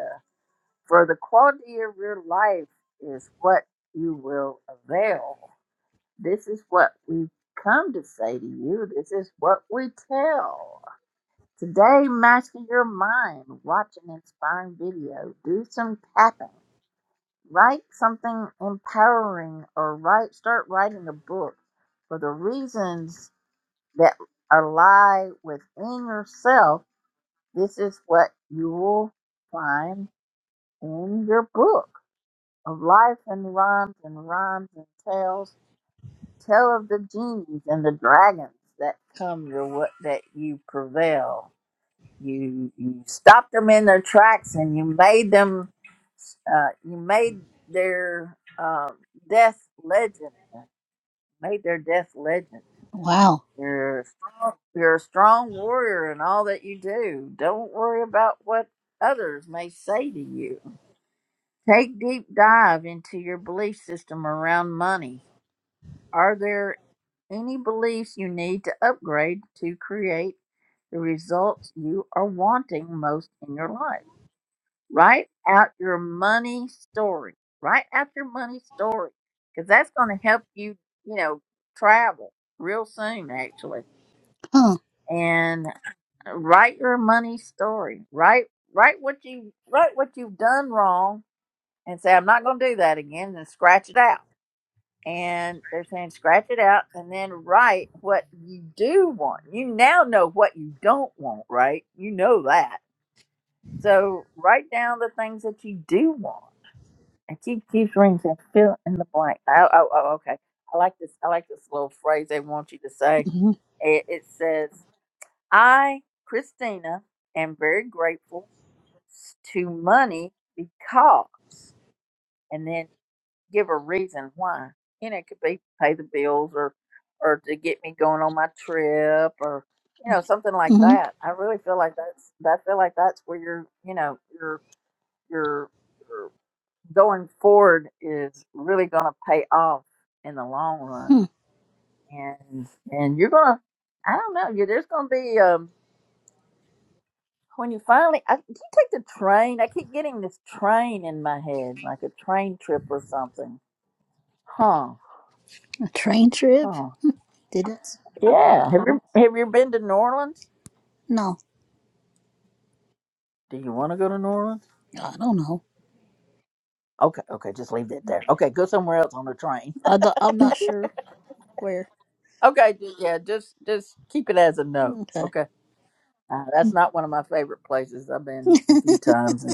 S1: For the quality of your life is what you will avail. This is what we come to say to you. This is what we tell. Today, master your mind. Watch an inspiring video. Do some tapping. Write something empowering or write start writing a book for the reasons that are lie within yourself. This is what you will find in your book of life and rhymes and rhymes and tales. Tell of the genies and the dragons that come your what that you prevail. You you stopped them in their tracks and you made them. Uh, you made their uh, death legend. Made their death legend.
S12: Wow.
S1: You're a strong, you're a strong warrior in all that you do. Don't worry about what others may say to you. Take deep dive into your belief system around money Are there any beliefs you need to upgrade to create the results you are wanting most in your life? Write out your money story. Write out your money story because that's going to help you, you know, travel real soon, actually.
S12: Huh.
S1: And uh, write your money story. Write write what you write what you've done wrong, and say I'm not going to do that again, and scratch it out and they're saying scratch it out and then write what you do want. You now know what you don't want, right? You know that. So write down the things that you do want. And keep keeps rings and fill in the blank. Oh, oh, oh, okay. I like this. I like this little phrase they want you to say.
S12: Mm-hmm.
S1: It, it says, "I, Christina, am very grateful s- to money because," and then give a reason why. You know, it could be pay the bills or or to get me going on my trip or you know something like
S12: Mm-hmm.
S1: that. I really feel like that's I feel like that's where you're you know your your your going forward is really going to pay off in the long run,
S12: Hmm.
S1: and and you're gonna I don't know you there's gonna be um when you finally I, you take the train. I keep getting this train in my head like a train trip or something. Huh?
S12: A train trip?
S1: Huh.
S12: Did it?
S1: Yeah. Have you have you been to New Orleans?
S12: No,
S1: Do you want to go to New Orleans?
S12: I don't know.
S1: Okay, okay, just leave that there. Okay, go somewhere else on the train.
S12: I do- I'm not sure where.
S1: okay, ju- yeah, just just keep it as a no.
S12: Okay.
S1: Okay. Uh, that's not one of my favorite places. I've been a few times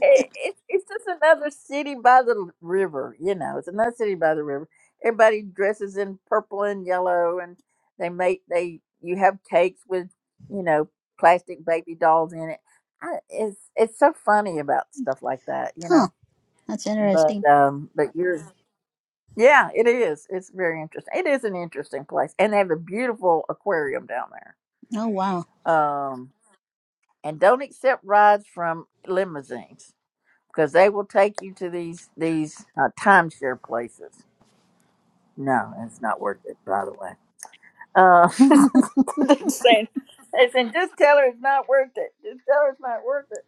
S1: it, it's it's just another city by the river. You know, it's another city by the river. Everybody dresses in purple and yellow, and they make they you have cakes with you know plastic baby dolls in it. I, it's it's so funny about stuff like that, you
S12: Huh.
S1: know.
S12: That's
S1: But
S12: interesting.
S1: um, but you're yeah, it is. It's very interesting. It is an interesting place, and they have a beautiful aquarium down there.
S12: Oh, wow.
S1: Um, and don't accept rides from limousines because they will take you to these these uh, timeshare places. No, it's not worth it. By the way, uh, they're saying they saying just tell her it's not worth it. Just tell her it's not worth it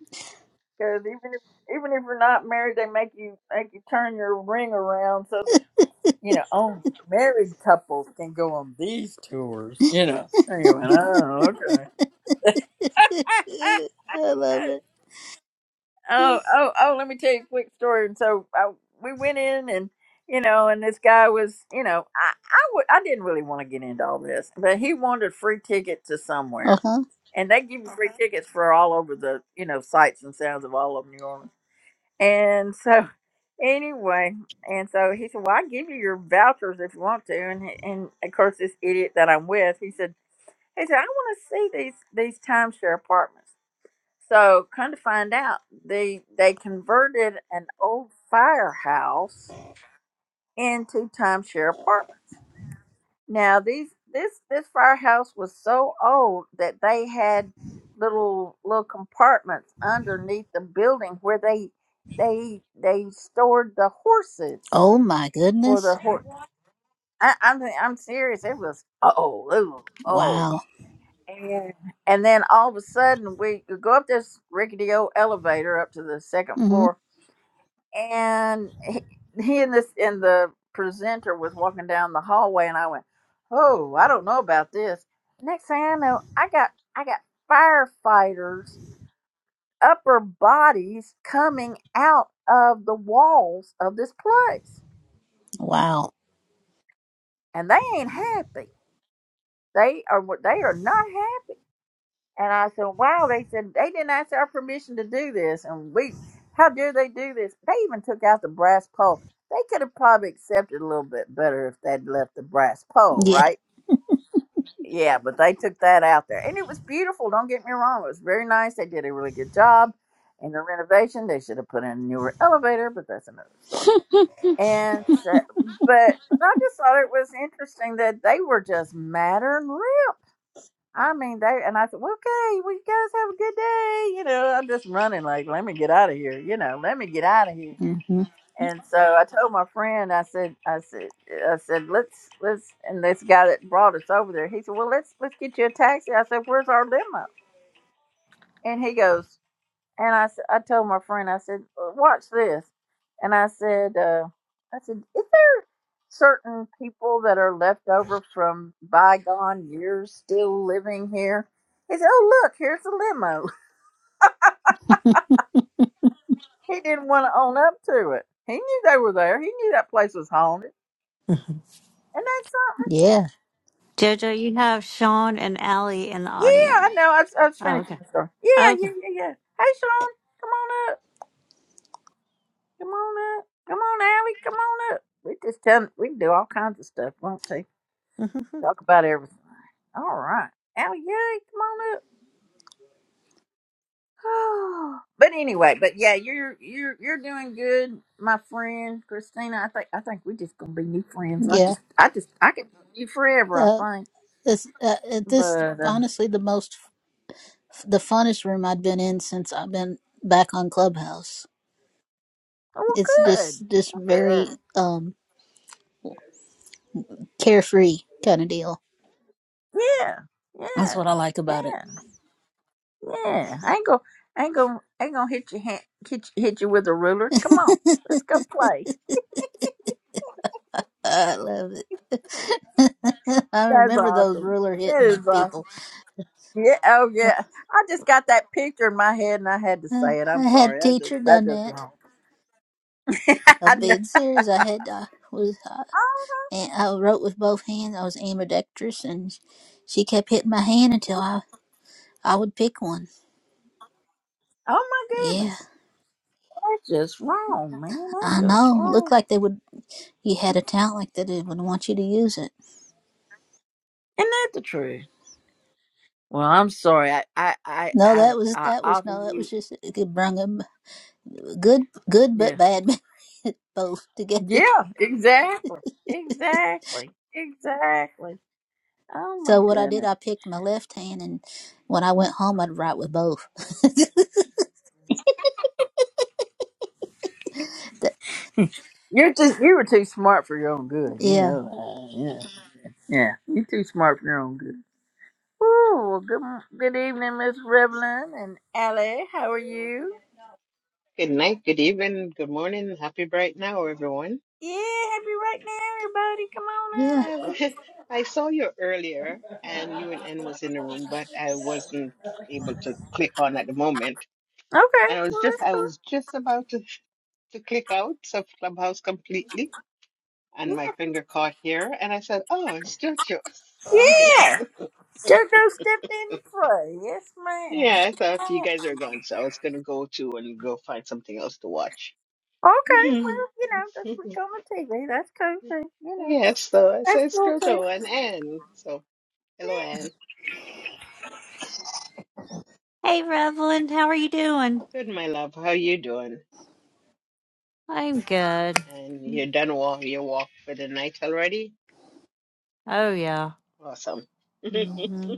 S1: because even if even if you're not married, they make you make you turn your ring around so that you know only married couples can go on these tours. You know. Anyway, oh okay.
S12: I love it.
S1: Oh, oh, oh, let me tell you a quick story. And so I, we went in and, you know, and this guy was, you know, I, I would, I didn't really want to get into all this, but he wanted a free ticket to
S12: Uh
S1: somewhere.
S12: huh.
S1: And they give you free Okay. tickets for all over the, you know, sights and sounds of all of New Orleans. And so anyway, and so he said, well, I give you your vouchers if you want to. And, he- and of course, this idiot that I'm with, he said, he said, I want to see these, these timeshare apartments. So come to find out, they they converted an old firehouse into timeshare apartments. Now these this this firehouse was so old that they had little little compartments underneath the building where they they they stored the horses
S12: Oh, my
S1: for
S12: goodness.
S1: the horse. I, I'm I'm serious. It was oh oh
S12: Wow.
S1: And and then all of a sudden, we go up this rickety old elevator up to the second
S12: Mm hmm.
S1: floor, and he, he and this and the presenter was walking down the hallway, and I went, "Oh, I don't know about this." Next thing I know, I got I got firefighters' upper bodies coming out of the walls of this place,
S12: Wow.
S1: and they ain't happy. They are they are not happy. And I said, wow, they said they didn't ask our permission to do this. And we, how dare they do this? They even took out the brass pole. They could have probably accepted a little bit better if they'd left the brass pole,
S12: Yeah.
S1: right? Yeah, but they took that out there. And it was beautiful. Don't get me wrong. It was very nice. They did a really good job in the renovation. They should have put in a newer elevator, but that's another story. And so, but, but I just thought it was interesting that they were just matter and I mean, they and I said, well, "Okay, well, you guys have a good day." You know, I'm just running like, "Let me get out of here." You know, "Let me get out of here."
S12: Mm hmm.
S1: And so I told my friend, I said, "I said, I said, let's let's." And this guy that brought us over there, he said, "Well, let's let's get you a taxi." I said, "Where's our limo?" And he goes, and I, s- I told my friend, I said, "Uh, watch this. And I said, uh, I said, is there certain people that are left over from bygone years still living here? He said, oh, look, here's the limo. He didn't want to own up to it. He knew they were there. He knew that place was haunted.
S11: Mhm.
S1: And that's something.
S12: Yeah.
S11: Jojo, you have Sean and Allie in the
S1: Yeah,
S11: audience.
S1: I know. I was, I was
S11: Oh,
S1: finishing
S11: okay.
S1: my story. Yeah,
S11: Okay.
S1: yeah, yeah, yeah. Hey, Sean, come on up. Come on up. Come on, Allie. Come on up. We just tell we can do all kinds of stuff, won't we?
S11: Mhm.
S1: Talk about everything. All right. Oh yay, come on up. Oh, but anyway, but yeah, you're you're you're doing good, my friend Christina. I think I think we're just gonna be new friends. I
S12: Yeah.
S1: just I just I could be you forever, I
S12: Uh,
S1: think.
S12: this, uh, it- this,
S1: But uh
S12: honestly, the most, the funnest room I've been in since I've been back on Clubhouse.
S1: oh well,
S12: It's
S1: good.
S12: just, just
S1: Well good.
S12: very, um, carefree kind of deal.
S1: Yeah,
S12: That's
S1: yeah,
S12: what I like
S1: yeah,
S12: about it.
S1: yeah. I ain't gonna I ain't gonna I ain't gonna hit you hand, hit you, hit you with a ruler. Come on. Let's go play.
S12: I love it. I
S1: That's
S12: remember those
S1: awesome.
S12: ruler
S1: That is
S12: hitting
S1: awesome.
S12: people.
S1: Yeah, oh
S12: Uh,
S1: yeah. I just got that picture in my head and I had to say it.
S12: I
S1: I'm
S12: had a
S1: sorry. I just
S12: teacher
S1: that
S12: done
S1: just
S12: that.
S1: wrong.
S12: A
S1: I know.
S12: big series I had I was uh, and I wrote with both hands. I was ambidextrous, and she kept hitting my hand until I I would pick one.
S1: Oh my
S12: Yeah,
S1: goodness. That's just wrong, man. That's
S12: I
S1: just
S12: know.
S1: wrong.
S12: Looked like they would. You had a talent like that. They would want you to use it.
S1: Isn't that the truth? Well, I'm sorry. I I I
S12: No,
S1: I,
S12: that was
S1: I
S12: that was
S1: offer
S12: no. That
S1: you
S12: was just it brung a good good but
S1: Yeah.
S12: bad both together.
S1: Yeah, exactly. Exactly. Exactly. Oh my
S12: So what I did,
S1: goodness.
S12: I picked my left hand, and when I went home, I'd write with both. Th-
S1: You're just you were too smart for your own good, you
S12: yeah,
S1: know. that. yeah. Yeah. You're too smart for your own good. Ooh, good good evening, Miss Revlon and Allie. How are you?
S14: Good night, good evening, good morning, happy bright now, everyone.
S1: Yeah, happy right now, everybody. Come on
S12: yeah.
S14: Um,
S1: up.
S14: I saw you earlier and you and N was in the room, but I wasn't able to click on at the moment.
S1: Okay,
S14: And I was
S1: well,
S14: just
S1: let's
S14: I was just about to, to click out of Clubhouse completely and my finger caught here and I said, Oh, it's Jojo. So
S1: go.
S14: I'm here.
S1: Yeah, JoJo stepped in to pray. Yes, ma'am.
S14: Yeah, I thought you guys are gone, so I was gonna go to and go find something else to watch.
S1: Okay, well, you know, just look on the TV. That's cool too. You know,
S14: Yes, so I
S1: that's
S14: said
S1: cool too.
S14: Jojo and Anne. Hello,
S1: Yeah.
S14: Anne.
S11: hey, Revlon, how are you doing?
S14: Good, my love. How you doing?
S11: I'm good.
S14: And you
S11: Mm.
S14: done walk your walk for the night already?
S11: Oh yeah.
S14: Awesome.
S11: Mm-hmm.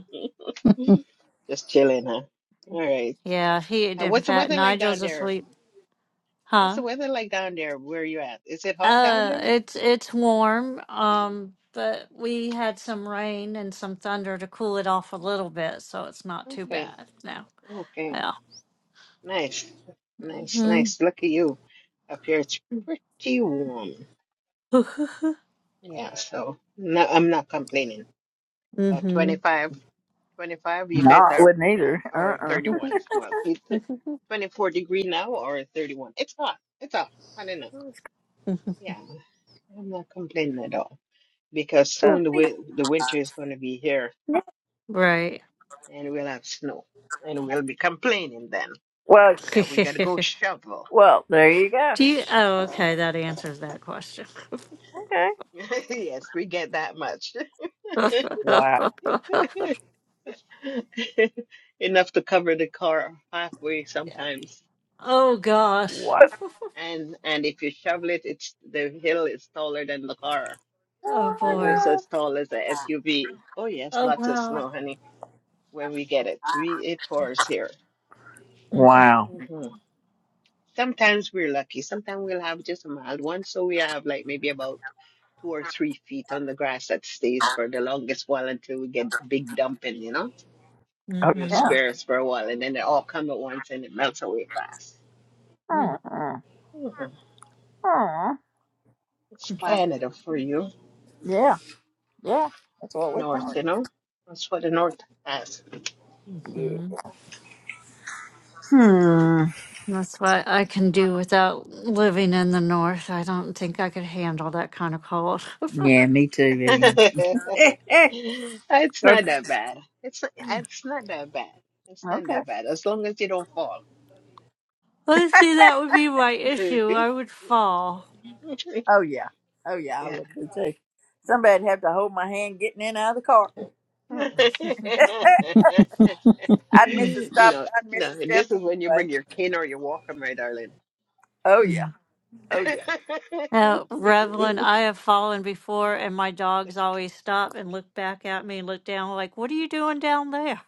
S14: Just chilling, huh? All right.
S11: Yeah, he
S14: Uh,
S11: in
S14: what's the
S11: fact
S14: weather like down
S11: Nigel's
S14: there?
S11: asleep.
S14: What's the
S11: Huh?
S14: weather like down there where you at? Is it hot down
S11: Uh
S14: there?
S11: it's it's warm. Um but we had some rain and some thunder to cool it off a little bit, so it's not too
S14: Okay.
S11: bad now.
S14: Okay.
S11: Yeah.
S14: Nice. Nice.
S11: Mm-hmm.
S14: Nice. Look at you. Up here it's pretty warm. Yeah, so no, I'm not complaining. Uh, 25. 25. You
S1: No,
S14: guys
S1: I
S14: are,
S1: wouldn't
S14: yeah,
S1: either.
S14: or
S1: Uh,
S14: 31. Well, it's
S11: mm-hmm.
S14: 24 degree now or 31. It's hot. It's hot. Hot enough. Yeah, I'm not complaining at all because
S1: uh
S14: soon the wi- the winter is going to be here
S11: right.
S14: and we'll have snow and we'll be complaining then
S1: Well,
S14: that we got to go shovel.
S1: well, there you go.
S11: Do you oh okay, that answers that question.
S1: Okay.
S14: yes, we get that much.
S1: Wow.
S14: Enough to cover the car halfway
S11: yeah.
S14: sometimes.
S11: Oh gosh.
S1: Wow.
S14: And and if you shovel it, it's the hill is taller than the car.
S11: Oh
S1: Oh my
S14: almost
S11: boy.
S14: as tall as a SUV. Oh, yes,
S11: Oh
S14: lots of
S11: wow.
S14: snow, honey, when we get it. We, it pours here.
S1: God.
S11: Mm-hmm.
S14: hmm Sometimes we're lucky. Sometimes we'll have just a mild one. So we have like maybe about two or three feet on the grass that stays for the longest while until we get the big dumping, you know? They'll
S11: Mm-hmm.
S1: Wow.
S14: spare us for a while and then they all come at once and it melts away fast.
S11: Mm-hmm.
S1: Okay.
S14: hmm
S1: Aw.
S14: It's
S1: Well,
S14: Canada for you,
S1: Yeah, yeah. That's what we're
S14: North,
S1: doing.
S14: you know? That's what the North has.
S1: Yeah.
S11: Mhm.
S1: Hmm.
S11: That's what I can do without living in the north. I don't think I could handle that kind of cold.
S1: Yeah, me too, Vivian. Eh, eh.
S14: It's not that bad. It's not,
S11: Mm.
S14: it's not that bad. It's not
S1: okay.
S14: that bad as long as you don't fall.
S11: I see that would be my issue. I would fall.
S1: Oh, yeah. Oh, yeah, I
S14: Yeah.
S1: would be too. Somebody'd have to hold my hand getting in and out of the car. Mm-mm. I'd miss
S11: Mm,
S1: a stop.
S14: No,
S1: I'd miss
S14: no.
S1: a step
S14: This is when you
S1: anyway.
S14: bring your cane or your walker, my darling.
S1: Oh, yeah.
S11: mm.
S1: Oh, yeah.
S11: Uh, Revlon, I have fallen before, and my dogs always stop and look back at me and look down, like, "What are you doing down there?"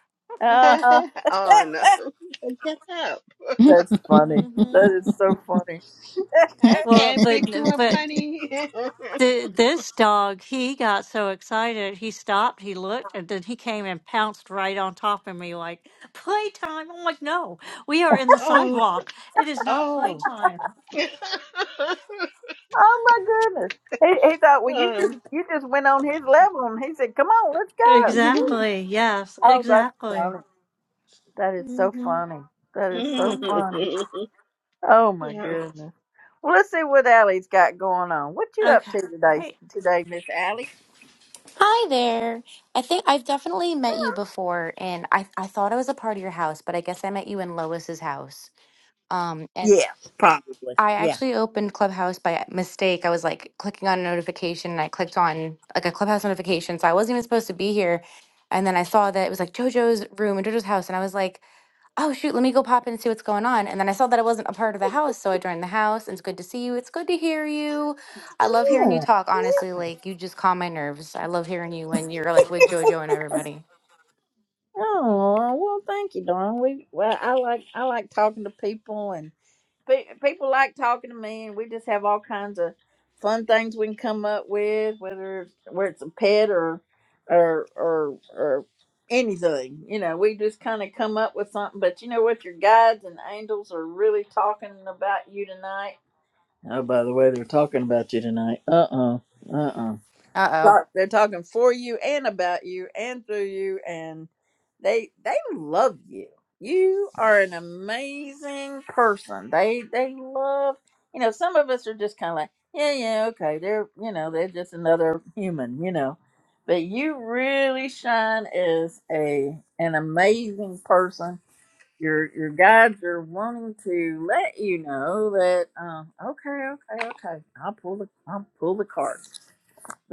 S1: Uh-huh.
S14: Oh no. Get up.
S1: That's funny.
S11: hmm
S1: That is so funny.
S14: I
S11: Well,
S14: can't pick you
S11: but
S14: up,
S11: but
S14: honey.
S11: Th this dog, he got so excited, he stopped, he looked, and then he came and pounced right on top of me like, playtime. I'm like, no, we are in the
S14: Oh,
S11: sidewalk. It is not
S14: oh.
S11: playtime.
S1: Oh, my goodness. He, he thought, well, you just you just went on his level, and he said, "Come on, let's go."
S11: Exactly. Yes,
S1: Oh, that's funny.
S11: exactly.
S1: That is so
S11: hmm
S1: funny. That is so
S11: hmm
S1: funny.
S14: Oh.
S1: Oh my
S14: Yeah.
S1: goodness. Well, let's see what Allie's got going on. What you up
S11: Okay.
S1: to today,
S11: Hey.
S1: today, Miss Allie?
S15: Hi there. I think I've definitely met you before, and I, I thought I was a part of your house, but I guess I met you in Lois's house. Um, and
S1: Yeah, probably.
S15: I
S1: Yeah.
S15: actually opened Clubhouse by mistake. I was like clicking on a notification, and I clicked on like a Clubhouse notification, so I wasn't even supposed to be here. And then I saw that it was like JoJo's room and JoJo's house, and I was like, oh shoot, let me go pop in and see what's going on. And then I saw that it wasn't a part of the house, so I joined the house. And it's good to see you. It's good to hear you. I love hearing you
S1: Yeah.
S15: talk. Honestly, like you just calm my nerves. I love hearing you when you're like with JoJo and everybody.
S1: Oh well, thank you, darling. We well, I like I like talking to people, and. pe- people like talking to me, and we just have all kinds of fun things we can come up with, whether it's where it's a pet or or or or anything. You know, we just kind of come up with something. But you know what? Your guides and angels are really talking about you tonight. Oh, by the way, they're talking about you tonight. Uh uh-uh, uh
S15: Uh oh.
S1: talk- they're talking for you and about you and through you and they they love you you are an amazing person they they love you know some of us are just kind of like yeah yeah okay they're you know they're just another human you know but you really shine as a an amazing person your your guides are wanting to let you know that um okay okay okay i'll pull the i'll pull the card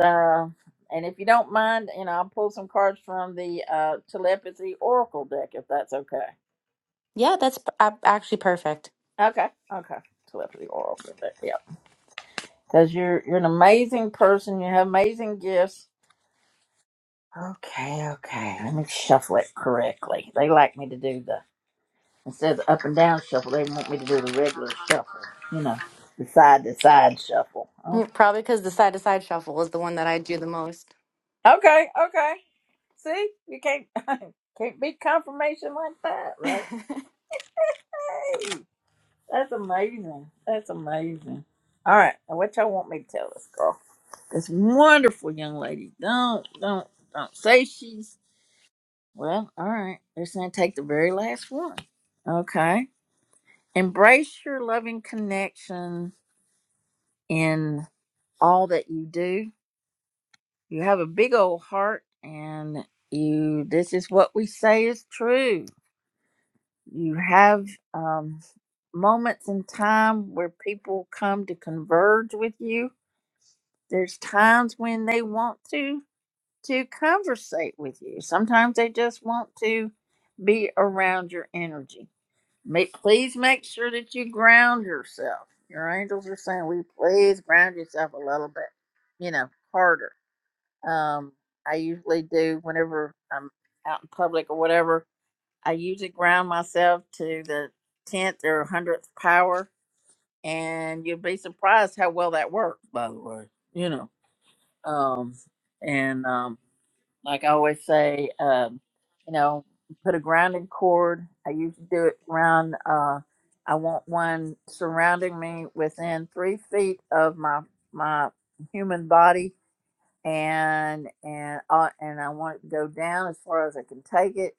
S1: so, and if you don't mind, you know, I'll pull some cards from the uh, telepathy oracle deck if that's okay.
S15: Yeah, that's p- a- actually perfect.
S1: Okay, okay, telepathy oracle deck. Yep, because you're you're an amazing person. You have amazing gifts. Okay, okay. Let me shuffle it correctly. They like me to do the instead of the up and down shuffle. They want me to do the regular shuffle. You know, the side to side shuffle.
S15: Mm,
S1: Okay,
S15: Probably because the side to side shuffle is the one that I do the most.
S1: okay, okay. See, you can't can't beat confirmation like that, right? Hey! That's amazing. That's amazing. All right, now what y'all want me to tell this girl? This wonderful young lady. Don't, don't, don't say she's. Well, all right. They're saying take the very last one. Okay. Embrace your loving connection in all that you do. You have a big old heart, and you. This is what we say is true. You have um, moments in time where people come to converge with you There's times when they want to to conversate with you. Sometimes they just want to be around your energy. Make, please make sure that you ground yourself. Your angels are saying, "We please ground yourself a little bit, you know, harder." Um, I usually do whenever I'm out in public or whatever. I usually ground myself to the tenth or hundredth power, and you'd be surprised how well that works. By the way, you know um, and um, like I always say, um, you know, put a grounding cord. I usually do it around. Uh, I want one surrounding me within three feet of my my human body, and and uh, and I want it to go down as far as I can take it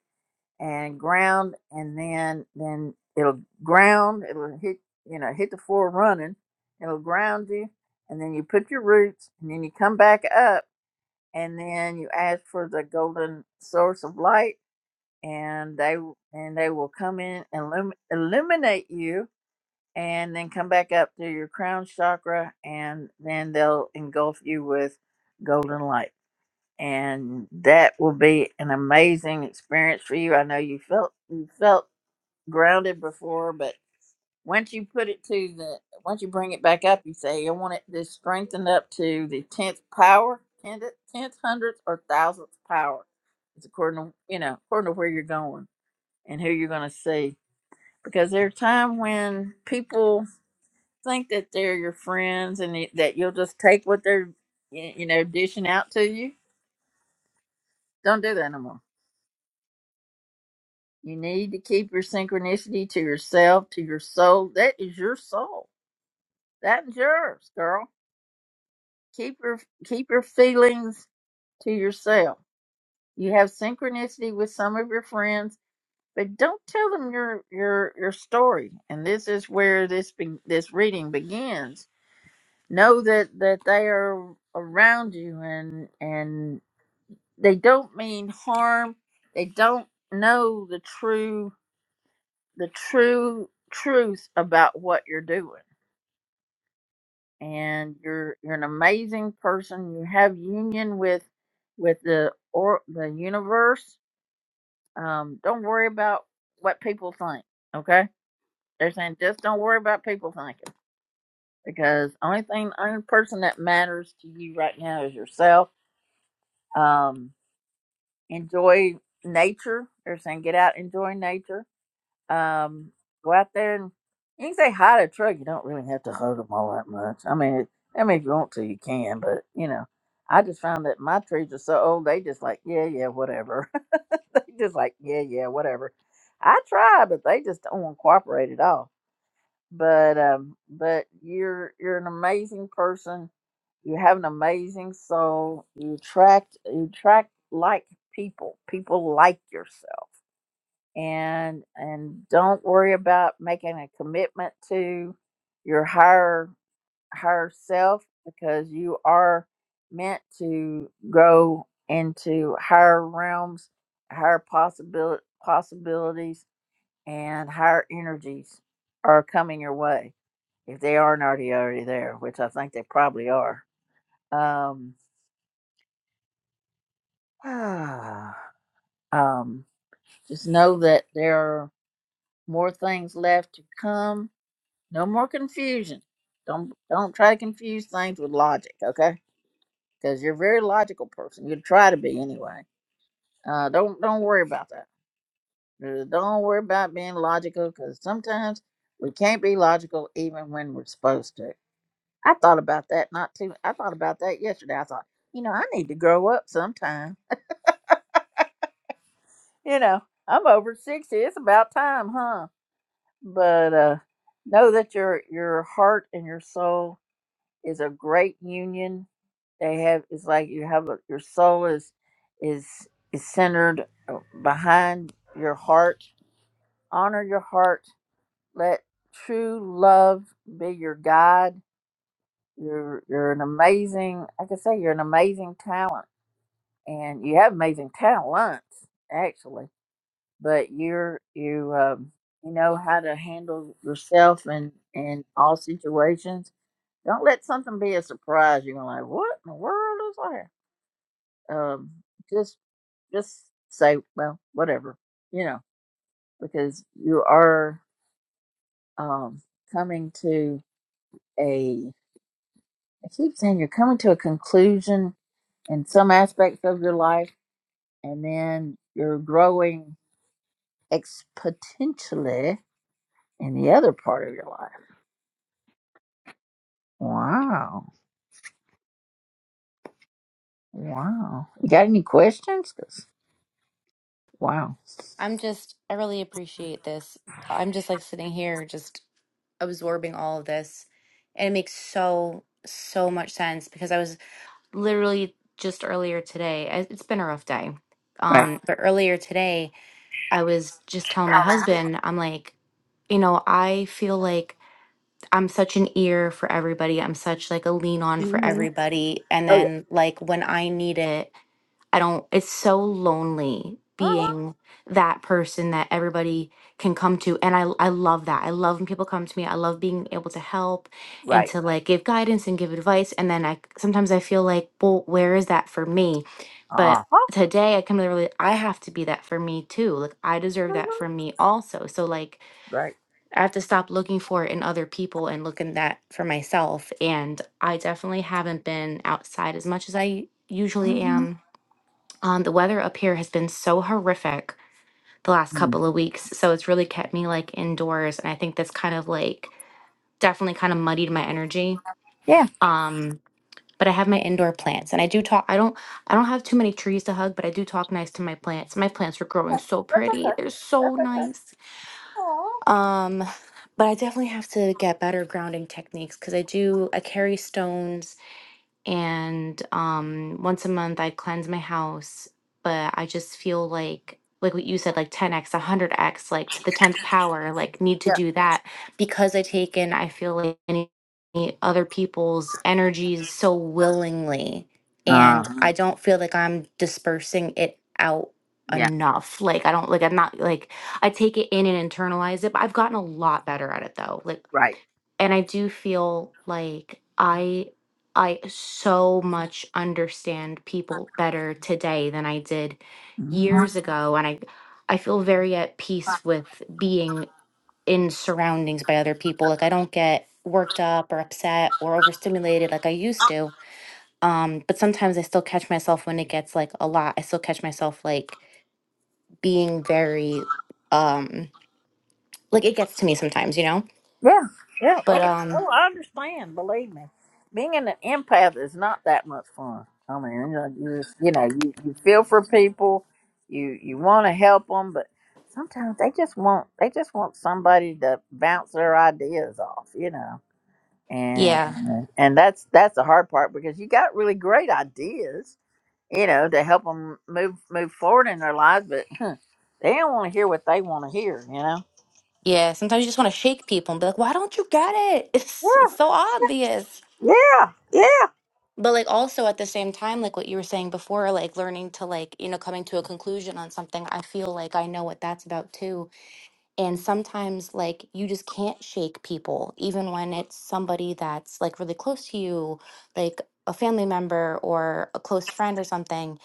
S1: and ground, and then then it'll ground. It'll hit you know hit the floor running. It'll ground you, and then you put your roots, and then you come back up and then you ask for the golden source of light and they w- and they will come in and illum- illuminate you and then come back up to your crown chakra and then they'll engulf you with golden light and that will be an amazing experience for you i know you felt you felt grounded before but once you put it to the once you bring it back up, you say you want it to strengthen up to the tenth power, tenth tenth hundredth or thousandth power. It's according to you know according to where you're going and who you're going to see. Because there are times when people think that they're your friends and that that you'll just take what they're y- you know dishing out to you. Don't do that no more. You need to keep your synchronicity to yourself, to your soul. That is your soul. That is yours, girl Keep your keep your feelings to yourself. You have synchronicity with some of your friends, but don't tell them your your your story. And this is where this be, this reading begins. Know that that they are around you, and and they don't mean harm. They don't know the true the true truth about what you're doing. and you're you're an amazing person. You have union with with the or the universe. Um, don't worry about what people think. Okay, they're saying just don't worry about people thinking because only thing, only person that matters to you right now is yourself. Um, enjoy nature. They're saying get out, enjoy nature Um, go out there and you can say hi to a truck. You don't really have to hug them all that much. I mean, it, I mean, if you want to, you can. But you know, I just found that my trees are so old. They just like yeah, yeah, whatever. they just like yeah, yeah, whatever. I try, but they just don't want to cooperate at all. But um, but you're you're an amazing person. You have an amazing soul. You attract you attract like people. People like yourself and and don't worry about making a commitment to your higher higher self because you are meant to go into higher realms higher possibil possibilities and higher energies are coming your way if they aren't already already there which i think they probably are um, um just know that there are more things left to come No more confusion. Don't don't try to confuse things with logic, okay? Because you're a very logical person. You try to be anyway. Uh, don't don't worry about that. Uh, Don't worry about being logical because sometimes we can't be logical even when we're supposed to. I thought about that not too. I thought about that yesterday. I thought, you know, I need to grow up sometime. You know, I'm over sixty. It's about time, huh? But uh, know that your your heart and your soul is a great union. They have it's like you have a, your soul is is is centered uh, behind your heart. Honor your heart. Let true love be your guide. You're you're an amazing. I can say you're an amazing talent, and you have amazing talents actually. But you're you um, you know how to handle yourself in in all situations don't let something be a surprise. You're gonna like, what in the world is that? Um, just just say, well, whatever, you know, because you are um coming to a. I keep saying you're coming to a conclusion in some aspects of your life, and then you're growing exponentially in the other part of your life. Wow, wow. You got any questions? 'Cause wow,
S15: I'm just, I really appreciate this. I'm just like sitting here, just absorbing all of this. And it makes so, so much sense because I was literally just earlier today. I- It's been a rough day.
S1: right.
S15: Um, but earlier today, I was just telling my husband, I'm like, you know, I feel like I'm such an ear for everybody. I'm such like a lean on for
S1: hmm
S15: everybody. And
S1: Oh yeah.
S15: then like when I need it, I don't, it's so lonely
S1: Uh-huh.
S15: being that person that everybody can come to. And I, I love that. I love when people come to me. I love being able to help and
S1: Right.
S15: to like give guidance and give advice. And then I sometimes I feel like, well, where is that for me?
S1: Uh
S15: But
S1: huh.
S15: today I come to the reali- I have to be that for me too. Like I deserve that for me also. So like
S1: Right.
S15: I have to stop looking for it in other people and look in that for myself. And I definitely haven't been outside as much as I usually
S1: Mhm.
S15: am um, the weather up here has been so horrific the last
S1: mm
S15: couple of weeks, so it's really kept me like indoors, and I think that's kind of like definitely kind of muddied my energy.
S1: Yeah.
S15: Um, but I have my indoor plants, and I do talk. I don't. I don't have too many trees to hug, but I do talk nice to my plants. My plants are growing so
S1: That's
S15: pretty;
S1: okay.
S15: they're so
S1: That's okay.
S15: nice.
S1: Aw.
S15: Um, but I definitely have to get better grounding techniques because I do. I carry stones and um once a month I cleanse my house, but I just feel like like what you said like 10x, 100x, like to the 10th power, like need to
S1: Yeah.
S15: do that because I take in I feel like any any other people's energies so willingly
S1: Uh
S15: and
S1: huh.
S15: I don't feel like I'm dispersing it out
S1: Yeah.
S15: enough. Like I don't like I'm not like I take it in and internalize it, but I've gotten a lot better at it though. Like
S1: Right.
S15: and I do feel like I I so much understand people better today than I did
S1: Mhm.
S15: years ago and I I feel very at peace with being in surroundings by other people like I don't get worked up or upset or overstimulated like I used to um but sometimes I still catch myself when it gets like a lot I still catch myself like being very um like it gets to me sometimes you know
S1: Yeah. Yeah. Oh,
S15: but um
S1: oh, I understand. Believe me, being an empath is not that much fun. I mean, you, know, you just you know you, you feel for people, you you want to help them, but sometimes they just want they just want somebody to bounce their ideas off, you know. And
S15: yeah
S1: Mhm. and that's that's the hard part because you got really great ideas, you know, to help them move move forward in their lives, but they don't want to hear what they want to hear, you know.
S15: Yeah, sometimes you just want to shake people and be like, why don't you get it? It's, it's
S1: Yeah,
S15: so obvious.
S1: yeah, yeah.
S15: But like also at the same time, like what you were saying before, like learning to like, you know, coming to a conclusion on something, I feel like I know what that's about too. And sometimes, like, you just can't shake people, even when it's somebody that's like really close to you, like a family member or a close friend or something.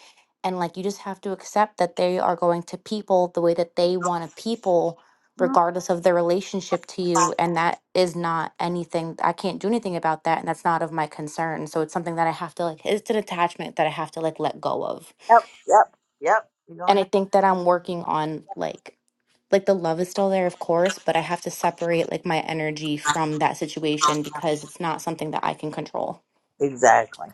S15: And like, you just have to accept that they are going to people the way that they want to people,
S1: Mm,
S15: regardless of their relationship to you. And that is not anything, I can't do anything about that. And that's not of my concern. So it's something that I have to like, it's an attachment that I have to like let go of.
S1: Yep, yep, yep. You're gonna
S15: And
S1: have
S15: I think that I'm working on like, like the love is still there, of course, but I have to separate like my energy from that situation because it's not something that I can control.
S1: exactly,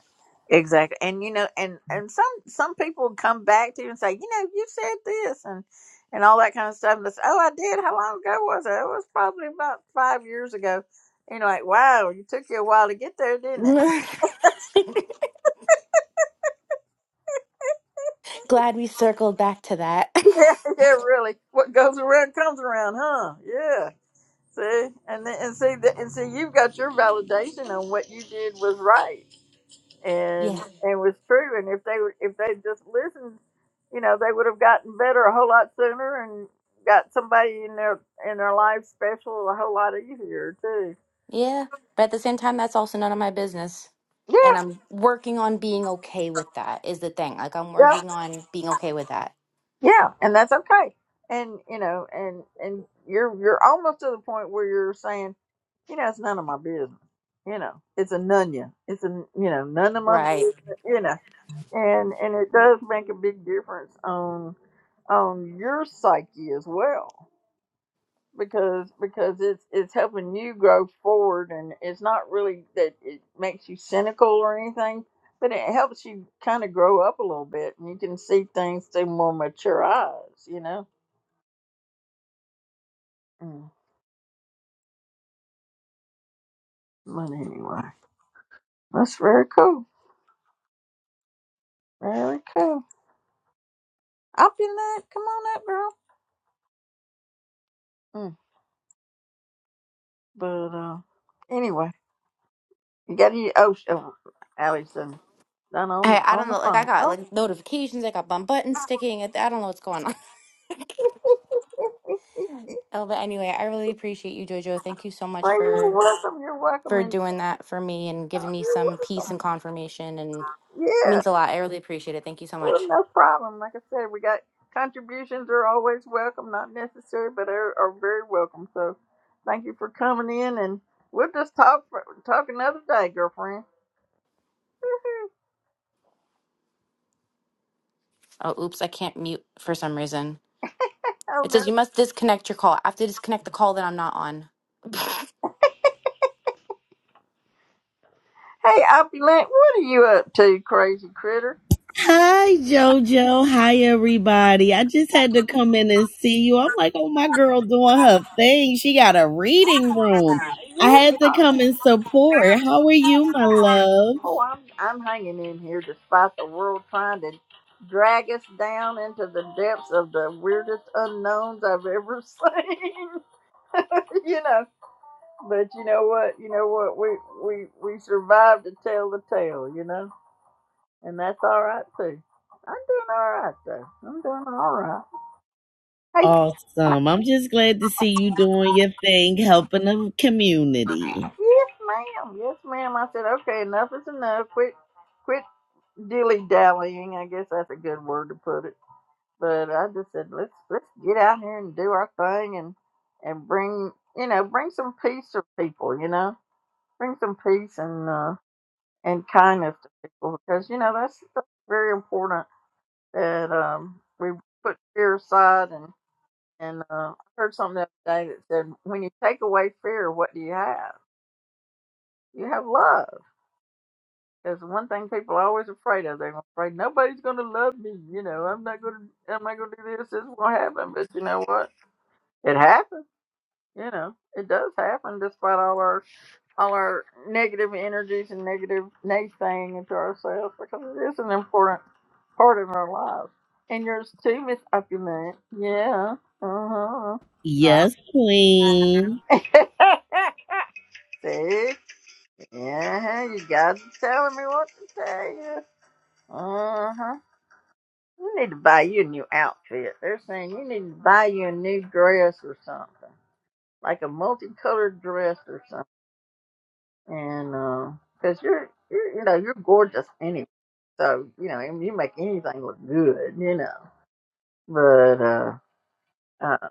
S1: exactly. And you know, and and some some people come back to you and say, you know, you said this and and all that kind of stuff. And they say, oh, I did. How long ago was it? It was probably about five years ago. You know, like wow, it took you a while to get there, didn't it?
S15: Glad we circled back to that.
S1: yeah, yeah, really. What goes around comes around, huh? Yeah. See, and then, and see that, and see you've got your validation on what you did was right and
S15: yeah.
S1: and was true. And if they were, if they just listened, you know, they would have gotten better a whole lot sooner and got somebody in their in their life special a whole lot easier too.
S15: Yeah. But at the same time, that's also none of my business. And
S1: Yeah,
S15: I'm working on being okay with that is the thing. Like I'm
S1: yeah,
S15: working on being okay with that.
S1: yeah, and that's okay. And you know, and and you're you're almost to the point where you're saying, you know, it's none of my business. You know, it's a nunya. It's a you know none of my
S15: Right.
S1: business. You know. and and it does make a big difference on on your psyche as well because because it's it's helping you grow forward and it's not really that it makes you cynical or anything but it helps you kind of grow up a little bit and you can see things through more mature eyes you know Mm, but anyway that's very cool very cool i'll be that come on up girl Mm, but uh anyway Got your oh, oh Allison done on
S15: I, I
S1: on
S15: don't
S1: the
S15: know. Like I
S1: phone.
S15: got
S1: Oh,
S15: like notifications. I got bum button sticking. I I don't know what's going on. Oh, but anyway, I really appreciate you, Jojo. Thank you so much
S1: well, you're
S15: for
S1: welcome. You're welcome,
S15: for
S1: and
S15: doing that for me and
S1: oh,
S15: giving me
S1: you're
S15: some peace
S1: welcome.
S15: and confirmation and it
S1: Yeah,
S15: means a lot. I really appreciate it. Thank you so
S1: well,
S15: much.
S1: no problem. Like I said, we got contributions are always welcome, not necessary, but are, are very welcome. So, thank you for coming in, and we'll just talk for, talk another day, girlfriend.
S15: Oh, oops, I can't mute for some reason.
S1: Oh
S15: It
S1: no.
S15: says you must disconnect your call. I have to disconnect the call that I'm not on.
S1: Hey, Opulent, what are you up to, crazy critter?
S16: Hi, JoJo. Hi, everybody. I just had to come in and see you. I'm like, oh, my girl doing her thing. She got a
S1: Yeah.
S16: reading room. I had to come and support. How are you, my love?
S1: Oh, I'm I'm hanging in here despite the world trying to drag us down into the depths of the weirdest unknowns I've ever seen. you know, but you know what? You know what? We we we survived to tell the tale. You know, and that's all right too. I'm doing all right though. I'm doing all right. Hey,
S16: Awesome. I'm just glad to see you doing your thing, helping the community.
S1: yes, ma'am. Yes, ma'am. I said, okay, enough is enough. Quit. quit dilly dallying. I guess that's a good word to put it. But I just said let's let's get out here and do our thing and and bring you know bring some peace to people. You know, bring some peace and uh, and kindness to people because you know that's, that's very important that um, we put fear aside and and uh, I heard something the other day that said when you take away fear, what do you have? You have love That's one thing people are always afraid of. They're afraid nobody's going to love me. You know, I'm not going to. Am I going to do this? This won't happen. But you know what? It happens. You know, it does happen despite all our all our negative energies and negative naysaying into ourselves because it is an important part of our lives. And yours too, Miss Opulent. Yeah. Uh
S16: Yes, queen.
S1: huh. See? Yeah. You guys are telling me what to tell you. Uh huh. You need to buy you a new outfit. They're saying you need to buy you a new dress or something, like a multicolored dress or something. And because you're, you're, you know, you're gorgeous anyway. So you know, and you make anything look good, you know. But uh, uh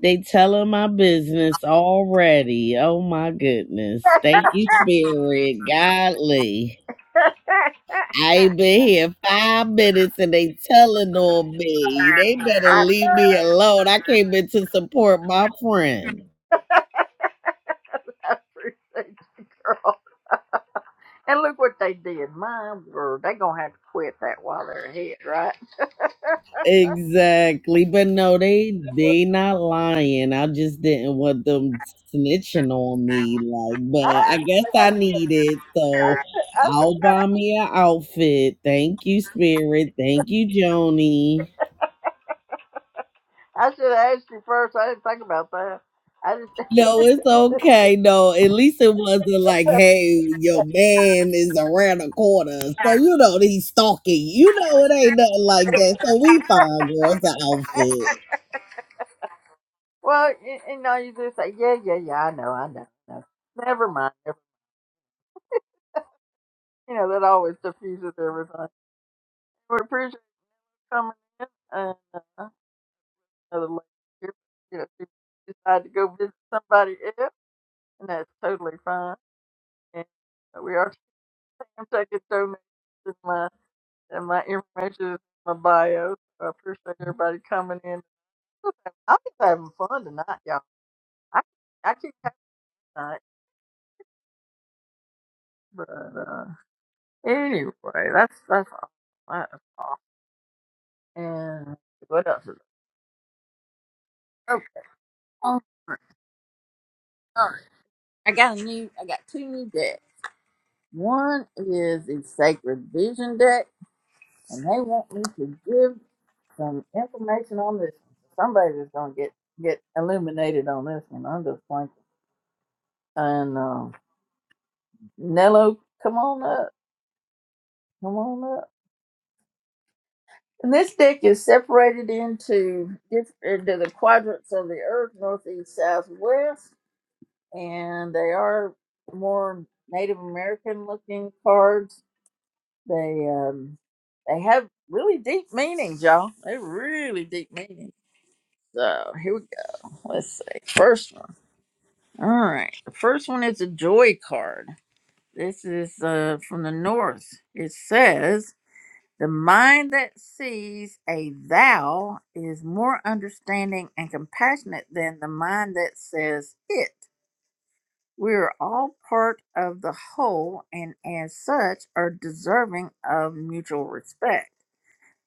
S16: They telling my business already. Oh, my goodness. Thank you, Spirit. Godly. I ain't been here five minutes and they telling on me. They better
S1: I
S16: leave me alone. I came in to support my friend.
S1: appreciate you, girl. And look what they did. My word, they gonna have to quit that while they're ahead, right?
S16: Exactly. But no, they they not lying. I just didn't want them
S1: I,
S16: snitching on me. Like,
S1: I,
S16: but I guess I need it. So I'll buy me an outfit. Thank you, Spirit. Thank you, Joni.
S1: I should have asked you first. I didn't think about that. I just.
S16: No, it's okay. No, at least it wasn't like, hey, your man is around the corner. So, you know, that he's stalking. You know, it ain't nothing like that. So, we fine, girl. It's an outfit.
S1: well, you, you know, you just say, yeah, yeah, yeah. I know, I know. I know. Never mind. Never, you know, that always diffuses everything. We appreciate you coming in. And uh, another lady here, you know, she decided to go visit somebody else, and that's totally fine. And we are. I could throw my in my and my information is in my bio. So I appreciate everybody coming in. I'm just having fun tonight, y'all. I I keep having tonight, but uh, anyway, that's that's all. That's all. And what else? Is oh, oh, all right. I got a new. I got two new decks. One is the Sacred Vision deck, and they want me to give some information on this. Somebody's just gonna get get illuminated on this one. I'm just playing. And um, Nello, come on up. Come on up. And this deck is separated into diff- into the quadrants of the earth, northeast, south, west, and they are more Native American looking cards. They um they have really deep meanings, y'all. They really deep meanings. So here we go. Let's see. First one. All right. The first one is a joy card. This is uh from the north. It says The mind that sees a thou is more understanding and compassionate than the mind that says it. We are all part of the whole and, as such, are deserving of mutual respect.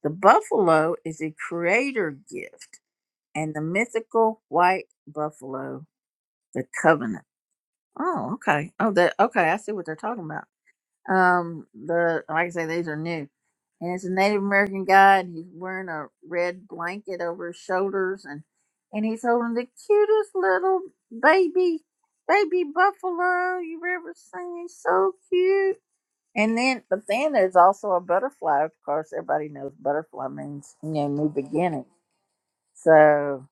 S1: The buffalo is a creator gift, and the mythical white buffalo, the covenant. Oh, okay. Oh, that okay. I see what they're talking about. Um, the like I say, these are new, and it's a Native American guy, and he's wearing a red blanket over his shoulders, and and he's holding the cutest little baby baby buffalo you've ever seen. He's so cute. And then, but then there's also a butterfly. Of course, everybody knows butterfly means you know new beginning. So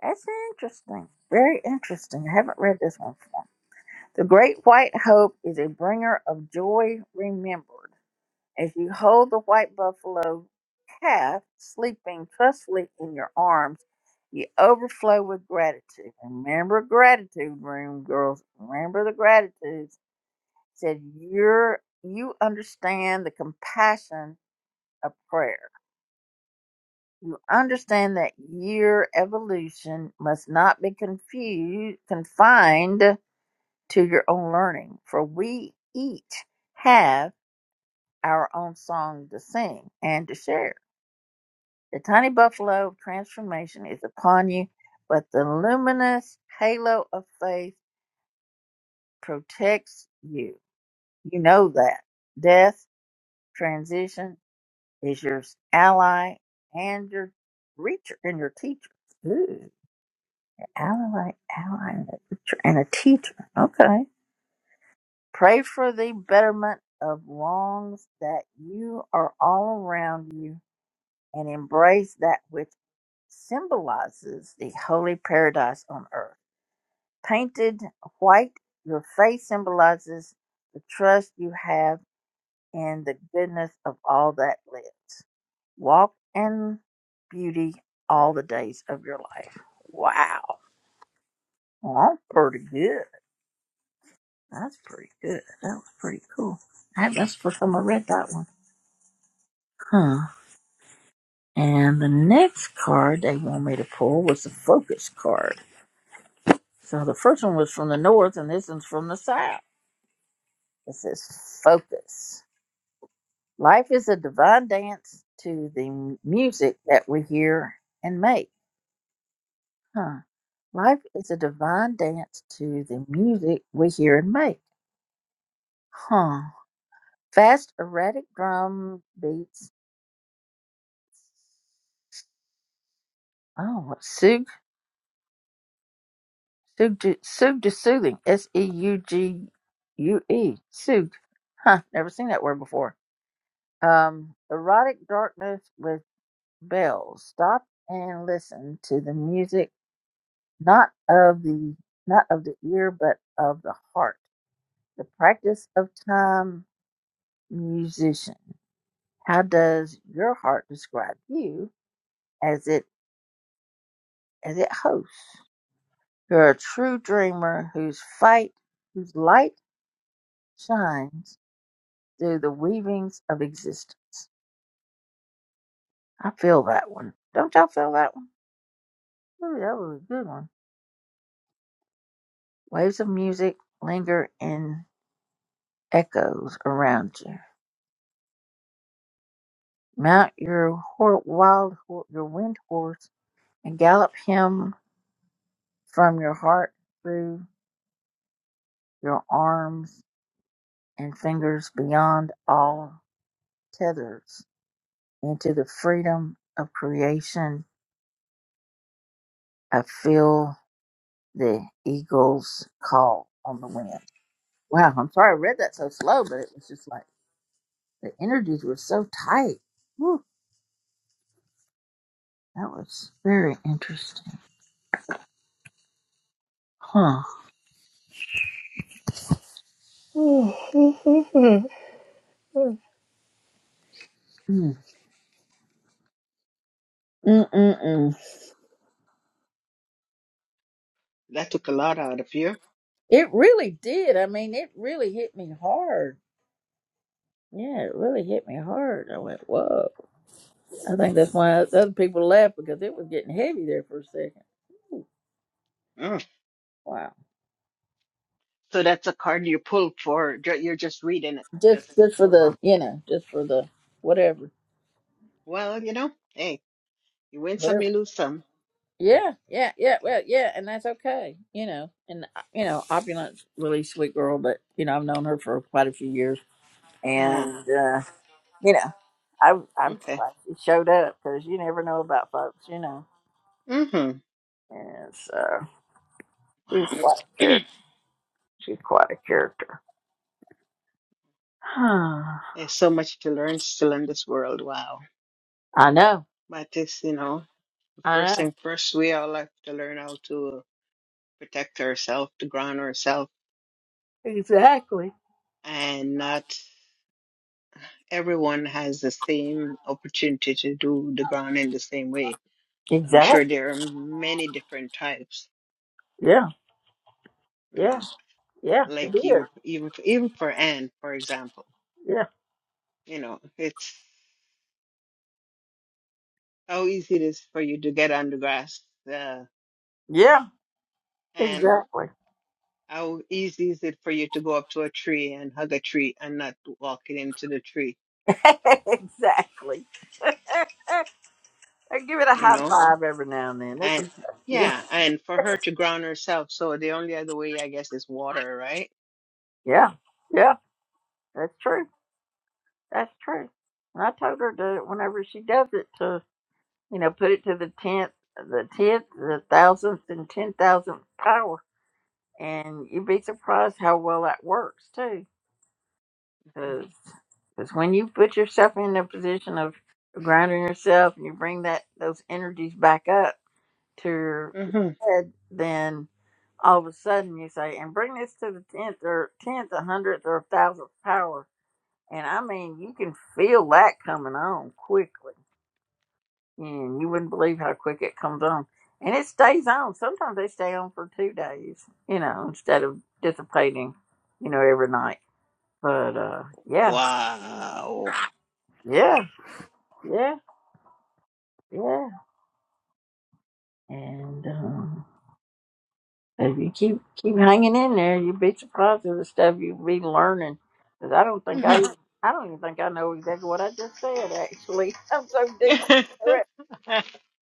S1: that's interesting. Very interesting. I haven't read this one before. The Great White Hope is a bringer of joy remembered. As you hold the white buffalo calf sleeping trustfully in your arms, you overflow with gratitude. And Remember gratitude room, girls. Remember the gratitude. Said you're you understand the compassion of prayer. You understand that your evolution must not be confused confined to your own learning, for we each have our own song to sing and to share. The tiny buffalo of transformation is upon you, but the luminous halo of faith protects you. You know that. Death, transition is your ally and your reacher and your teacher. Ooh, ally, ally, and a reacher and a teacher. Okay. Pray for the betterment of wrongs that you are all around you and embrace that which symbolizes the holy paradise on earth. Painted white, your face symbolizes the trust you have in the goodness of all that lives. Walk in beauty all the days of your life. Wow. Well, that's pretty good. That's pretty good. That was pretty cool. I, that's the first time I read that one. Huh. And the next card they want me to pull was the focus card. So the first one was from the north, and this one's from the south. It says focus. Life is a divine dance to the m- music that we hear and make. Huh. Life is a divine dance to the music we hear and make. Huh. Fast, erratic drum beats. Oh, what- Sug, Sug, ju- Sug to Soothing. S E U G U E. Sug. Huh. Never seen that word before. Um, erotic darkness with bells. Stop and listen to the music not of the not of the ear but of the heart the practice of time musician how does your heart describe you as it as it hosts you're a true dreamer whose fight whose light shines through the weavings of existence i feel that one don't y'all feel that one Ooh, that was a good one waves of music linger in echoes around you mount your hor wild hor your wind horse and gallop him from your heart through your arms and fingers beyond all tethers into the freedom of creation. I feel the eagle's call on the wind. Wow, I'm sorry I read that so slow, but it was just like the energies were so tight. Whew, that was very interesting. Huh. Mm. Mm-mm-mm.
S14: That took a lot out of you.
S1: It really did. I mean, it really hit me hard Yeah, it really hit me hard. I went, whoa. I think that's why other people left because it was getting heavy there for a second. Ooh,
S14: Mm.
S1: wow.
S14: So that's a card you pulled for. ju- You're just reading it. Just
S1: Just just for
S14: for,
S1: the you know, just for the whatever.
S14: well, you know, hey, you win some,
S1: Whatever.
S14: you lose some.
S1: Yeah, yeah, yeah, well, yeah, and that's okay, you know. And uh, you know, opulent's a really sweet girl, but you know, I've known her for quite a few years,
S14: Ah,
S1: and uh, you know, I I'm
S14: okay.
S1: surprised she showed up because you never know about folks, you know.
S14: Mm-hmm.
S1: And so she's
S14: Wow.
S1: quite a character. She's quite a character.
S14: There's so much to learn still in this world. Wow.
S1: I know.
S14: But it's, you know, the
S1: I
S14: first
S1: know.
S14: thing first, we all have to learn how to protect ourselves, to ground ourselves,
S1: Exactly.
S14: and not. everyone has the same opportunity to do the ground in the same way. So I'm
S1: Exactly.
S14: sure there are many different types,
S1: Yeah.
S14: you
S1: Yeah.
S14: know,
S1: Yeah. It
S14: like even
S1: is.
S14: even even for Anne, for example,
S1: Yeah.
S14: you know, it's how easy it is for you to get on the grass, uh,
S1: Yeah.
S14: Anne.
S1: Exactly.
S14: How easy is it for you to go up to a tree and hug a tree and not walking into the tree,
S1: exactly. I give it a
S14: you
S1: high
S14: know?
S1: five every now and then. It's
S14: And
S1: yeah.
S14: yeah, and for her to ground herself, so the only other way I guess is water, right?
S1: Yeah. Yeah. That's true. That's true. And I told her to whenever she does it to you know put it to the tenth, the tenth, the thousandth, and ten thousandth power, and you'd be surprised how well that works too. Because when you put yourself in a position of grounding yourself and you bring that those energies back up to your
S14: Mm-hmm.
S1: head, then all of a sudden you say, and bring this to the tenth or tenth, a hundredth, or a thousandth power. And I mean, you can feel that coming on quickly. And you wouldn't believe how quick it comes on. And it stays on. Sometimes they stay on for two days, you know, instead of dissipating, you know, every night. But uh yeah,
S14: Wow.
S1: yeah, yeah. Yeah. And um, if you keep keep hanging in there, you'd be surprised at the stuff you'll be learning. Cause I don't think I
S14: Mhm.
S1: I don't even think I know exactly what I just said. Actually, I'm so deep. into it.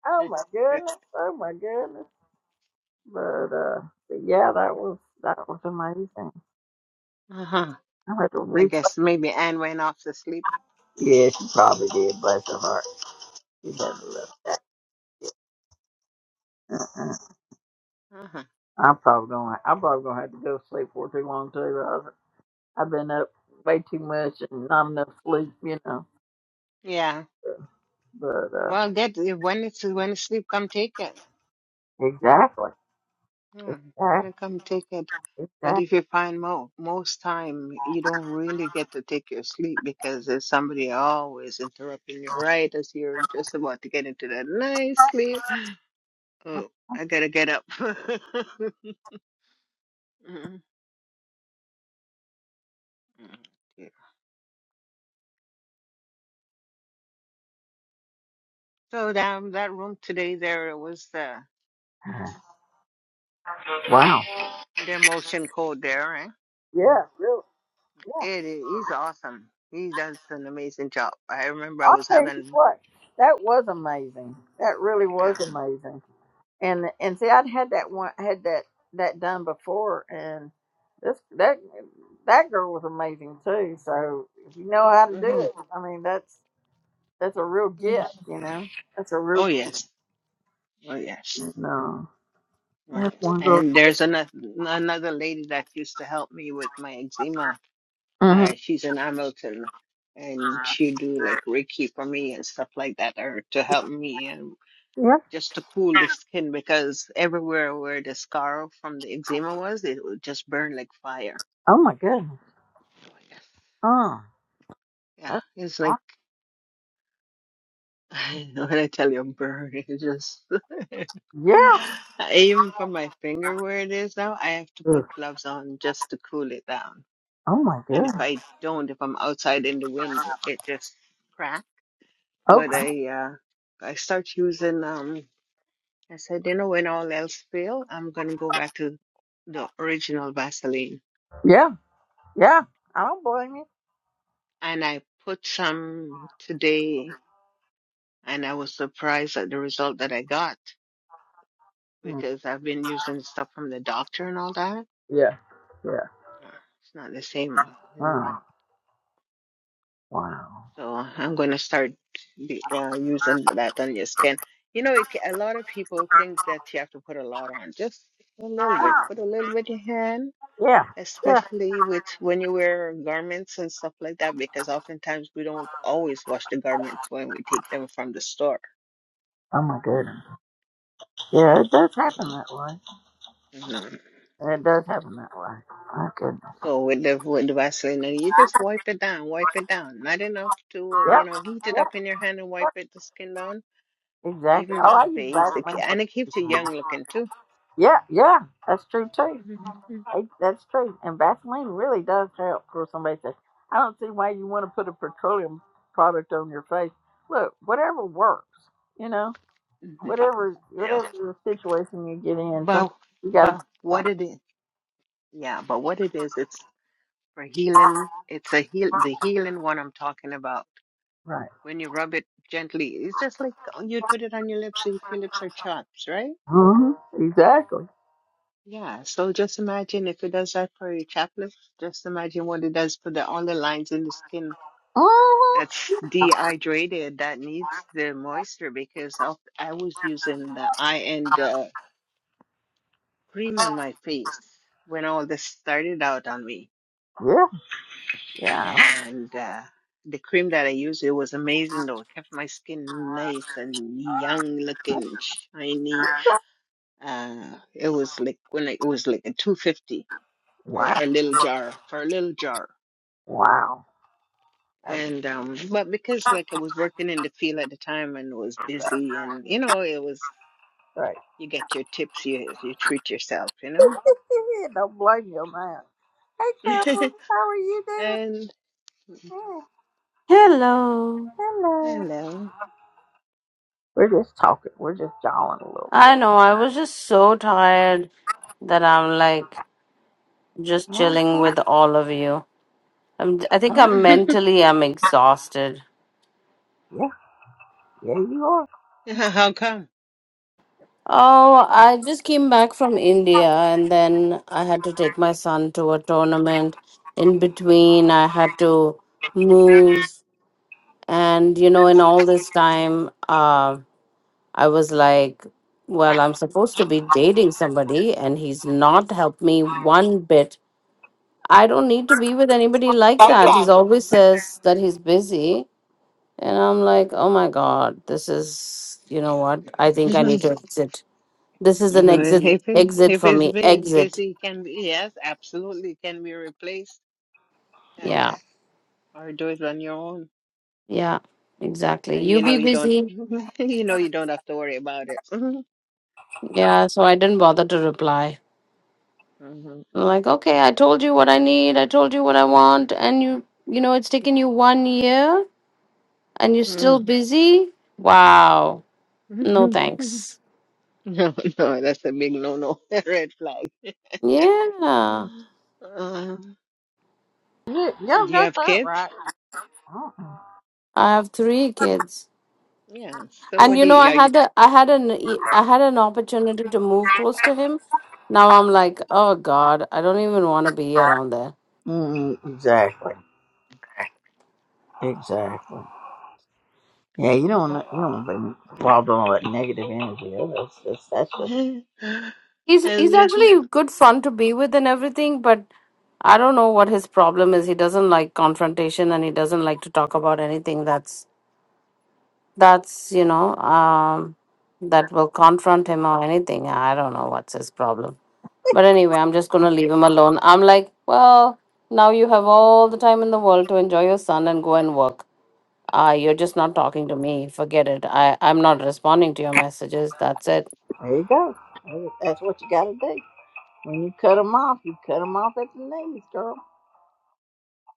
S1: Oh my goodness! Oh my goodness! But uh, but yeah, that was that was amazing.
S14: uh-huh.
S1: I had to
S14: I
S1: replay.
S14: guess maybe Anne went off to sleep.
S1: Yeah, she probably did. Bless her heart. She never left. Uh-uh.
S14: Uh-huh.
S1: I'm probably gonna. I'm probably gonna have to go to sleep for too long too. I've been up way too much and not enough sleep, you know.
S14: Yeah.
S1: But uh
S14: Well, get when it's when it's sleep, come take it.
S1: exactly.
S14: Yeah. When
S1: Exactly.
S14: it come take it. But if
S1: Exactly.
S14: you find mo most time you don't really get to take your sleep because there's somebody always interrupting you right as you're just about to get into that nice sleep. Oh, I gotta get up. Mhm. So down that room today, there was the
S1: Wow.
S14: their motion code there, right?
S1: Yeah, really. Yeah.
S14: It is he's awesome. He does an amazing job. I remember I
S1: I'll
S14: was
S1: tell you
S14: having
S1: what, that was amazing. That really
S14: yeah.
S1: was amazing. And and see, I'd had that one, had that that done before, and this that that girl was amazing too. So if you know how to do
S14: hmm
S1: it, I mean, that's that's a real gift, you know. That's a real
S14: Oh
S1: gift.
S14: yes, oh yes,
S1: No.
S14: oh
S1: That's
S14: yes.
S1: one girl.
S14: And there's another another lady that used to help me with my eczema.
S1: hmm
S14: Uh, she's in Hamilton, and she do like Reiki for me and stuff like that, or to help me.
S1: Yep.
S14: just to cool the skin because everywhere where the scar from the eczema was, it would just burn like fire.
S1: Oh my goodness.
S14: Oh, yes.
S1: Oh,
S14: Yeah,
S1: that's
S14: it's
S1: awesome.
S14: like when I tell you burn, it just
S1: yeah.
S14: even for my finger where it is now, I have to put
S1: Ugh.
S14: gloves on just to cool it down.
S1: Oh my
S14: And if
S1: goodness.
S14: I don't, if I'm outside in the wind, it just cracks. But
S1: Okay.
S14: I uh I start using um I said, you know, when all else fail, I'm gonna go back to the original Vaseline
S1: Yeah. Yeah. I don't blame you.
S14: and I put some today, and I was surprised at the result that I got
S1: Mm.
S14: because I've been using stuff from the doctor and all that.
S1: Yeah. Yeah.
S14: Uh, It's not the same, and
S1: Oh, wow.
S14: so I'm going to start be, uh, using that on your skin. You know, it, ca- a lot of people think that you have to put a lot on, just a little bit.
S1: Ah,
S14: Put a little bit in your hand,
S1: Yeah. Yeah.
S14: especially with when you wear garments and stuff like that, because oftentimes we don't always wash the garments when we take them from the store.
S1: Oh my goodness. Yeah, it does happen that way. It does happen that way. My goodness.
S14: So with the with the Vaseline, and you just wipe it down, wipe it down. Not enough to, you
S1: Yep.
S14: know, heat it
S1: Yep.
S14: up in your hand and wipe
S1: yep.
S14: it the skin down,
S1: Exactly.
S14: even the
S1: Oh, I use
S14: face. It, ke-
S1: Vaseline for.
S14: and it keeps you young looking too.
S1: Yeah. Yeah. That's true too.
S14: Mm-hmm.
S1: It, that's true. And Vaseline really does help for somebody says, I don't see why you want to put a petroleum product on your face. Look, whatever works, you know,
S14: hmm
S1: whatever
S14: Yeah.
S1: whatever situation you get in, some
S14: But
S1: you got to do
S14: but what
S1: something.
S14: it is, yeah. But what it is, it's for healing. It's a heal the healing one I'm talking about.
S1: right.
S14: When you rub it gently, it's just like oh, you'd put it on your lips so if your lips are chapped, right?
S1: hmm Exactly.
S14: Yeah, so just imagine if it does that for your chaplet, just imagine what it does for the all the lines in the skin
S1: hmm
S14: that's dehydrated that needs the moisture because of, I was using the eye and uh, cream on my face when all this started out on me,
S1: Yeah. Yeah.
S14: and uh, the cream that I used it was amazing though. It kept my skin nice and young looking, shiny. Uh, it was like when I, it was like a two fifty for
S1: Wow.
S14: a little jar for a little jar
S1: Wow. That's
S14: And um but because like I was working in the field at the time and was busy and you know, it was
S1: right.
S14: you get your tips, you you treat yourself, you
S1: Don't blame you, man. Hey,
S14: know?
S1: Carol, how are you doing?
S14: And
S1: Yeah,
S7: Hello.
S1: hello.
S14: hello.
S1: We're just talking. We're just jawing a little bit
S7: I know, I was just so tired that I'm like just
S1: tonight.
S7: chilling
S1: Mm-hmm.
S7: with all of you. I'm, I think
S1: Uh-huh.
S7: I'm mentally I'm exhausted.
S1: Yeah, yeah, you are.
S14: How come?
S7: Oh, I just came back from India and then I had to take my son to a tournament. In between, I had to move. And, you know, in all this time, uh, I was like, well, I'm supposed to be dating somebody, and he's not helped me one bit I don't need to be with anybody like
S1: Thank
S7: that. He's
S1: God.
S7: always says that he's busy. And I'm like, oh my God, this is, you know what? I think I need to exit. This is an exit,
S14: If it,
S7: exit
S14: if
S7: for
S14: it's
S7: me.
S14: bu-
S7: Exit.
S14: busy, it can be, yes, absolutely it can be replaced. Yes.
S7: Yeah.
S14: Or do it on your own.
S7: Yeah. Exactly.
S14: And
S7: You
S14: you know
S7: be
S14: you don't
S7: busy.
S14: you know you don't have to worry about it. hmm
S7: Yeah. So I didn't bother to reply. I'm like, okay, I told you what I need. I told you what I want. And you, you know, it's taken you one year and you're
S14: hmm
S7: still busy. Wow. No thanks.
S14: No, no, that's a big no-no, red flag.
S7: Yeah.
S14: Uh,
S1: You, you
S14: do you
S1: got
S14: have
S1: that
S14: kids?
S1: right. Uh-uh.
S7: I have three kids,
S14: Yeah. So
S7: and
S14: what
S7: you
S14: do
S7: know,
S14: you,
S7: I had
S14: are
S7: a, I had an, e- I had an opportunity to move close to him. Now I'm like, oh God, I don't even want to be around there.
S1: Mm, exactly. Exactly. Yeah, you don't want to, you don't want to be involved in all that negative energy. That's just, that's just,
S14: you?
S7: He's he's
S14: And living.
S7: actually good fun to be with and everything, but I don't know what his problem is. He doesn't like confrontation, and he doesn't like to talk about anything that's that's you know um that will confront him or anything. I don't know what's his problem. But anyway, I'm just going to leave him alone. I'm like, well, now you have all the time in the world to enjoy your son and go and work. Ah, you're just not talking to me. Forget it. I, I'm not responding to your messages. That's it.
S1: there you go. That's what you got to do. When you cut them off, you cut them off at the knees, girl.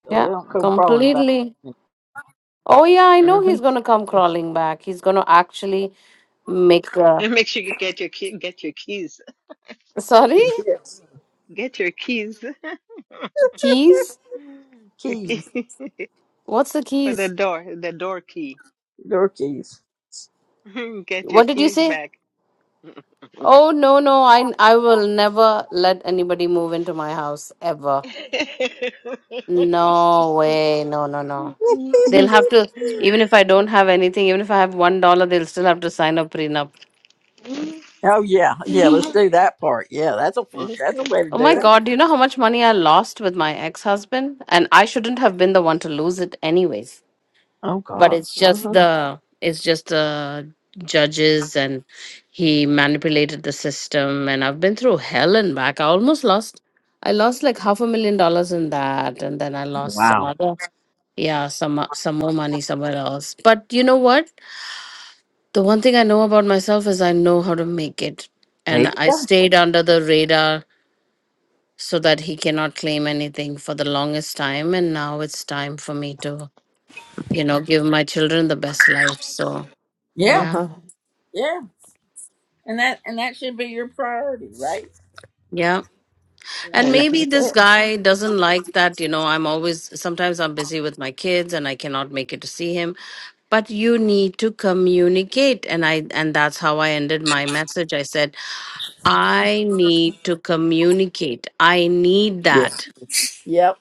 S1: So they
S7: Yeah,
S1: don't come crawling back.
S7: completely. Oh, yeah, I know
S14: Mm-hmm.
S7: he's going to come
S14: yes.
S7: crawling back. He's going to actually make a.
S14: And make sure you get your key, get your keys,
S7: Sorry?
S1: Yeah,
S14: get your keys,
S7: Keys?
S14: your key
S1: keys,
S7: What's the
S14: for the
S7: keys?
S14: door, the door key.
S1: door keys.
S14: Get your
S7: What did you
S14: keys
S7: say?
S14: back.
S7: Oh, no, no. I, I will never let anybody move into my house ever. No way. No, no, no. They'll have to, even if I don't have anything, even if I have one dollar, they'll still have to sign a prenup.
S1: oh yeah, yeah. Let's do that part. Yeah, that's a fun. That's a way to
S7: Oh
S1: do
S7: my
S1: it.
S7: God, do you know how much money I lost with my ex-husband? And I shouldn't have been the one to lose it anyways.
S1: Oh
S7: But
S1: God!
S7: it's just
S14: Uh-huh.
S7: the, it's just the judges and he manipulated the system. And I've been through hell and back. I almost lost, I lost like half a million dollars in that. And then I lost some
S1: Wow.
S7: other, yeah, some, some more money somewhere else. But you know what? The one thing I know about myself is I know how to make it.
S1: There you
S7: And I
S1: go.
S7: stayed under the radar so that he cannot claim anything for the longest time. And now it's time for me to, you know, give my children the best life. So,
S1: Yeah,
S7: yeah,
S14: Uh-huh.
S1: yeah. And that and that should be your priority, right?
S7: yeah.
S1: And
S7: And
S1: that's,
S14: I
S7: maybe
S1: that's
S7: this guy doesn't like that, you know, I'm always, sometimes I'm busy with my kids and I cannot make it to see him but you need to communicate and i and that's how i ended my message i said i need to communicate i need
S1: it.
S7: that
S1: Yeah.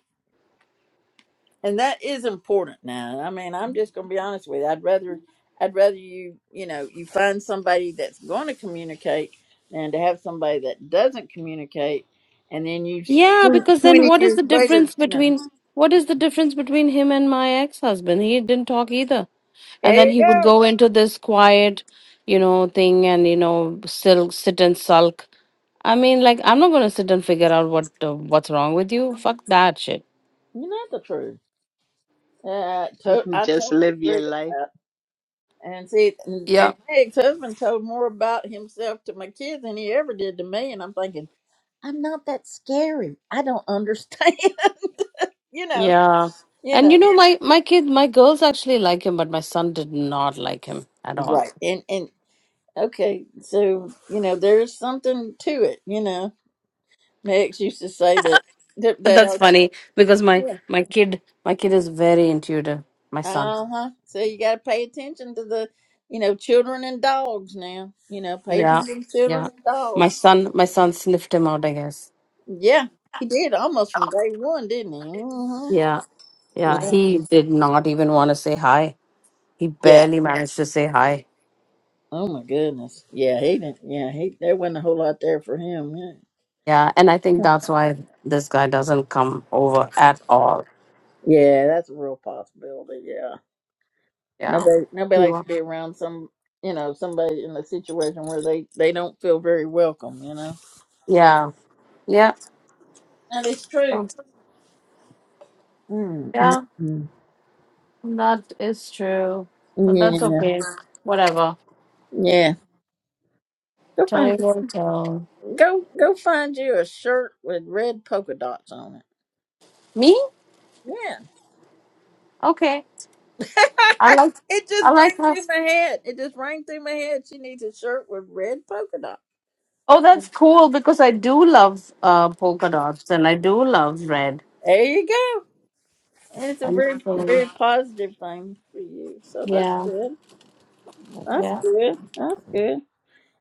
S1: and that is important now i mean i'm just gonna be honest with you i'd rather i'd rather you you know you find somebody that's going to communicate than to have somebody that doesn't communicate and then you s-
S7: Yeah,
S1: twen-
S7: because then
S1: 20
S7: what is
S1: years
S7: the difference
S1: later you know
S7: between what is the difference between him and my ex-husband? He didn't talk either.
S1: there
S7: And then
S1: you
S7: he would
S1: go
S7: go into this quiet, you know, thing and you know, still sit and sulk. I mean, like I'm not going to sit and figure out what uh, what's wrong with you. Fuck that shit.
S1: you know the truth uh, to-
S14: know.
S1: i
S14: Just
S1: totally
S14: live
S1: agree
S14: your
S1: with
S14: life.
S1: that and see and,
S7: Yeah.
S1: and my ex-husband told more about himself to my kids than he ever did to me and i'm thinking i'm not that scary i don't understand you know
S7: Yeah.
S1: you
S7: And
S1: know
S7: you know, my my kid, my girls actually like him, but my son did not like him at all.
S1: Right. And and okay, so you know, there's something to it, you know. My ex used to say that that,
S7: And
S1: that
S7: That's
S1: our
S7: funny because my
S1: yeah.
S7: my kid my kid is very intuitive. My son.
S1: uh-huh. So you gotta pay attention to the you know, children and dogs now. You know, pay
S7: Yeah.
S1: attention to children
S7: Yeah.
S1: and
S7: My
S1: dogs.
S7: son my son sniffed him out, I guess.
S1: Yeah. He did almost from day one, didn't he? hmm
S7: Yeah. Yeah.
S1: Yeah.
S7: He did not even want to say hi. He
S1: Yeah.
S7: barely managed to say hi.
S1: Oh my goodness. Yeah, he didn't yeah, he there wasn't a whole lot there for him, yeah.
S7: Yeah. And I think that's why this guy doesn't come over at all.
S1: Yeah, that's a real possibility, yeah.
S7: Yeah.
S1: Nobody nobody
S7: He
S1: likes
S7: wa-
S1: to be around some you know, somebody in a situation where they they don't feel very welcome, you know.
S7: Yeah. Yeah.
S1: That is true. mm
S7: Yeah.
S1: mm
S7: That is true. But that's
S1: mm. Yeah.
S7: okay. Whatever.
S1: Yeah. Go find
S7: Time will tell.
S1: go go find you a shirt with red polka dots on it.
S7: Me?
S1: Yeah.
S7: Okay. I like
S1: it just
S7: I like
S1: rang
S7: how
S1: through my head. It just rang through my head. She needs a shirt with red polka dots.
S7: Oh, that's cool because I do love uh polka dots and I do love red.
S1: There you go. And it's a
S7: And
S1: very
S7: so
S1: very positive thing for you. So that's
S7: yeah,
S1: good. That's
S7: yeah.
S1: good. That's good.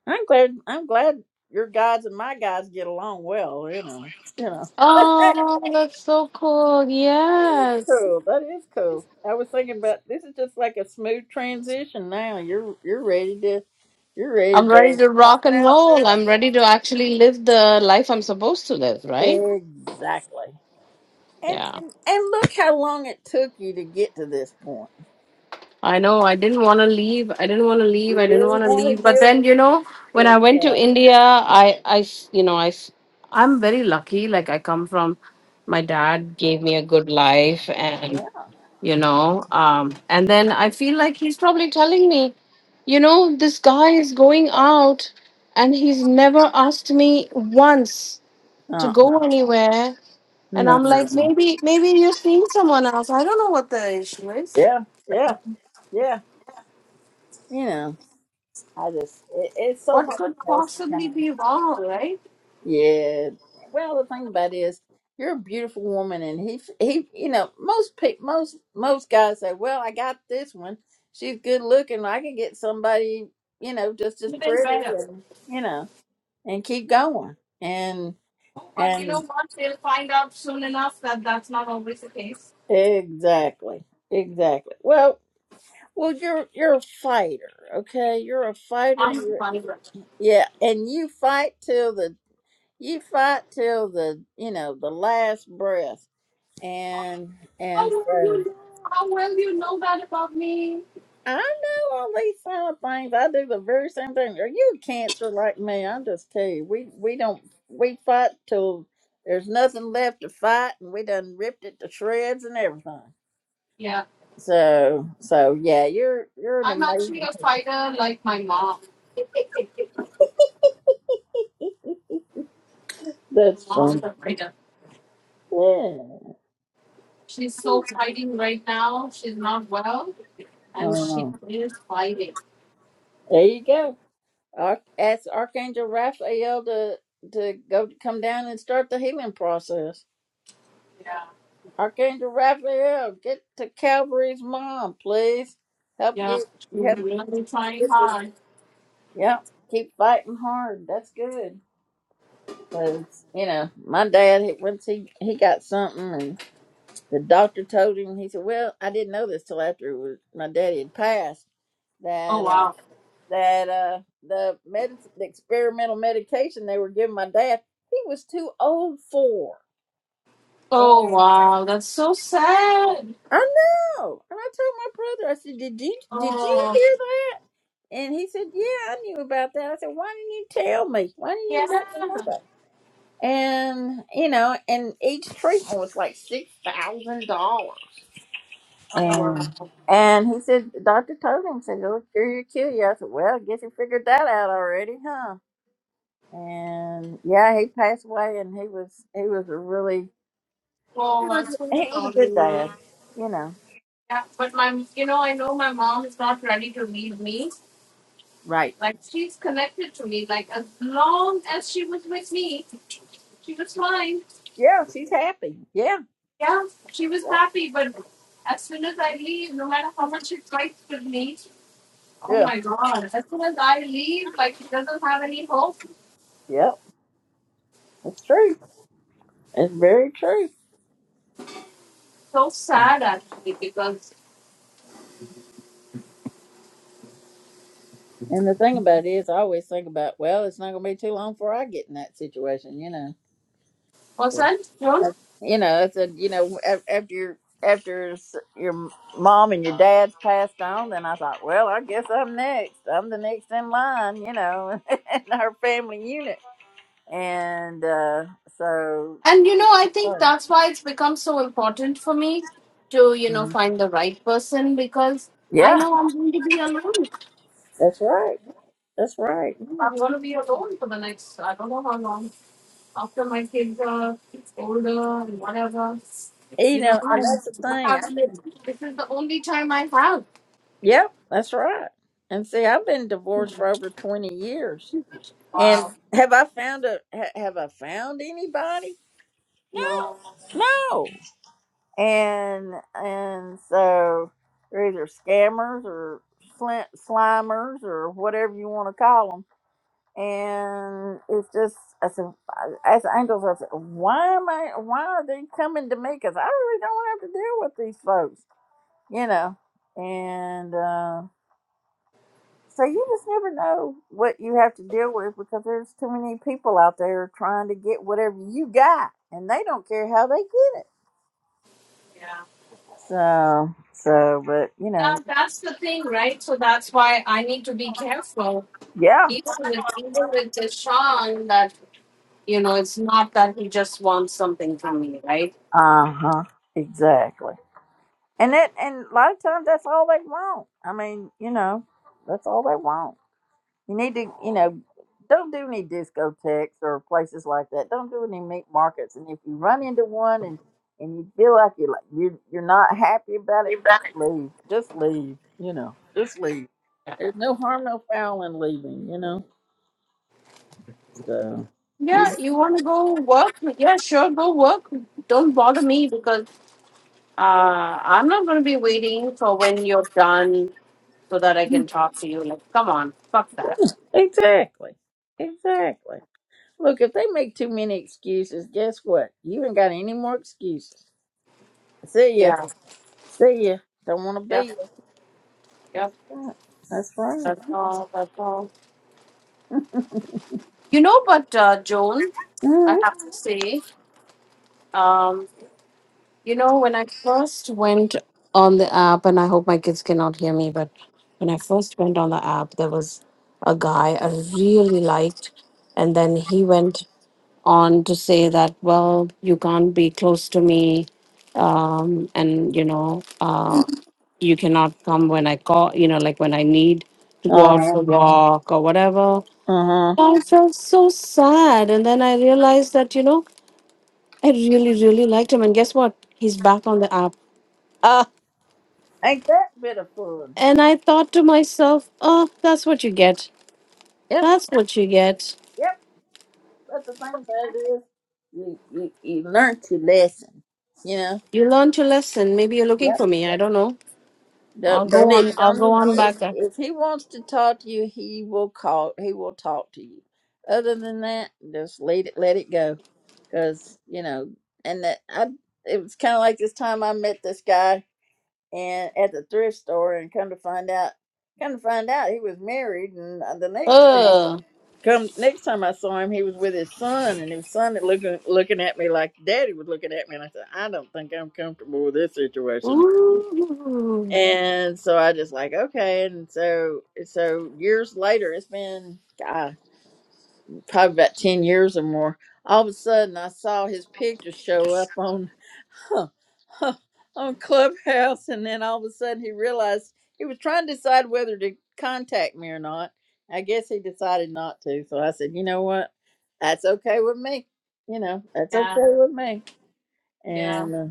S1: I'm glad. I'm glad your gods and my gods get along well. You know. You know.
S7: Oh, that's so cool. Yes.
S1: Cool. That is cool. I was thinking about this is just like a smooth transition. Now you're you're ready to you're ready
S7: I'm
S1: to
S7: ready to
S1: pop
S7: rock and
S1: out for a
S7: roll.
S1: while.
S7: I'm ready to actually live the life I'm supposed to live, right?
S1: Exactly. And,
S7: Yeah.
S1: and and look how long it took you to get to this point.
S7: I know I didn't want to leave. I didn't want to leave.
S1: You
S7: I didn't
S1: really
S7: want to
S1: want
S7: leave.
S1: to
S7: But
S1: deal
S7: then,
S1: with
S7: you know, when
S1: it.
S7: I went to
S1: Exactly.
S7: India, I, I, s- you know, I, s- I'm very lucky. Like I come from, my dad gave me a good life, and
S1: Yeah.
S7: you know, um, and then I feel like he's probably telling me, you know, this guy is going out, and he's never asked me once to
S1: Uh,
S7: go anywhere, and I'm like,
S1: no.
S7: maybe, maybe you're seeing someone else. I don't know what the issue is.
S1: Yeah. Yeah. Yeah. You know, I just it, it's so
S7: What
S1: hard to
S7: could
S1: tell sometimes.
S7: possibly be wrong, right?
S1: Yeah. Well, the thing about it is, you're a beautiful woman, and he he, you know, most pe- most most guys say, "Well, I got this one. She's good looking. I can get somebody, you know, just as
S7: Even
S1: pretty,
S7: better.
S1: and you know, and keep going." And
S7: Oh, but you
S1: and
S7: know what? They'll find out soon enough that that's not always the case.
S1: exactly, exactly. Well, well, you're you're a fighter, okay? You're a fighter.
S7: I'm
S1: You're
S7: fighter.
S1: yeah, and you fight till the you fight till the you know the last breath and
S7: How
S1: and
S7: well
S1: says,
S7: you know? How well you know that about me?
S1: I know all these silent things. I do the very same thing. Are you cancer like me? I just tell you, we we don't we fight till there's nothing left to fight, and we done ripped it to shreds and everything.
S7: Yeah,
S1: So so yeah, you're you're an
S7: I'm actually
S1: amazing.
S7: a fighter, like my mom. My
S1: That's
S7: mom is
S1: fun.
S7: a fighter.
S1: Yeah.
S7: She's so fighting right now. She's not well, and she
S1: Oh,
S7: is fighting.
S1: there you go. Arch- Ask Archangel Raphael to to go come down and start the healing process. Archangel Raphael, get to Calvary's mom, please. Help
S7: Yeah,
S1: get,
S7: she's
S1: help get
S7: trying
S1: this.
S7: hard.
S1: Yep, keep fighting hard. That's good. Cause you know, my dad he- once he he got something, and the doctor told him. He said, "Well, I didn't know this till after it was, my daddy had passed
S7: Oh
S1: that uh,
S7: wow.
S1: that uh, the medicine, the experimental medication they were giving my dad, he was too old for."
S7: Oh wow, that's so sad.
S1: I know. And I told my brother, I said, Did you did you
S7: Oh
S1: hear that? And he said, Yeah, I knew about that. I said, Why didn't you tell me? Why didn't
S7: yeah.
S1: you let me know that? And you know, and each treatment was like six thousand dollars.
S7: Oh wow.
S1: And and he said the doctor told him, said, It'll cure you kill you. I said, Well, I guess he figured that out already, huh? And yeah, he passed away and he was he was a really he
S7: Oh, I'm
S1: was,
S7: so
S1: he was a good
S7: sorry.
S1: dad, you know.
S7: Yeah, but my, you know, I know my mom is not ready to leave me.
S1: Right.
S7: Like she's connected to me. Like as long as she was with me, she was fine.
S1: Yeah, she's happy. Yeah.
S7: Yeah, she was happy. But as soon as I leave, no matter how much she fights with me, oh
S1: Yeah.
S7: my god! As soon as I leave, like she doesn't have any hope.
S1: Yep. It's true. It's very true.
S7: So sad actually because.
S1: And the thing about it is, I always think about, well, it's not going to be too long before I get in that situation, you know.
S7: What's that?
S1: Uh, You know, it's a, you know, af- after your, after s- your mom and your dad's passed on, then I thought, well, I guess I'm next. I'm the next in line, you know, in our family unit. And uh, so,
S7: And you know, I think
S1: oh,
S7: that's why it's become so important for me to, you know,
S1: mhm.
S7: find the right person because I
S1: yeah,
S7: know I'm going to be alone.
S1: that's right. That's right.
S7: I'm going to be alone for the next, I don't know how long, after my kids are older and whatever.
S1: You
S7: You know,
S1: know,
S7: I
S1: and that's the thing.
S7: have,
S1: I've been.
S7: this is the only time I have.
S1: Yep, that's right. And see, I've been divorced for over 20 years. And
S7: Wow.
S1: have I found a ha- have I found anybody?
S7: No,
S1: No. No. And and so they're either scammers or slint, slimers or whatever you want to call them. And it's just I said, as angels, I said, why am I? Why are they coming to me? Because I really don't have to deal with these folks, you know. And uh, So you just never know what you have to deal with because there's too many people out there trying to get whatever you got, and they don't care how they get it.
S7: yeah.
S1: So, so, but you know,
S7: Yeah, that's the thing, right? So that's why I need to be careful.
S1: yeah,
S7: Even with even with Deshaun, that You know, it's not that he just wants something from me, right?
S1: uh huh, exactly. And that, and a lot of times that's all they want. I mean, you know, that's all they want. You need to, you know, don't do any discotheques or places like that. Don't do any meat markets. And if you run into one and and you feel like you're like you you're not happy about it,
S7: You
S1: just
S7: bet.
S1: leave. Just leave. You know, just leave. There's no harm, no foul in leaving. You know, so
S7: Yeah, you want to go work? Yeah, sure, go work. Don't bother me because uh, I'm not going to be waiting for when you're done so that I can talk to you. Like, come on, fuck that.
S1: exactly, exactly. Look, if they make too many excuses, guess what? You ain't got any more excuses. See ya.
S7: Yeah,
S1: See ya. Don't want to
S7: yeah,
S1: be ya.
S7: yeah.
S1: That's right. That's
S7: That's all. That's all.
S1: right.
S7: You know, but uh, Joan, I have to say, um, You know, when I first went on the app, and I hope my kids cannot hear me, but when I first went on the app, there was a guy I really liked. And then he went on to say that, well, you can't be close to me. Um, and, you know, uh, you cannot come when I call, you know, like when I need to go out
S1: Uh
S7: for a walk or whatever.
S1: huh.
S7: I felt so sad. And then I realized that, you know, I really, really liked him. And guess what? He's back on the app
S1: Uh, Ain't that bit of fun?
S7: And I thought to myself, oh, that's what you get.
S1: yep.
S7: That's what you get.
S1: Yep. But the thing about it is, you you, you learn your lesson. You know.
S7: You learned your lesson. Maybe you're looking
S1: Yep.
S7: for me. I don't know. I'll
S1: Don't
S7: go
S1: don't, e-
S7: on. I'll
S1: don't
S7: go
S1: even
S7: on
S1: if
S7: back.
S1: if he wants to talk to you, he will call. He will talk to you. Other than that, just let it let it go. Cause you know, and that I it was kind of like this time I met this guy and at the thrift store and come to find out come to find out he was married and uh, the next time I
S7: Uh.
S1: come next time I saw him he was with his son and his son looking looking at me like daddy was looking at me and I said I don't think I'm comfortable with this situation
S7: Ooh.
S1: and so I just like okay and so so years later it's been God probably about 10 years or more, all of a sudden I saw his picture show up on on Clubhouse. And then all of a sudden he realized he was trying to decide whether to contact me or not. I guess he decided not to. So I said, you know what? That's okay with me. You know, that's
S7: Yeah.
S1: okay with me.
S7: Yeah.
S1: And, uh,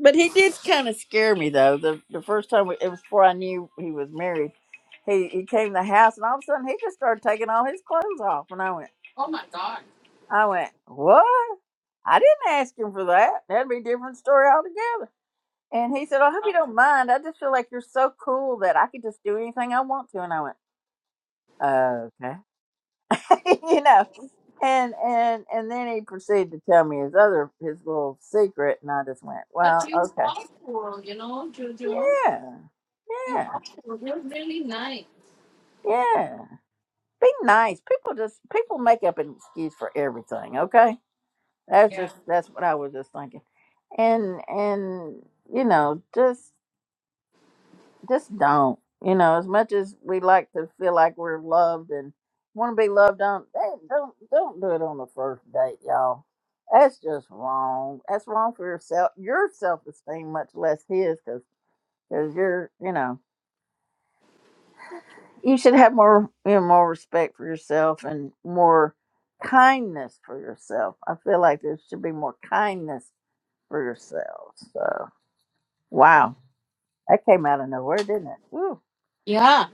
S1: but he did kind of scare me though. The the first time we, it was before I knew he was married. He he came to the house and all of a sudden he just started taking all his clothes off, and I went,
S7: Oh my God.
S1: I went, What? I didn't ask him for that. That'd be a different story altogether. And he said, I hope you
S7: Um,
S1: don't mind. I just feel like you're so cool that I could just do anything I want to. And I went, Okay. you know. And and and then he proceeded to tell me his other his little secret and I just went,
S7: But
S1: Well,
S7: you
S1: okay.
S7: awful, you know, Jojo.
S1: Yeah.
S7: You
S1: Yeah.
S7: awful. You're really nice.
S1: Yeah. Be nice. People just people make up an excuse for everything, okay? That's
S7: Yeah.
S1: just that's what I was just thinking. And and you know, just just don't. You know, as much as we like to feel like we're loved and want to be loved on, hey, don't don't do it on the first date, y'all. That's just wrong. That's wrong for yourself, your self esteem, much less his, because because you're you know you should have more you know more respect for yourself and more kindness for yourself. I feel like there should be more kindness for yourselves. So. Wow. That came out of nowhere, didn't it? Ooh.
S7: Yeah.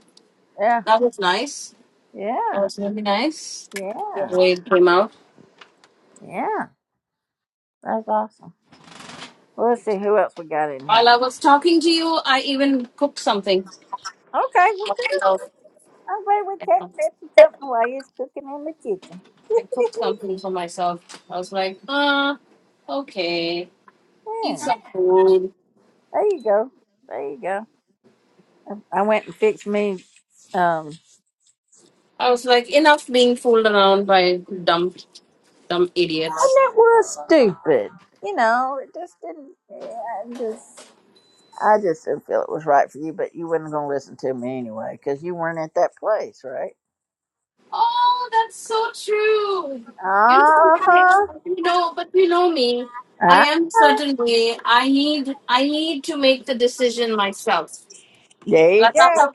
S1: Yeah.
S7: That was nice. That
S1: Yeah.
S7: was really nice. Your
S1: Yeah.
S7: way it came out.
S1: Yeah. That's awesome. Well, let's see who else we got in here.
S7: While I was talking to you, I even cooked something.
S1: Okay. Well, good. I'm glad we kept
S7: I
S1: Tipsy company while you was cooking in the kitchen.
S7: cooked something for myself. I was like, ah, okay, eat
S1: yeah.
S7: some food.
S1: There you go. There you go. I I went and fixed me. Um,
S7: I was like, enough being fooled around by dumb, dumb
S1: and
S7: idiots.
S1: that was stupid. You know, it just didn't. yeah, I just, I just didn't feel it was right for you, but you weren't going to listen to me anyway because you weren't at that place, right?
S7: Oh, that's so true. You know,
S1: Uh huh.
S7: but you know, but you know me.
S1: All
S7: I
S1: right.
S7: am certain way. I need, I need to make the decision myself.
S1: There you
S7: Like I
S1: go.
S7: have,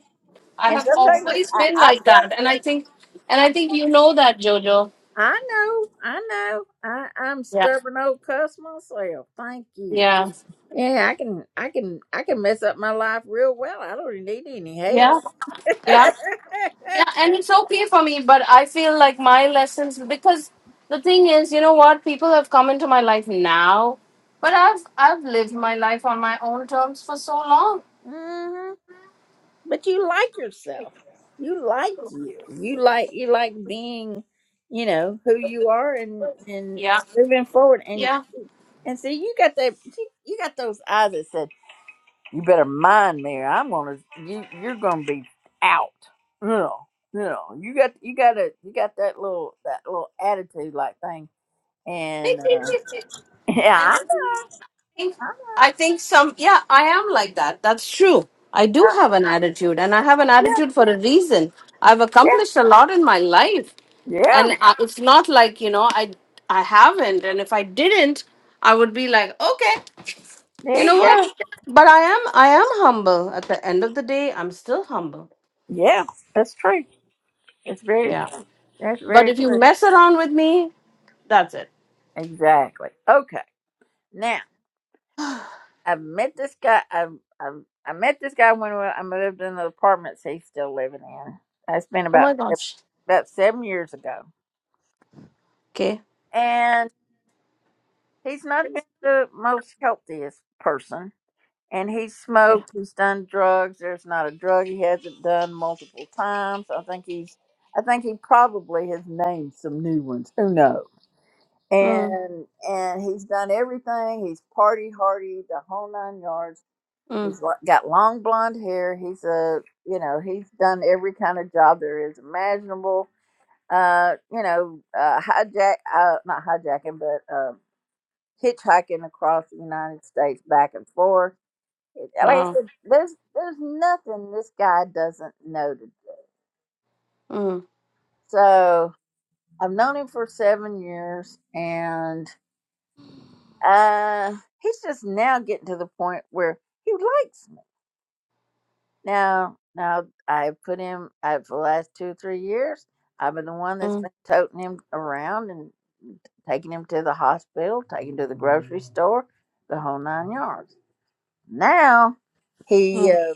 S7: I
S1: And
S7: have
S1: sometimes
S7: always
S1: I,
S7: been
S1: I've
S7: like
S1: done.
S7: that, and I think, and I think you know that, Jojo.
S1: I, I know. I know. I, I'm
S7: Yeah,
S1: stubborn old cuss myself. Thank you.
S7: yeah,
S1: Yeah, I can. I can. I can mess up my life real well. I don't need any help.
S7: yeah, yeah. Yeah, and it's okay for me, but I feel like my lessons because the thing is, you know what, people have come into my life now, but I've I've lived my life on my own terms for so long.
S1: hmm but you like yourself you like you you like you like being you know who you are and and
S7: Yeah.
S1: moving forward and
S7: Yeah.
S1: and see you got that you, you got those eyes that said you better mind me or i'm gonna you you're gonna be out you know you know you got you got a you got that little that little attitude like thing and
S7: and
S1: uh yeah
S7: I
S1: I,
S7: think think- I think some yeah, I am like that. That's true. I do
S1: I,
S7: have an attitude and I have an
S1: yeah
S7: attitude for a reason. I've
S1: yeah
S7: accomplished a lot in my life and
S1: yeah
S7: I, it's not like, you know, I I haven't and if I didn't, I would be like, okay.
S1: there
S7: You know
S1: you
S7: what?
S1: go
S7: But I am I am humble. At the end of the day, I'm still humble.
S1: yeah that's true that's very
S7: Yeah.
S1: true that's
S7: But
S1: very
S7: if you
S1: true
S7: mess around with me, that's it.
S1: Exactly. Okay. Now I've met this guy. I've, I've I met this guy when I moved in the apartments he's still living in. That's been
S7: Oh my
S1: about
S7: gosh.
S1: about seven years ago,
S7: Okay.
S1: and he's not been the most healthiest person. And he's
S7: Yeah.
S1: smoked. He's done drugs. There's not a drug he hasn't done multiple times. I think he's. I think he probably has named some new ones. Who knows?
S7: Mm,
S1: And and he's done everything. He's party hardy, the whole nine yards
S7: mm,
S1: He's lo- got long blonde hair. He's a, you know, he's done every kind of job there is imaginable. Uh, you know, uh, hijack, uh, not hijacking, but um hitchhiking across the United States back and forth. It- Like I
S7: wow.
S1: said, there's there's nothing this guy doesn't know. To do.
S7: Mm,
S1: So I've known him for seven years, and uh, he's just now getting to the point where he likes Now, now I put him I, for the last two, three years. I've been the one that's
S7: mm,
S1: been toting him around and taking him to the hospital, taking him to the grocery store, the whole nine yards. Now he
S7: mm.
S1: uh,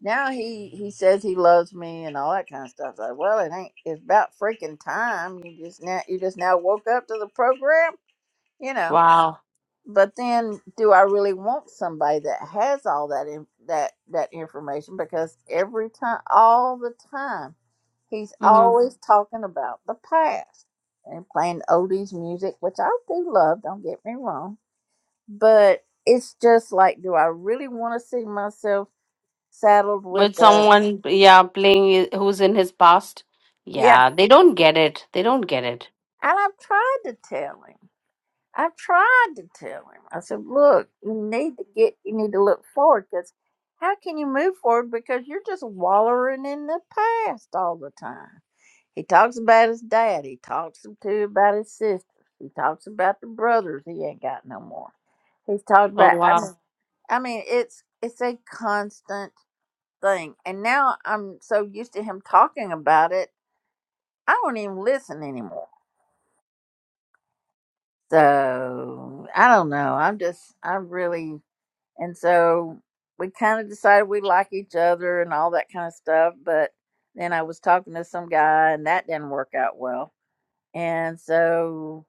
S1: now he he says he loves me and all that kind of stuff. It's Like, well, it ain't. It's about freaking time. You just now you just now woke up to the program, you know
S7: Wow.
S1: but then do I really want somebody that has all that in, that that information because every time all the time he's always talking about the past and playing oldies music which I do love don't get me wrong but it's just like do I really want to see myself saddled
S7: with
S1: with a
S7: someone yeah playing i- who's in his past
S1: yeah
S7: yeah they don't get it they don't get it
S1: and I've tried to tell him I tried to tell him. I said, "Look, you need to get, you need to look forward because how can you move forward because you're just wallowing in the past all the time." He talks about his dad. He talks to about his sisters. He talks about the brothers he ain't got no more. He's talked
S7: oh
S1: about. I
S7: wow
S1: mean, I mean, it's it's a constant thing. And now I'm so used to him talking about it, I don't even listen anymore. So I don't know. I'm just, I really. and so we kind of decided we like each other and all that kind of stuff but then i was talking to some guy and that didn't work out well and so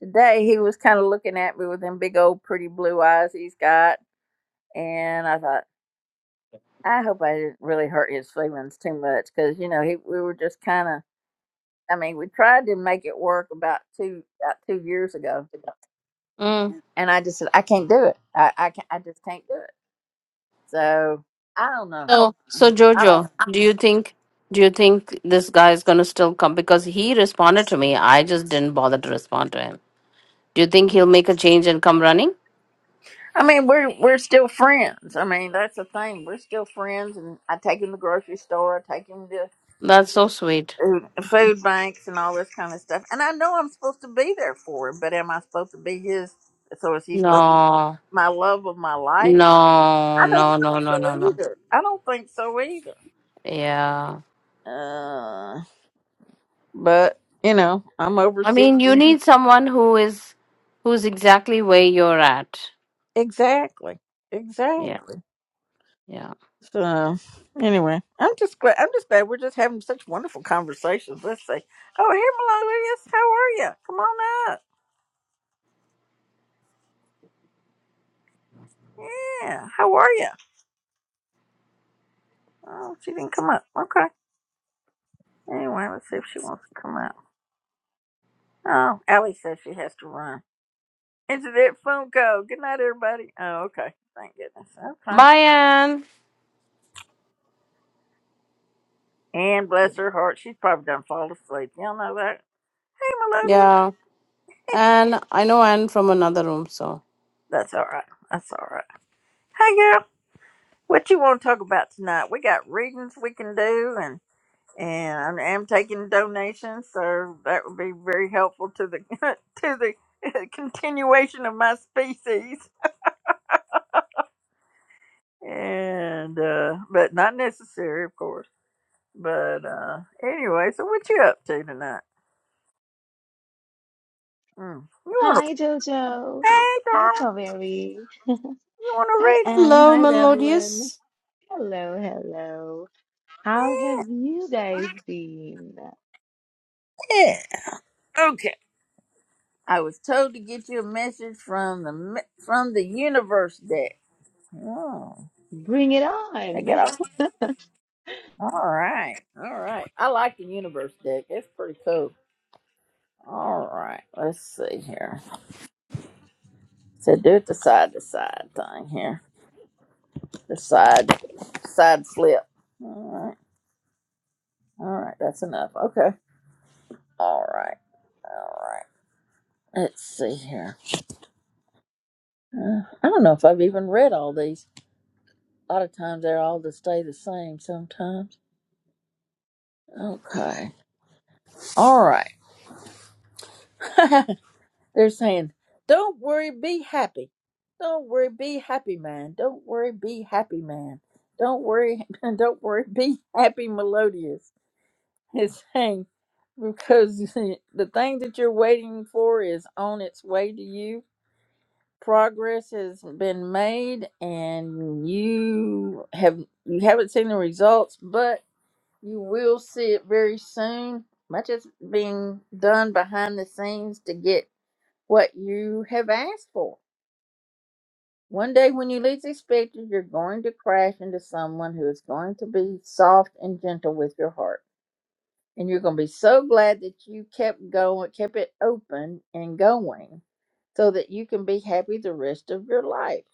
S1: today he was kind of looking at me with them big old pretty blue eyes he's got and i thought i hope i didn't really hurt his feelings too much because you know he, we were just kind of i mean we tried to make it work about two about two years ago
S7: mm.
S1: and i just said i can't do it i i, can't, I just can't do it so i don't know
S7: so so
S1: I don't. know.
S7: jojo do you think do you think this guy is going to still come because he responded to me i just didn't bother to respond to him Do you think he'll make a change and come running?
S1: I mean, we're we're still friends. I mean, that's the thing. We're still friends, and I take him to the grocery store. I take him to
S7: That's so sweet.
S1: food food banks and all this kind of stuff. And I know I'm supposed to be there for him, but am I supposed to be his? So is he supposed
S7: No,
S1: to be my love of my life?
S7: no,
S1: I
S7: no,
S1: don't think
S7: no, no, no,
S1: so
S7: no.
S1: either. I don't think so either.
S7: Yeah.
S1: Uh, but you know, I'm over
S7: I mean,
S1: sixty.
S7: you need someone who is, who's exactly where you're at.
S1: Exactly.
S7: Yeah,
S1: Exactly.
S7: yeah.
S1: So anyway, I'm just glad. I'm just glad we're just having such wonderful conversations. Let's see. Oh, here, Melodious, how are you? Come on up. Yeah, how are you? Oh, she didn't come up. Okay. Anyway, let's see if she wants to come up. Oh, Allie says she has to run. Into that Funko. Good night, everybody. Oh, okay. Thank goodness. Okay.
S7: Bye, Anne.
S1: And bless her heart, she's probably done fall asleep. Y'all know that. Hey, Melodious.
S7: Yeah. Anne, I know Anne from another room, so.
S1: That's all right. That's all right. Hey, girl. What you want to talk about tonight? We got readings we can do, and I'm, taking donations, so that would be very helpful to the to the continuation of my species. And uh, but not necessary, of course. But uh, anyway, so what you up to tonight? Mm. You want to?
S17: Hi, Jojo.
S1: Hey,
S17: Hi,
S1: darling,
S17: Kaveri.
S1: you want
S17: Hi,
S1: to read?
S17: Anne.
S7: Hello,
S17: Hi, Evelyn.
S7: Melodious.
S17: Hello, hello. How have you guys been?
S1: Yeah. yeah. Okay. I was told to get you a message from the me- from the universe deck. Oh,
S17: Bring it
S1: they
S17: on.
S1: got all All right. All right. I like the universe deck. It's pretty cool. All right. Let's see here. So do it the side to side thing here. The side side flip. All right. All right. That's enough. Okay. All right. All right. Let's see here. Uh, I don't know if I've even read all these. A lot of times they're all to stay the same sometimes. Okay. All right. They're saying, don't worry, be happy. Don't worry, be happy, man. Don't worry, be happy, man. Don't worry, don't worry, be happy, melodious. It's saying, because the thing that you're waiting for is on its way to you. Progress has been made, and you have you haven't seen the results, but you will see it very soon. Much is being done behind the scenes to get what you have asked for. One day, when you least expect it, you're going to crash into someone who is going to be soft and gentle with your heart. And you're going to be so glad that you kept going, kept it open and going so that you can be happy the rest of your life.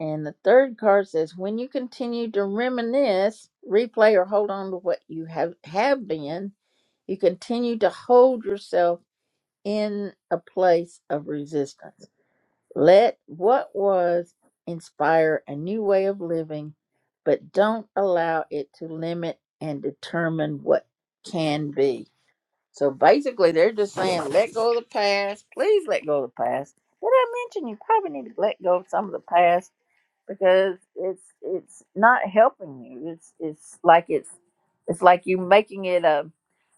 S1: And the third card says, when you continue to reminisce, replay, or hold on to what you have, have been, you continue to hold yourself in a place of resistance. Let what was inspire a new way of living, but don't allow it to limit and determine what can be. So basically, they're just saying, let go of the past. Please let go of the past. Did I mention you probably need to let go of some of the past? because it's it's not helping you. It's it's like it's it's like you making it a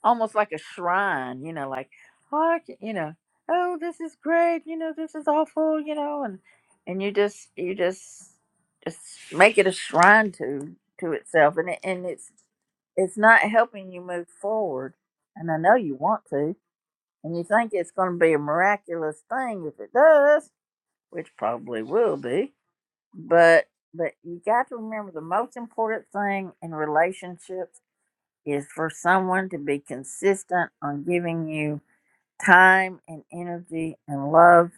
S1: almost like a shrine, you know, like oh, I can- you know, oh this is great, you know, this is awful, you know, and and you just you just just make it a shrine to to itself, and it, and it's it's not helping you move forward. And I know you want to, and you think it's going to be a miraculous thing if it does, which probably will be but but you got to remember the most important thing in relationships is for someone to be consistent on giving you time and energy and love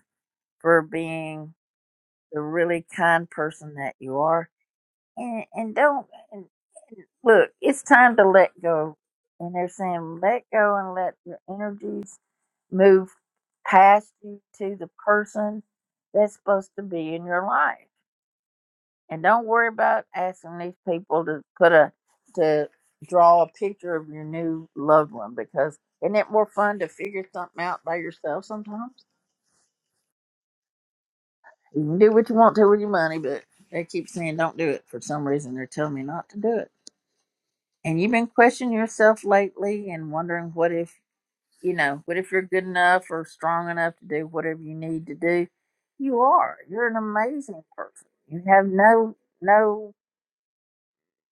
S1: for being the really kind person that you are and and don't and look it's time to let go and they're saying let go and let your energies move past you to the person that's supposed to be in your life and don't worry about asking these people to put a to draw a picture of your new loved one because isn't it more fun to figure something out by yourself sometimes? You can do what you want to with your money, but they keep saying don't do it for some reason. They're telling me not to do it. And you've been questioning yourself lately and wondering what if you know, what if you're good enough or strong enough to do whatever you need to do? You are. You're an amazing person. You have no no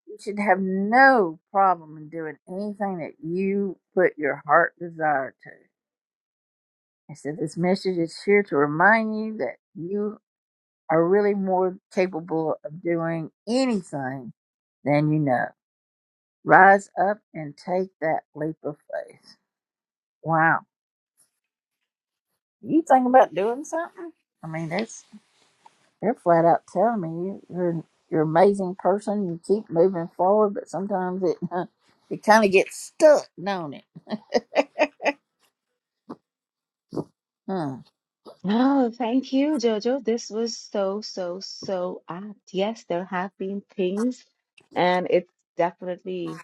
S1: You should have no problem in doing anything that you put your heart desire to. I said, This message is here to remind you that you are really more capable of doing anything than you know. Rise up and take that leap of faith. Wow. You think about doing something? I mean, that's they're flat out telling me you, you're you're an amazing person. You keep moving forward, but sometimes it it kind of gets stuck, don't it? Hmm.
S17: Oh, thank you, Jojo. This was so, so, so apt. Yes, there have been things, and it's definitely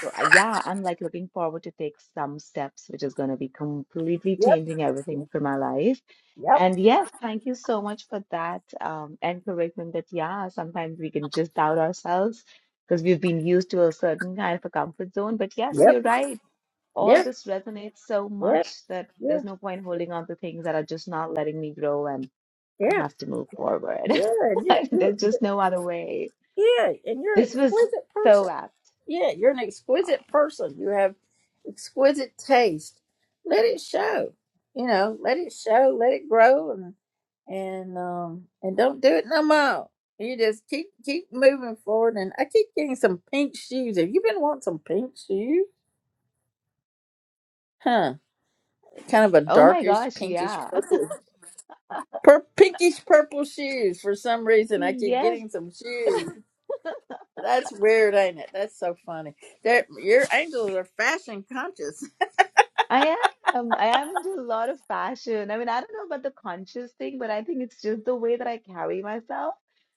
S17: so. I- Yeah, I'm like looking forward to take some steps, which is going to be completely
S1: Yep,
S17: changing everything for my life.
S1: yep,
S17: And yes, thank you so much for that um, encouragement that, yeah, sometimes we can just doubt ourselves because we've been used to a certain kind of a comfort zone. But yes,
S1: yep,
S17: you're right all
S1: yep,
S17: this resonates so
S1: yep,
S17: much that
S1: yeah,
S17: there's no point holding on to things that are just not letting me grow and I
S1: yeah,
S17: have to move forward.
S1: yeah, and you, you,
S17: There's just no other way.
S1: yeah, and you're an
S17: This was
S1: exquisite person.
S17: so apt.
S1: Yeah, you're an
S17: Oh,
S1: exquisite person. You have exquisite taste. Let it show. You know, let it show. Let it grow, and and um and don't do it no more. You just keep keep moving forward. And I keep getting some pink shoes. Have you been wanting some pink shoes? Huh? Kind of a
S17: oh my
S1: darkish,
S17: gosh,
S1: pinkish
S17: yeah.
S1: purple. Pur- pinkish purple shoes. For some reason, I keep
S17: Yes.
S1: getting some shoes. That's weird, ain't it? That's so funny. That your angels are fashion conscious.
S17: I am. I am into a lot of fashion. I mean, I don't know about the conscious thing, but I think it's just the way that I carry myself.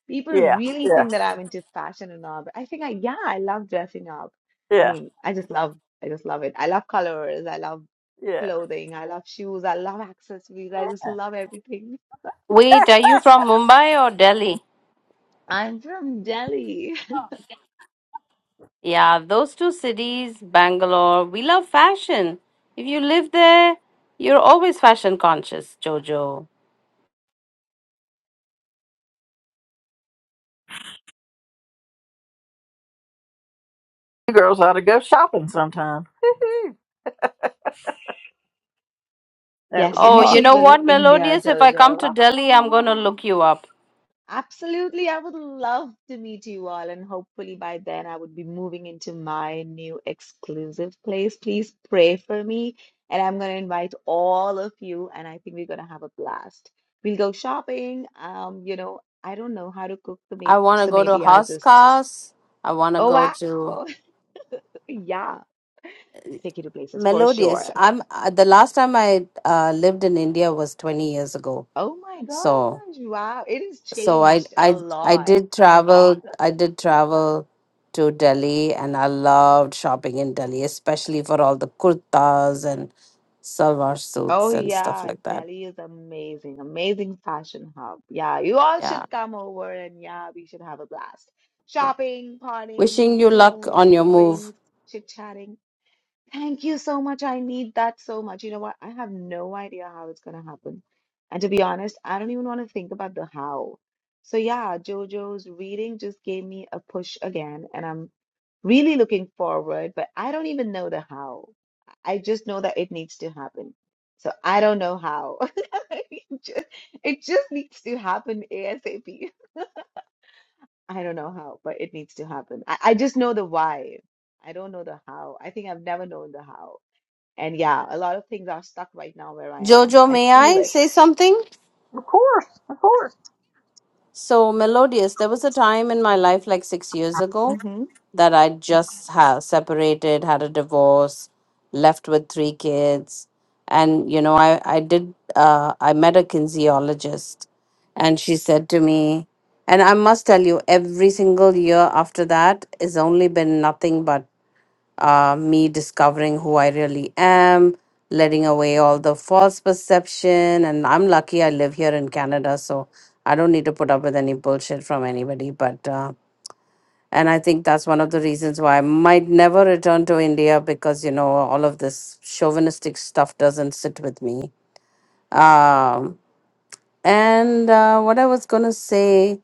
S17: People
S1: Yeah,
S17: really
S1: yeah,
S17: think that I'm into fashion and all, but I think I, yeah, I love dressing up. I
S1: yeah,
S17: mean, I just love, I just love it. I love colors. I love
S1: yeah.
S17: clothing. I love shoes. I love accessories. I just love everything.
S7: Wait, are you from Mumbai or Delhi?
S17: I'm from Delhi.
S7: Yeah, those two cities, Bangalore. We love fashion. If you live there, you're always fashion conscious, Jojo.
S1: You girls ought to go shopping sometime. Woo-hoo. that would
S17: Yes,
S1: be
S7: Oh,
S17: you
S7: you
S17: should
S7: know
S1: awesome.
S17: visit
S7: what,
S17: India,
S7: Melodious? If I come
S17: Jojo.
S7: to Delhi, I'm going to
S1: Awesome.
S7: look you up.
S17: Absolutely. I would love to meet you all, and hopefully by then I would be moving into my new exclusive place. Please pray for me, and I'm going to invite all of you, and I think we're going to have a blast. We'll go shopping. Um, you know, I don't know how to cook, so
S7: I
S17: maybe,
S7: want to
S17: so
S7: go to
S17: maybe I'll just,
S7: Hoskas. I want to
S17: oh
S7: go to
S17: wow, yeah, take you to places for
S7: Melodious.
S17: sure.
S7: I'm uh, the last time I uh, lived in India was 20 years ago.
S17: Oh my
S7: So,
S17: gosh, wow, it has
S7: so I
S17: changed a
S7: I I
S17: lot.
S7: did travel. I did travel to Delhi, and I loved shopping in Delhi, especially for all the kurtas and salwar
S17: Oh
S7: suits and stuff
S17: yeah,
S7: like that.
S17: Delhi is amazing. Amazing fashion hub. Yeah, you all
S7: Yeah.
S17: should come over and yeah, we should have a blast. Shopping, partying,
S7: Wishing you luck
S17: food,
S7: on your move.
S17: drinks, chit-chatting. Thank you so much. I need that so much. You know what? I have no idea how it's gonna happen. And to be honest, I don't even want to think about the how. So yeah, JoJo's reading just gave me a push again, and I'm really looking forward, but I don't even know the how. I just know that it needs to happen. So I don't know how. It just, it just needs to happen ASAP. I don't know how, but it needs to happen. I, I just know the why. I don't know the how. I think I've never known the how. And yeah, a lot of things are stuck right now where I am.
S7: Jojo,
S17: I
S7: may
S17: feel
S7: I
S17: it.
S7: say something?
S1: Of course, of course.
S7: So, Melodious, there was a time in my life like six years ago
S17: hmm
S7: that I just ha- separated, had a divorce, left with three kids. And, you know, I, I did, uh, I met a kinesiologist and she said to me, and I must tell you, every single year after that has only been nothing but uh, me discovering who I really am, letting away all the false perception. And I'm lucky I live here in Canada, so I don't need to put up with any bullshit from anybody. But, uh, and I think that's one of the reasons why I might never return to India because, you know, all of this chauvinistic stuff doesn't sit with me. Um, and uh, what I was going to say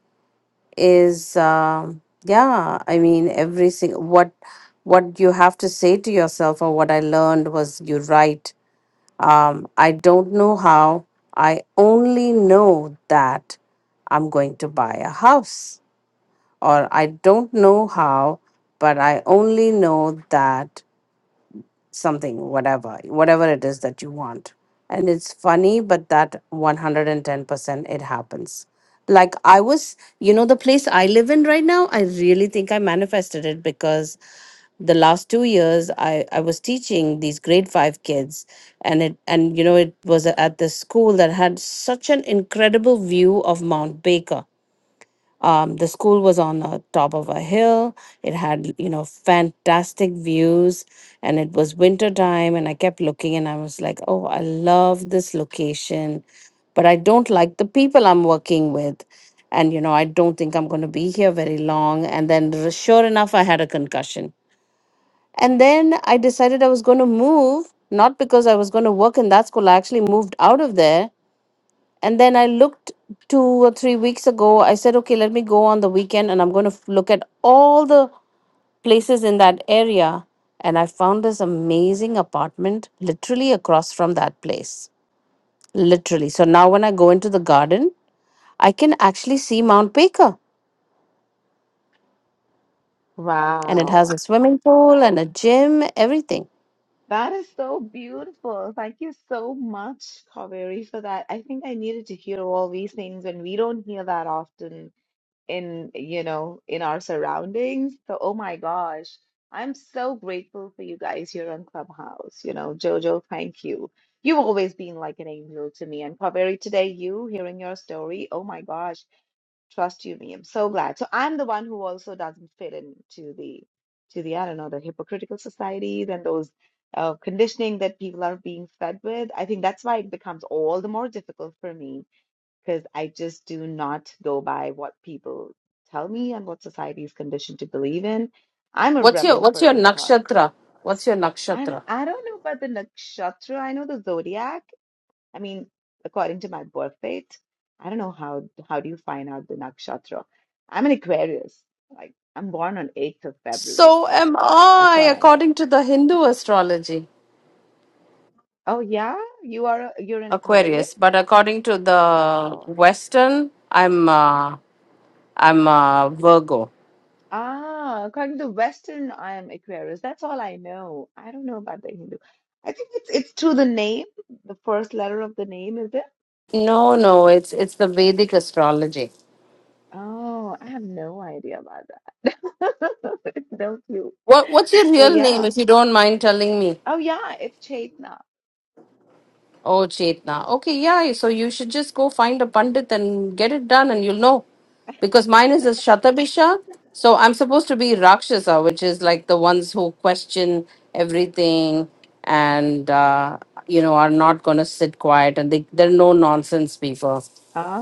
S7: is um yeah i mean every single what what you have to say to yourself or what i learned was you write um i don't know how i only know that i'm going to buy a house or i don't know how but i only know that something, whatever, whatever it is that you want. And it's funny, but that 110% it happens. Like I was, you know, the place I live in right now, I really think I manifested it because the last two years I, I was teaching these grade five kids and it and you know it was at this school that had such an incredible view of Mount Baker um, the school was on the top of a hill. It had, you know, fantastic views and it was winter time and I kept looking and I was like, "Oh, I love this location, but I don't like the people I'm working with." And you know, I don't think I'm going to be here very long. And then r- sure enough, I had a concussion. And then I decided I was going to move, not because I was going to work in that school. I actually moved out of there and then I looked two or three weeks ago. I said, okay, let me go on the weekend and I'm going to f- look at all the places in that area. And I found this amazing apartment literally across from that place. Literally. So now when I go into the garden, I can actually see Mount Baker. And it has
S17: Wow.
S7: a swimming pool and a gym, everything.
S17: That is so beautiful. Thank you so much, Kaveri, for that. I think I needed to hear all these things, and we don't hear that often in, you know, in our surroundings. So, oh my gosh, I'm so grateful for you guys here on Clubhouse. You know, Jojo, thank you. You've always been like an angel to me. And Kaveri, today, you hearing your story, oh my gosh. Trust you me. I'm so glad. So I'm the one who also doesn't fit into the to the I don't know the hypocritical societies and those uh, conditioning that people are being fed with. I think that's why it becomes all the more difficult for me because I just do not go by what people tell me and what society is conditioned to believe in. I'm a
S7: What's your
S17: rebel
S7: what's
S17: for a
S7: your
S17: good cause.
S7: nakshatra? What's your
S17: I,
S7: nakshatra?
S17: I don't know about the nakshatra. I know the zodiac. I mean, according to my birth date, I don't know how how do you find out the nakshatra? I'm an Aquarius. Like I'm born on 8th of February.
S7: So am
S17: That's
S7: I,
S17: all I know.
S7: according to the Hindu astrology.
S17: Oh yeah, you are a, you're an Aquarius?
S7: Aquarius, but according to the
S17: Wow.
S7: Western, I'm uh, I'm uh, Virgo.
S17: Ah, according to Western, I am Aquarius. That's all I know. I don't know about the Hindu. I think it's it's through the name. The first letter of the name, is it?
S7: No, no, it's it's the Vedic astrology.
S17: Oh, I have no idea about that. No clue.
S7: What what's your
S17: But
S7: real name,
S17: yeah.
S7: if you don't mind telling me?
S17: Oh yeah, it's Chaitna.
S7: Oh, Chetna. Okay, yeah. So you should just go find a pandit and get it done, and you'll know. Because mine is a Shatabisha. So I'm supposed to be Rakshasa, which is like the ones who question everything and, uh, you know, are not going to sit quiet and they, they're no nonsense people.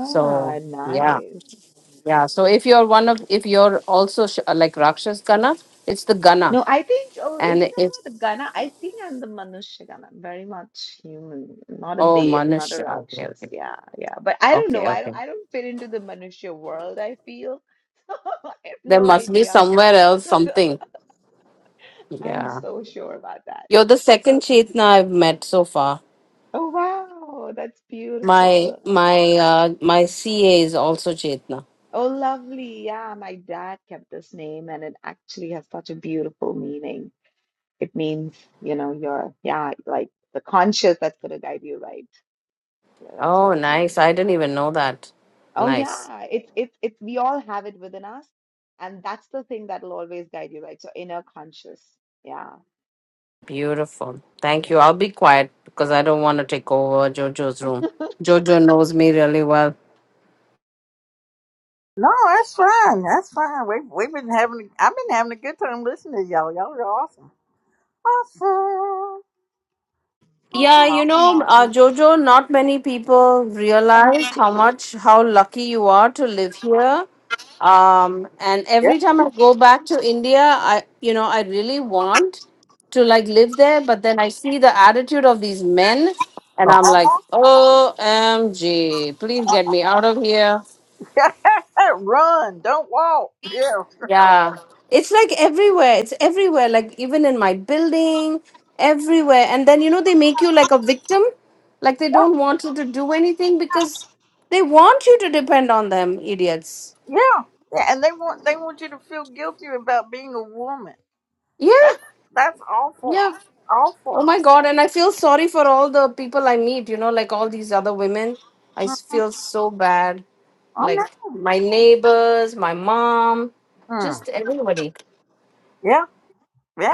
S7: So, yeah.
S17: nice.
S7: Yeah. So if you're one of, if you're also sh- uh, like Rakshas Gana, it's the Gana.
S17: No, I think, oh, if you
S7: And
S17: talk
S7: if,
S17: about the Gana, I think I'm the Manushya Gana. I'm very much human, not a
S7: oh,
S17: dev, not a
S7: Manusha. Okay,
S17: Rakshas.
S7: okay.
S17: Yeah, yeah. But I don't
S7: Okay,
S17: know. I
S7: okay.
S17: don't, I don't fit into the Manushya world, I feel. I have
S7: There
S17: no
S7: must be
S17: idea.
S7: somewhere else something.
S17: I'm
S7: Yeah.
S17: so sure about that.
S7: You're the second Chetna I've met so far.
S17: Oh, wow. That's
S7: My
S17: beautiful.
S7: my uh my CA is also Chetna.
S17: Oh, lovely. Yeah, my dad kept this name and it actually has such a beautiful meaning. It means, you know, you're, yeah, like the conscious that's going to guide you right. So that's what
S7: Oh
S17: it
S7: nice.
S17: means.
S7: I didn't even know that.
S17: Oh
S7: Nice.
S17: yeah, it's it's it's we all have it within us, and that's the thing that'll always guide you right. So inner conscious. Yeah.
S7: Beautiful. Thank you. I'll be quiet because I don't want to take over Jojo's room. Jojo knows me really well.
S1: No, that's fine. That's fine. We've we've been having. I've been having a good time listening to y'all. Y'all are awesome. Awesome. Awesome.
S7: Yeah, you
S1: Awesome.
S7: know, uh,
S1: Awesome.
S7: Jojo, not many people realize how much, how lucky you are to live here. Um, and
S1: Yeah.
S7: every time I go back to India, I, you know, I really want to like live there, but then I see the attitude of these men and I'm like, OMG, please get me out of here.
S1: Run, don't walk. Yeah,
S7: Yeah. It's like everywhere. It's everywhere. Like even in my building, everywhere. And then, you know, they make you like a victim. Like they don't want you to do anything because they want you to depend on them, idiots.
S1: yeah. And they want they want you to feel guilty about being a woman.
S7: Yeah.
S1: That's that's awful,
S7: Yeah. Oh
S1: awful.
S7: my God. And I feel sorry for all the people I meet, you know, like all these other women. I
S1: Mm,
S7: s- feel so bad.
S1: I
S7: Like
S1: know.
S7: my neighbors, my mom,
S1: Mm,
S7: just everybody.
S1: yeah,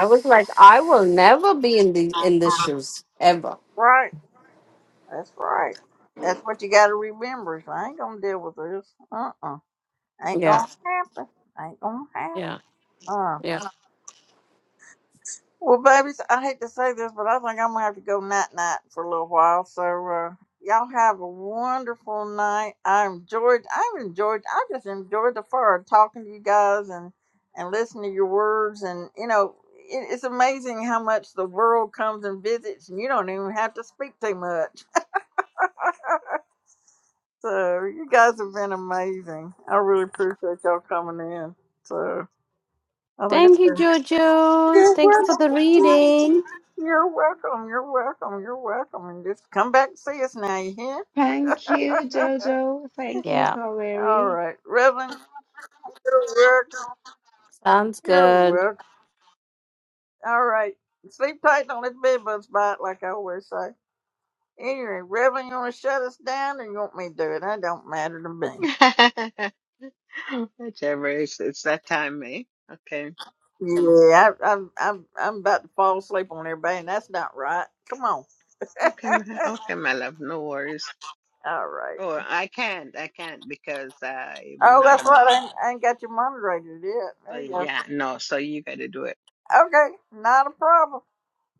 S7: I was like, I will never be in the in the shoes ever.
S1: Right. That's right. That's what you got to remember. is I ain't gonna deal with this. Uh uh Ain't
S7: Yeah,
S1: gonna happen. Ain't gonna happen.
S7: yeah,
S1: Uh.
S7: yeah.
S1: Well, babies, I hate to say this, but I think I'm gonna have to go night night for a little while. So uh, y'all have a wonderful night. I enjoyed. I've enjoyed. I just enjoyed the fun talking to you guys and and listening to your words. And you know, it, it's amazing how much the world comes and visits, and you don't even have to speak too much. So you guys have been amazing. I really appreciate y'all coming in. So I think it's
S7: Thank you,
S1: been.
S7: Jojo.
S1: You're
S7: Thank you for the
S1: welcome.
S7: reading.
S1: You're welcome. You're welcome. You're welcome. And just come back and see us now, you hear?
S17: Thank you, Jojo. Thank you,
S7: Yeah,
S1: All
S17: Kaveri.
S1: right. Reverend, you're welcome.
S7: sounds
S1: You're
S7: good.
S1: welcome. All right. Sleep tight. Don't let the bed bugs bite, like I always say. Anyway, Reverend, you want to shut us down or you want me to do it? That don't matter to me.
S14: Whichever it's it's that time, eh? Okay.
S1: Yeah, I, I, I'm, I'm I'm about to fall asleep on everybody, and that's not right. Come on.
S14: Okay, my, okay, my love, no worries.
S1: All right.
S14: Oh, I can't, I can't because I'm
S1: Oh,
S14: not a
S1: that's right.
S14: mod.
S1: I ain't, I ain't got your moderator yet.
S14: So
S1: There you go.
S14: yeah, no, so you gotta do it.
S1: Okay. Not a problem.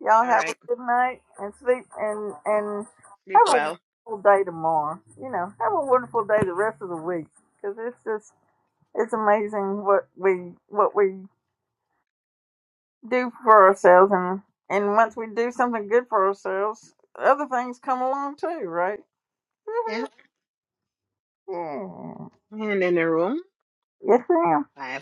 S1: Y'all
S14: All
S1: have a
S14: right.
S1: good night and sleep and and
S14: Sleep
S1: have a
S14: well.
S1: wonderful day tomorrow. You know, have a wonderful day the rest of the week because it's just it's amazing what we what we do for ourselves and and once we do something good for ourselves, other things come along too, right?
S14: Yeah.
S1: Mhm.
S14: And in the room.
S1: Yeah. Yes, ma'am.
S14: Bye.